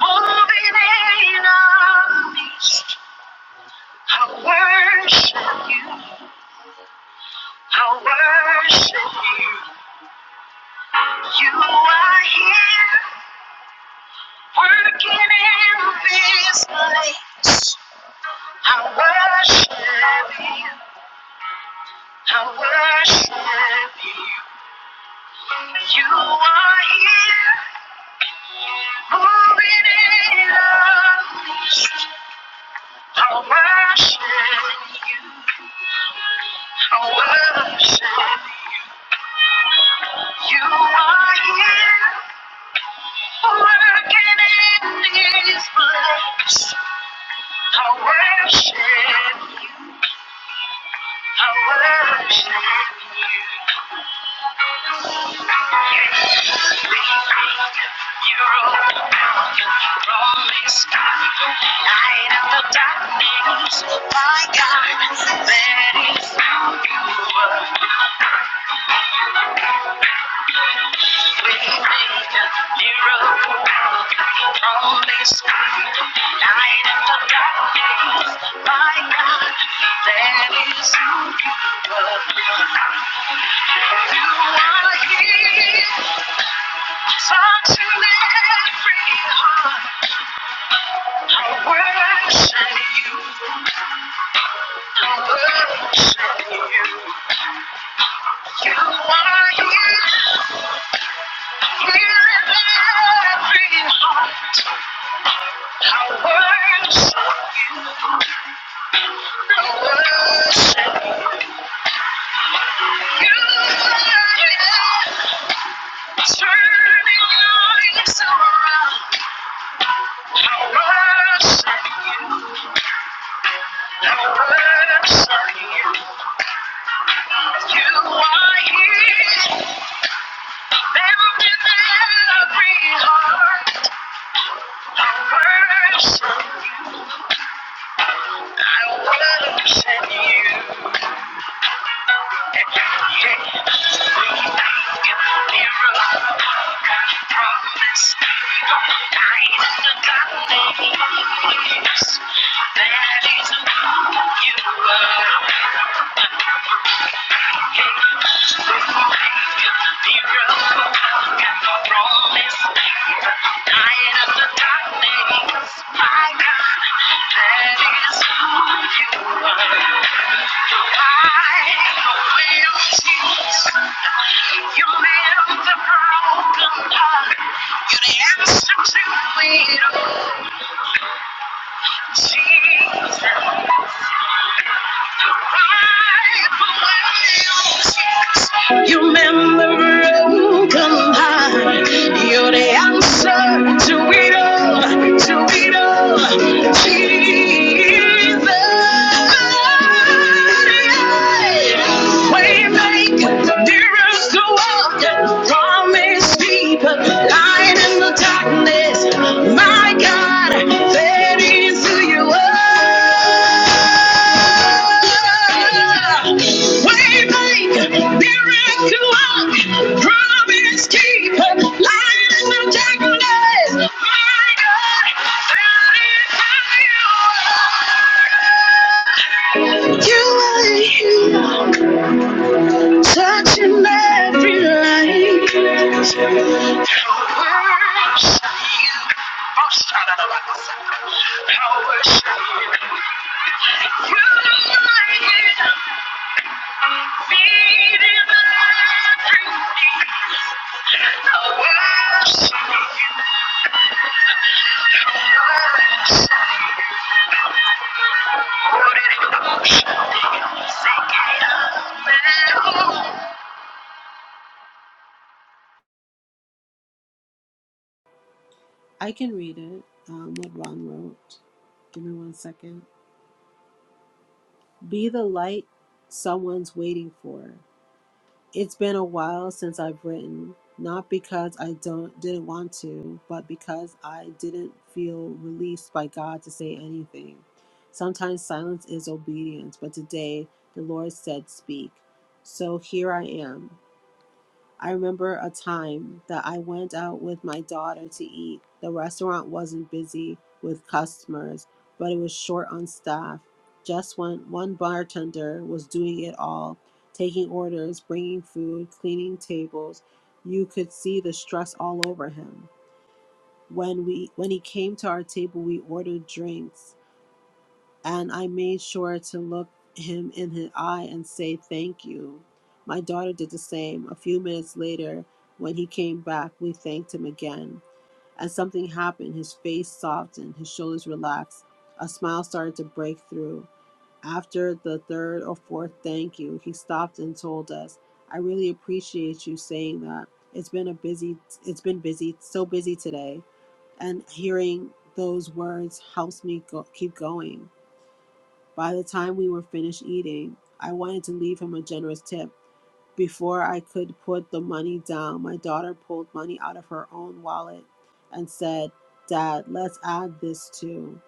moving in our midst. I worship you. I worship you. You are here, working in this place. I worship you. I worship you. You are here, moving in us. I worship you. I worship you. You are here, working in this place. I worship you. I worship you. You roll down, light up the darkness. My God, that is how you work. We made a miracle on this earth, light the darkness. My God, that is who you You are here, touching every heart. I worship you. I worship you. You are here. Thank you. I don't wanna upset you. Thank you. You are. You the broken heart. You're the answer to it all. Jesus, You remember and come high. You're the answer to it all, to it all. Jesus, way maker, the dearest to walk, promise keeper light in the darkness. My God, fed into your word. Waymaker, miracle work, promise keeper, light in the darkness. My God, fed into your word. You are here touching every line. Power shine. Oh, shout out of us. Power shine. You light it up.
I can read it, um, what Ron wrote. Give me one second. Be the light someone's waiting for. It's been a while since I've written, not because I don't didn't want to, but because I didn't feel released by God to say anything. Sometimes silence is obedience, but today the Lord said speak. So here I am. I remember a time that I went out with my daughter to eat. The restaurant wasn't busy with customers, but it was short on staff. Just when one bartender was doing it all, taking orders, bringing food, cleaning tables, you could see the stress all over him. When we when he came to our table, we ordered drinks and I made sure to look him in his eye and say thank you. My daughter did the same. A few minutes later, when he came back, we thanked him again. And something happened. His face softened, his shoulders relaxed, a smile started to break through. After the third or fourth thank you, he stopped and told us, I really appreciate you saying that. It's been a busy it's been busy, so busy today. And hearing those words helps me go, keep going. By the time we were finished eating, I wanted to leave him a generous tip. Before I could put the money down, my daughter pulled money out of her own wallet and said, Dad, let's add this too.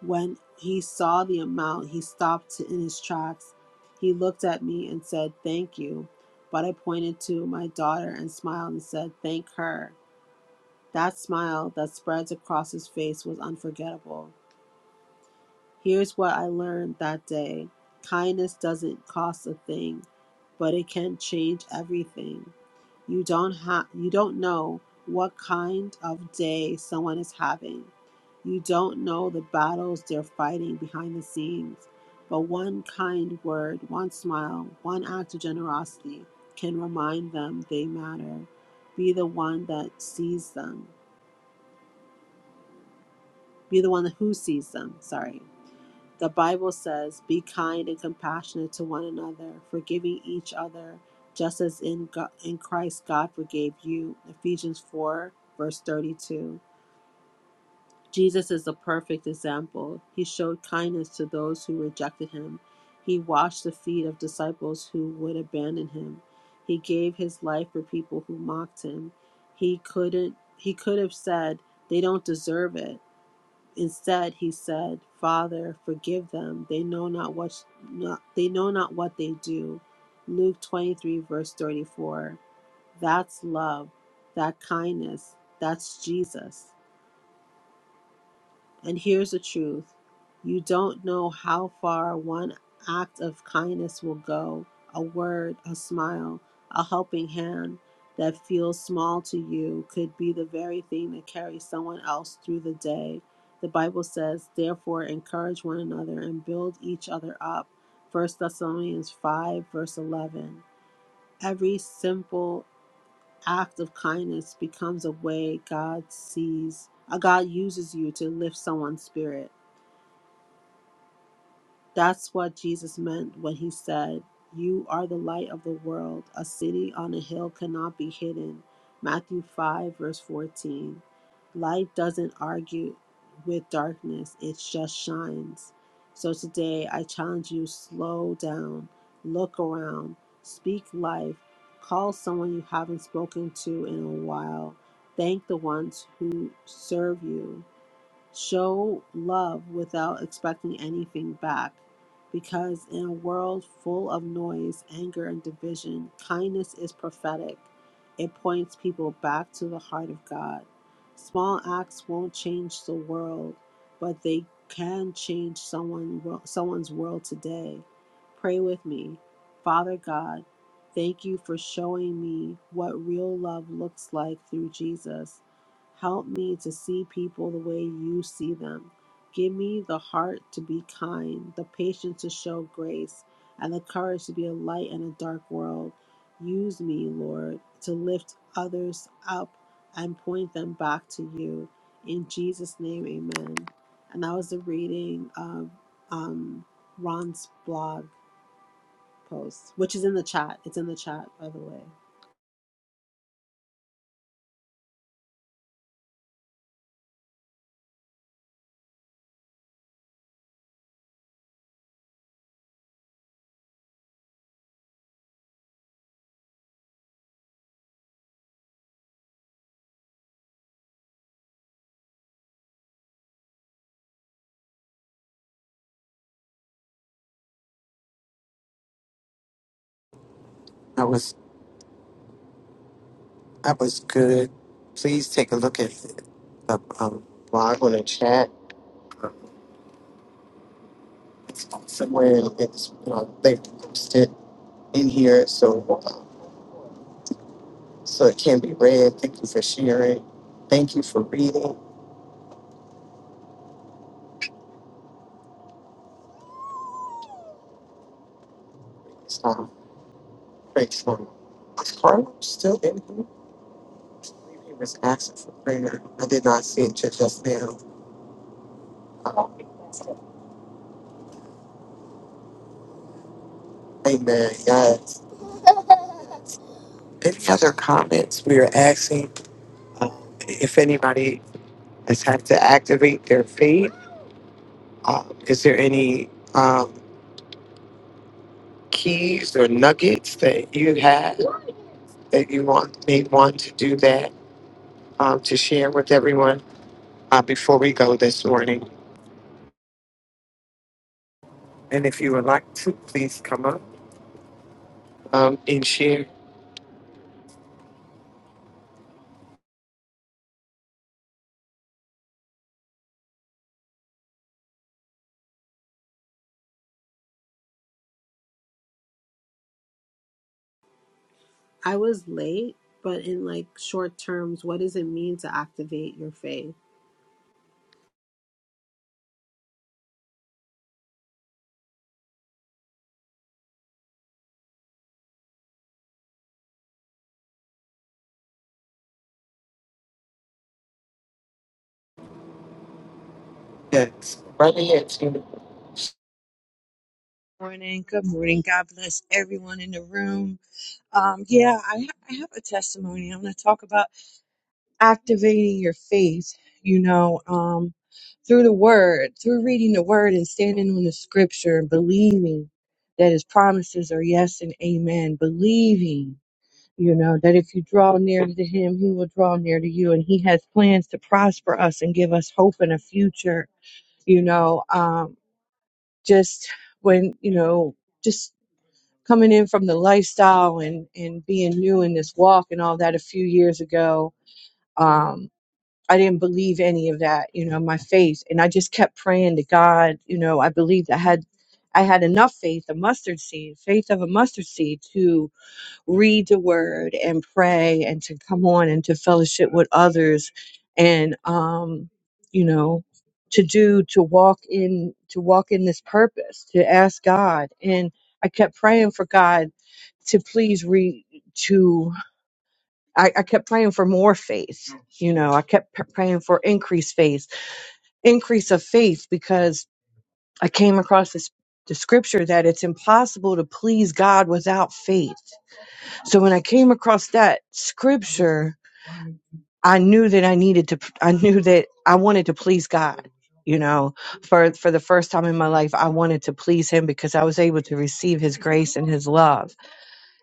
When he saw the amount, he stopped in his tracks. He looked at me and said, Thank you. But I pointed to my daughter and smiled and said, Thank her. That smile that spreads across his face was unforgettable. Here's what I learned that day kindness doesn't cost a thing, but it can change everything. You don't, ha- you don't know what kind of day someone is having. You don't know the battles they're fighting behind the scenes. But one kind word, one smile, one act of generosity can remind them they matter. Be the one that sees them. Be the one who sees them. Sorry. The Bible says, Be kind and compassionate to one another, forgiving each other, just as in, God, in Christ God forgave you. Ephesians 4, verse 32. Jesus is a perfect example. He showed kindness to those who rejected him. He washed the feet of disciples who would abandon him. He gave his life for people who mocked him. He couldn't he could have said they don't deserve it Instead, he said, "Father, forgive them. They know not what not, they know not what they do." Luke 23 verse 34. That's love. That kindness. That's Jesus. And here's the truth you don't know how far one act of kindness will go a word, a smile, a helping hand that feels small to you could be the very thing that carries someone else through the day. The Bible says, therefore, encourage one another and build each other up. First Thessalonians 5, verse 11. Every simple act of kindness becomes a way God sees, A God uses you to lift someone's spirit. That's what Jesus meant when he said, You are the light of the world. A city on a hill cannot be hidden. Matthew 5, verse 14. Light doesn't argue with darkness, it just shines. So today, I challenge you slow down, look around, speak life, call someone you haven't spoken to in a while, thank the ones who serve you Show love without expecting anything back. Because in a world full of noise, anger, and division, kindness is prophetic. It points people back to the heart of God. Small acts won't change the world, but they can change someone, someone's world today. Pray with me. Father God, thank you for showing me what real love looks like through Jesus. Help me to see people the way you see them. Give me the heart to be kind, the patience to show grace, and the courage to be a light in a dark world. Use me, Lord, to lift others up and point them back to you. In Jesus' name, amen. And that was the reading of um, Ron's blog post, which is in the chat. It's in the chat, by the way.
That was that was good. Please take a look at the um, blog on the chat. somewhere it's you know, they posted in here. So so it can be read. Thank you for sharing. Thank you for reading. It's um, great time. Is Carla still in here? He was asking for prayer. I did not see it till just now. Um, amen. Yes. Any other comments? We are asking um, if anybody has had to activate their faith. Um, is there any um, keys or nuggets that you have that you want may want to do that um, to share with everyone? uh, before we go this morning. And if you would like to, please come up um, and share
I was late, but in like short terms, what does it mean to activate your faith?
that. Brother, it's been
morning. Good morning. God bless everyone in the room. Um, yeah, I, ha- I have a testimony. I'm going to talk about activating your faith, you know, um, through the word, through reading the word and standing on the scripture and believing that his promises are yes and amen. Believing, you know, that if you draw near to him, he will draw near to you. And he has plans to prosper us and give us hope and a future, you know, um, just when, you know, just coming in from the lifestyle and and being new in this walk and all that a few years ago um i didn't believe any of that you know my faith and i just kept praying to god you know i believed i had i had enough faith a mustard seed faith of a mustard seed to read the word and pray and to come on and to fellowship with others and um you know to do to walk in to walk in this purpose to ask god and i kept praying for god to please re to I, I kept praying for more faith you know i kept p- praying for increased faith increase of faith because i came across this the scripture that it's impossible to please god without faith so when I came across that scripture, I knew that I needed to, I knew that I wanted to please God. You know, for, for the first time in my life, I wanted to please him because I was able to receive his grace and his love.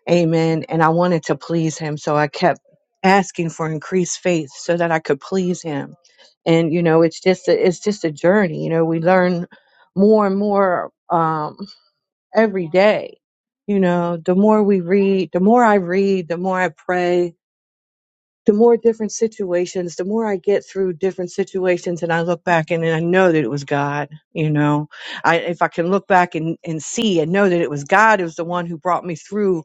Amen. And I wanted to please him. So I kept asking for increased faith so that I could please him. And, you know, it's just, a, it's just a journey. You know, we learn more and more, um, every day. You know, the more we read, the more I read, the more I pray, the more different situations, the more I get through different situations and I look back and, and I know that it was God, you know. I if I can look back and, and see and know that it was God who's the one who brought me through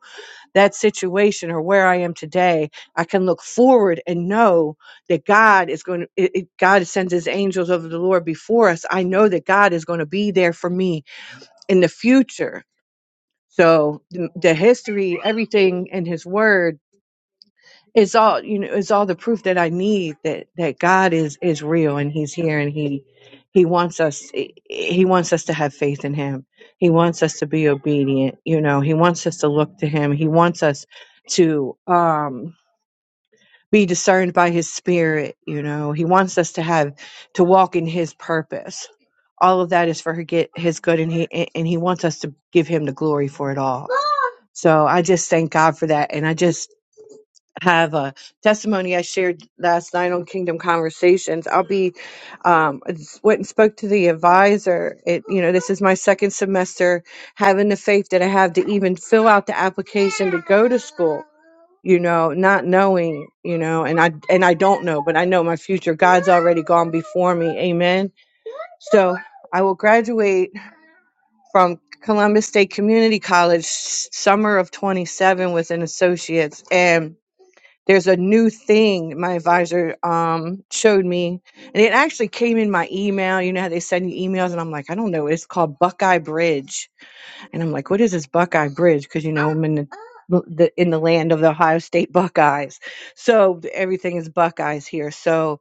that situation or where I am today, I can look forward and know that God is going to it, it- God sends his angels of the Lord before us. I know that God is going to be there for me in the future. So the, the history, everything in his word it's all you know it's all the proof that i need that that god is is real and he's here and he he wants us he wants us to have faith in him he wants us to be obedient you know he wants us to look to him he wants us to um be discerned by his spirit you know he wants us to have to walk in his purpose all of that is for get his good and he and he wants us to give him the glory for it all so i just thank god for that and i just have a testimony I shared last night on Kingdom Conversations. I'll be um I just went and spoke to the advisor. It you know, this is my second semester having the faith that I have to even fill out the application to go to school, you know, not knowing, you know, and I and I don't know, but I know my future. God's already gone before me. Amen. So I will graduate from Columbus State Community College s- summer of 27 with an associate's and there's a new thing my advisor um showed me and it actually came in my email you know how they send you emails and i'm like i don't know it's called buckeye bridge and i'm like what is this buckeye bridge because you know i'm in the, the in the land of the ohio state buckeyes so everything is buckeyes here so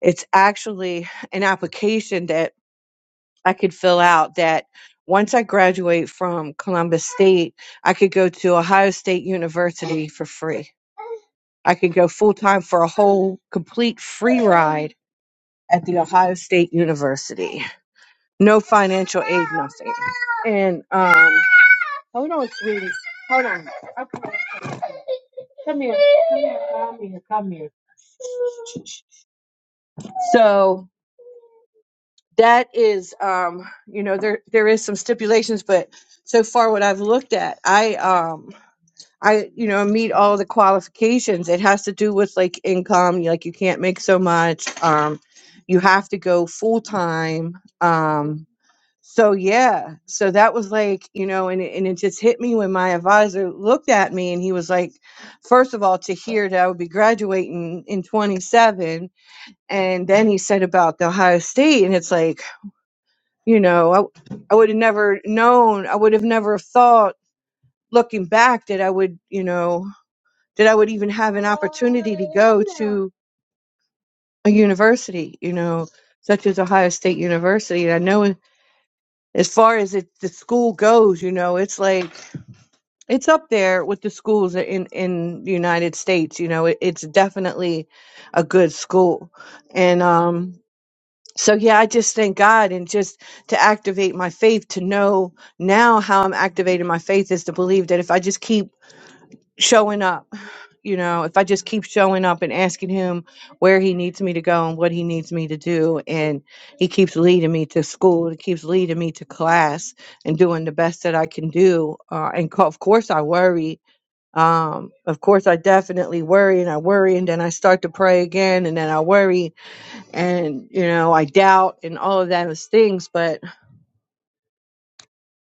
it's actually an application that i could fill out that once i graduate from columbus state i could go to ohio state university for free I could go full time for a whole complete free ride at the Ohio State University. No financial aid, nothing. And um, hold on, sweetie. Hold on. Okay. Come here. Come here. Come here. So that is, um, you know, there there is some stipulations, but so far what I've looked at, I um I, you know, meet all the qualifications. It has to do with like income, like you can't make so much. Um, you have to go full time. Um, so yeah, so that was like, you know, and it, and it just hit me when my advisor looked at me and he was like, first of all, to hear that I would be graduating in 27, and then he said about the Ohio State, and it's like, you know, I I would have never known, I would have never thought looking back that I would, you know that I would even have an opportunity to go to a university, you know, such as Ohio State University. And I know as far as it, the school goes, you know, it's like it's up there with the schools in in the United States. You know, it, it's definitely a good school, and um. So yeah, I just thank God and just to activate my faith to know now how I'm activating my faith is to believe that if I just keep showing up you know, if I just keep showing up and asking him where he needs me to go and what he needs me to do, and he keeps leading me to school, he keeps leading me to class, and doing the best that I can do. Uh, and co- of course, I worry. Um, of course, I definitely worry, and I worry, and then I start to pray again, and then I worry, and you know, I doubt, and all of those things. But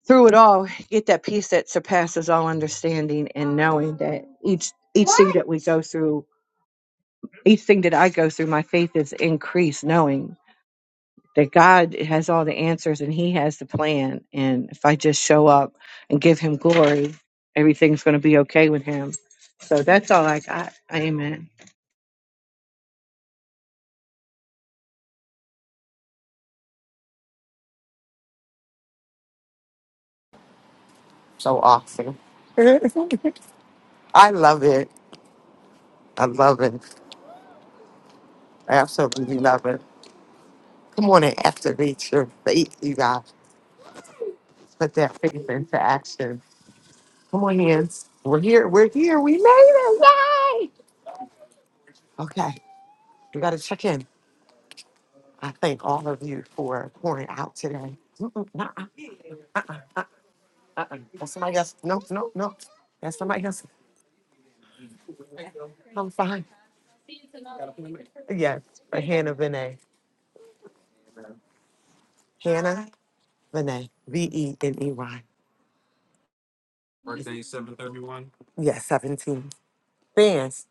through it all, get that peace that surpasses all understanding, and knowing that each each thing that we go through each thing that I go through, my faith is increased, knowing that God has all the answers and He has the plan. And if I just show up and give Him glory, everything's going to be okay with Him. So that's all I got. Amen.
so awesome. I love it. I love it. I absolutely love it. Come on and activate your faith, you guys. Put that faith into action. Come on, hands. We're here. We're here. We made it. Yay! Okay, we got to check in. I thank all of you for pouring out today. Mm-mm, nuh-uh, Uh-uh, uh-uh. That's somebody else. No, no, no. That's somebody else. I'm fine. Yes, for Hannah Vinay. Hannah Vinay. V E N E Y. Birthday seven thirty one. Yes, 17. Fans.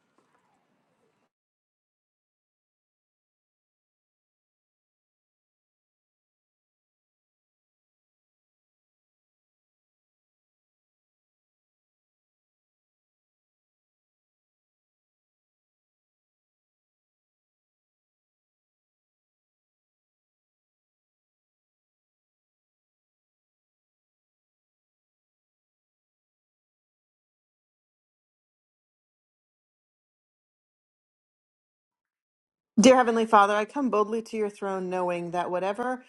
Dear Heavenly Father, I come boldly to your throne knowing that whatever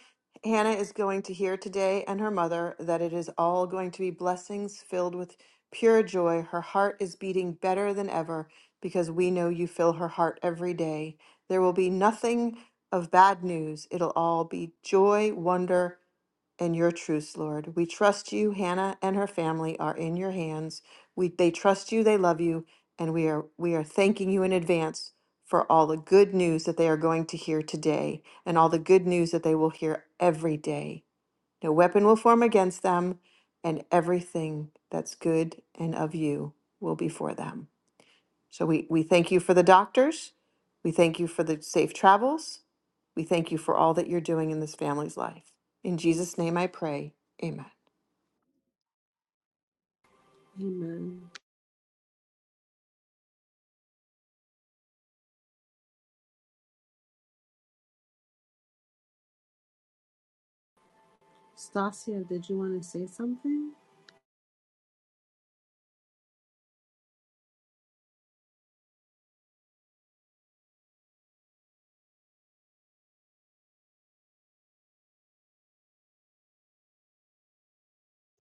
Hannah is going to hear today and her mother, that it is all going to be blessings filled with pure joy. Her heart is beating better than ever because we know you fill her heart every day. There will be nothing of bad news. It'll all be joy, wonder, and your truths, Lord. We trust you. Hannah and her family are in your hands. We they trust you, they love you, and we are we are thanking you in advance for all the good news that they are going to hear today and all the good news that they will hear every day. No weapon will form against them, and everything that's good and of you will be for them. So we, we thank you for the doctors. We thank you for the safe travels. We thank you for all that you're doing in this family's life. In Jesus' name I pray. Amen.
Amen. Stasia, did you want to say something?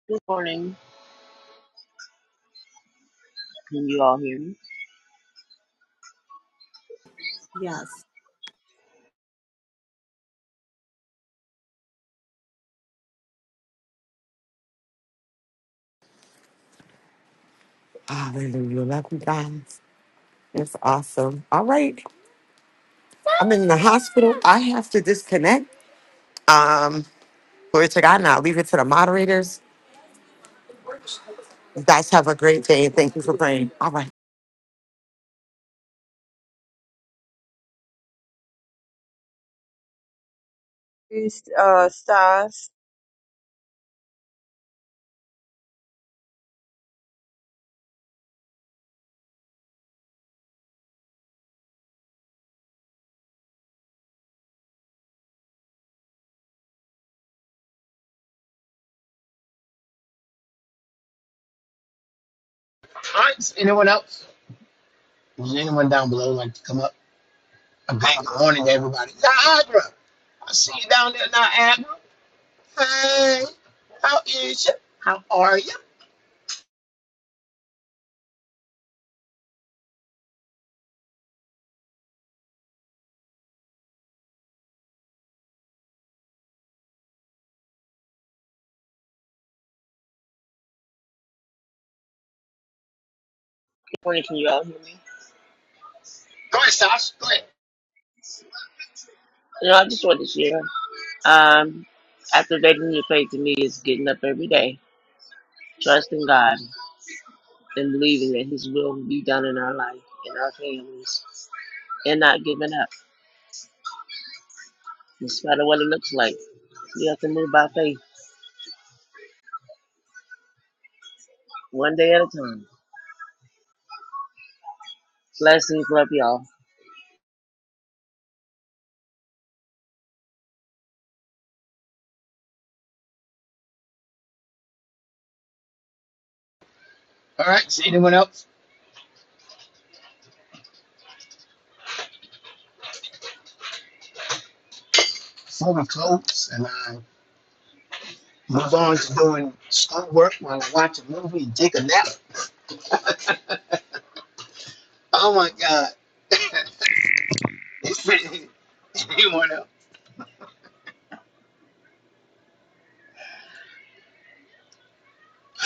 Good morning. Can you all hear me?
Yes.
Hallelujah. Love you guys. It's awesome. All right. I'm in the hospital. I have to disconnect. Um, glory to God. Now leave it to the moderators. You guys have a great day and thank you for praying. All right.
Priest, uh, Stas.
All right, Anyone else? Was anyone down below like to come up? A big good morning to everybody. Niagara, I see you down there, Niagara. Hey, how is you? How are you?
Good morning. Can you all hear me?
Go ahead, Sasha. Go ahead.
You know, I just wanted to share. Um, after activating your faith to me is getting up every day, trusting God, and believing that His will will be done in our life, in our families, and not giving up, in spite of what it looks like. We have to move by faith, one day at a time. Blessings, love y'all.
All right. Is anyone else before we close and I move on to doing schoolwork while I watch a movie and take a nap? Uh,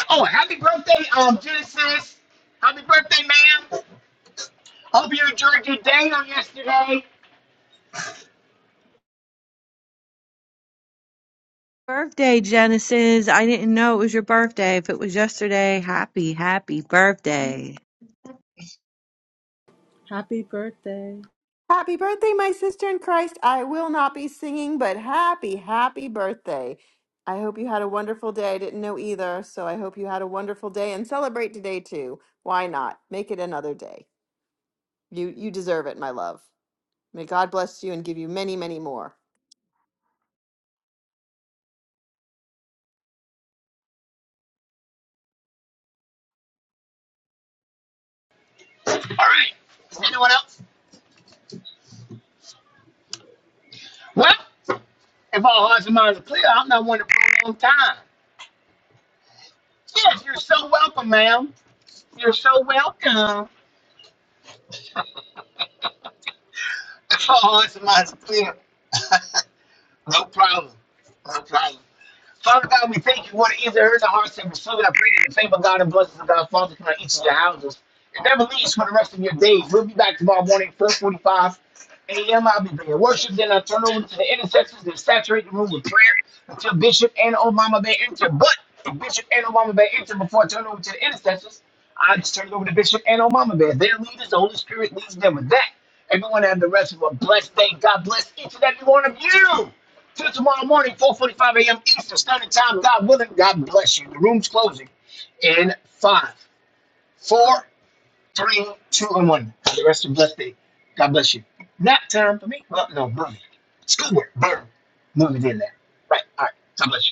oh, happy birthday, um, Genesis. Happy birthday, ma'am. Hope you enjoyed your day on yesterday.
Birthday, Genesis. I didn't know it was your birthday. If it was yesterday, happy, happy birthday.
Happy birthday.
Happy birthday, my sister in Christ. I will not be singing, but happy, happy birthday. I hope you had a wonderful day. I didn't know either, so I hope you had a wonderful day and celebrate today too. Why not? Make it another day. You you deserve it, my love. May God bless you and give you many, many more.
Well, if all hearts and minds are clear, I'm not one to prolong time. I'm welcome. If all hearts and minds are clear. No problem. No problem. Father God, we thank you for the ears heard the hearts and received. I pray that the favor of God and blessings of God falls upon each of your houses. It never leaves for the rest of your days. We'll be back tomorrow morning, 445 a.m. I'll be bringing worship. Then I'll turn over to the intercessors and saturate the room with prayer until Bishop and old Bay enter. But if Bishop and old Bay enter before I turn over to the intercessors, I just turn it over to Bishop and old Bay. Their leaders, the Holy Spirit leads them with that. Everyone have the rest of a blessed day. God bless each and every one of you. Till tomorrow morning, 4.45 a.m. Eastern Standard Time. God willing, God bless you. The room's closing in five, four, three, two, and one. Have the rest of your blessed day. God bless you. Nap time for me? Well, no, burn. Schoolwork, burn. No, we did that. Right. All right. God bless you.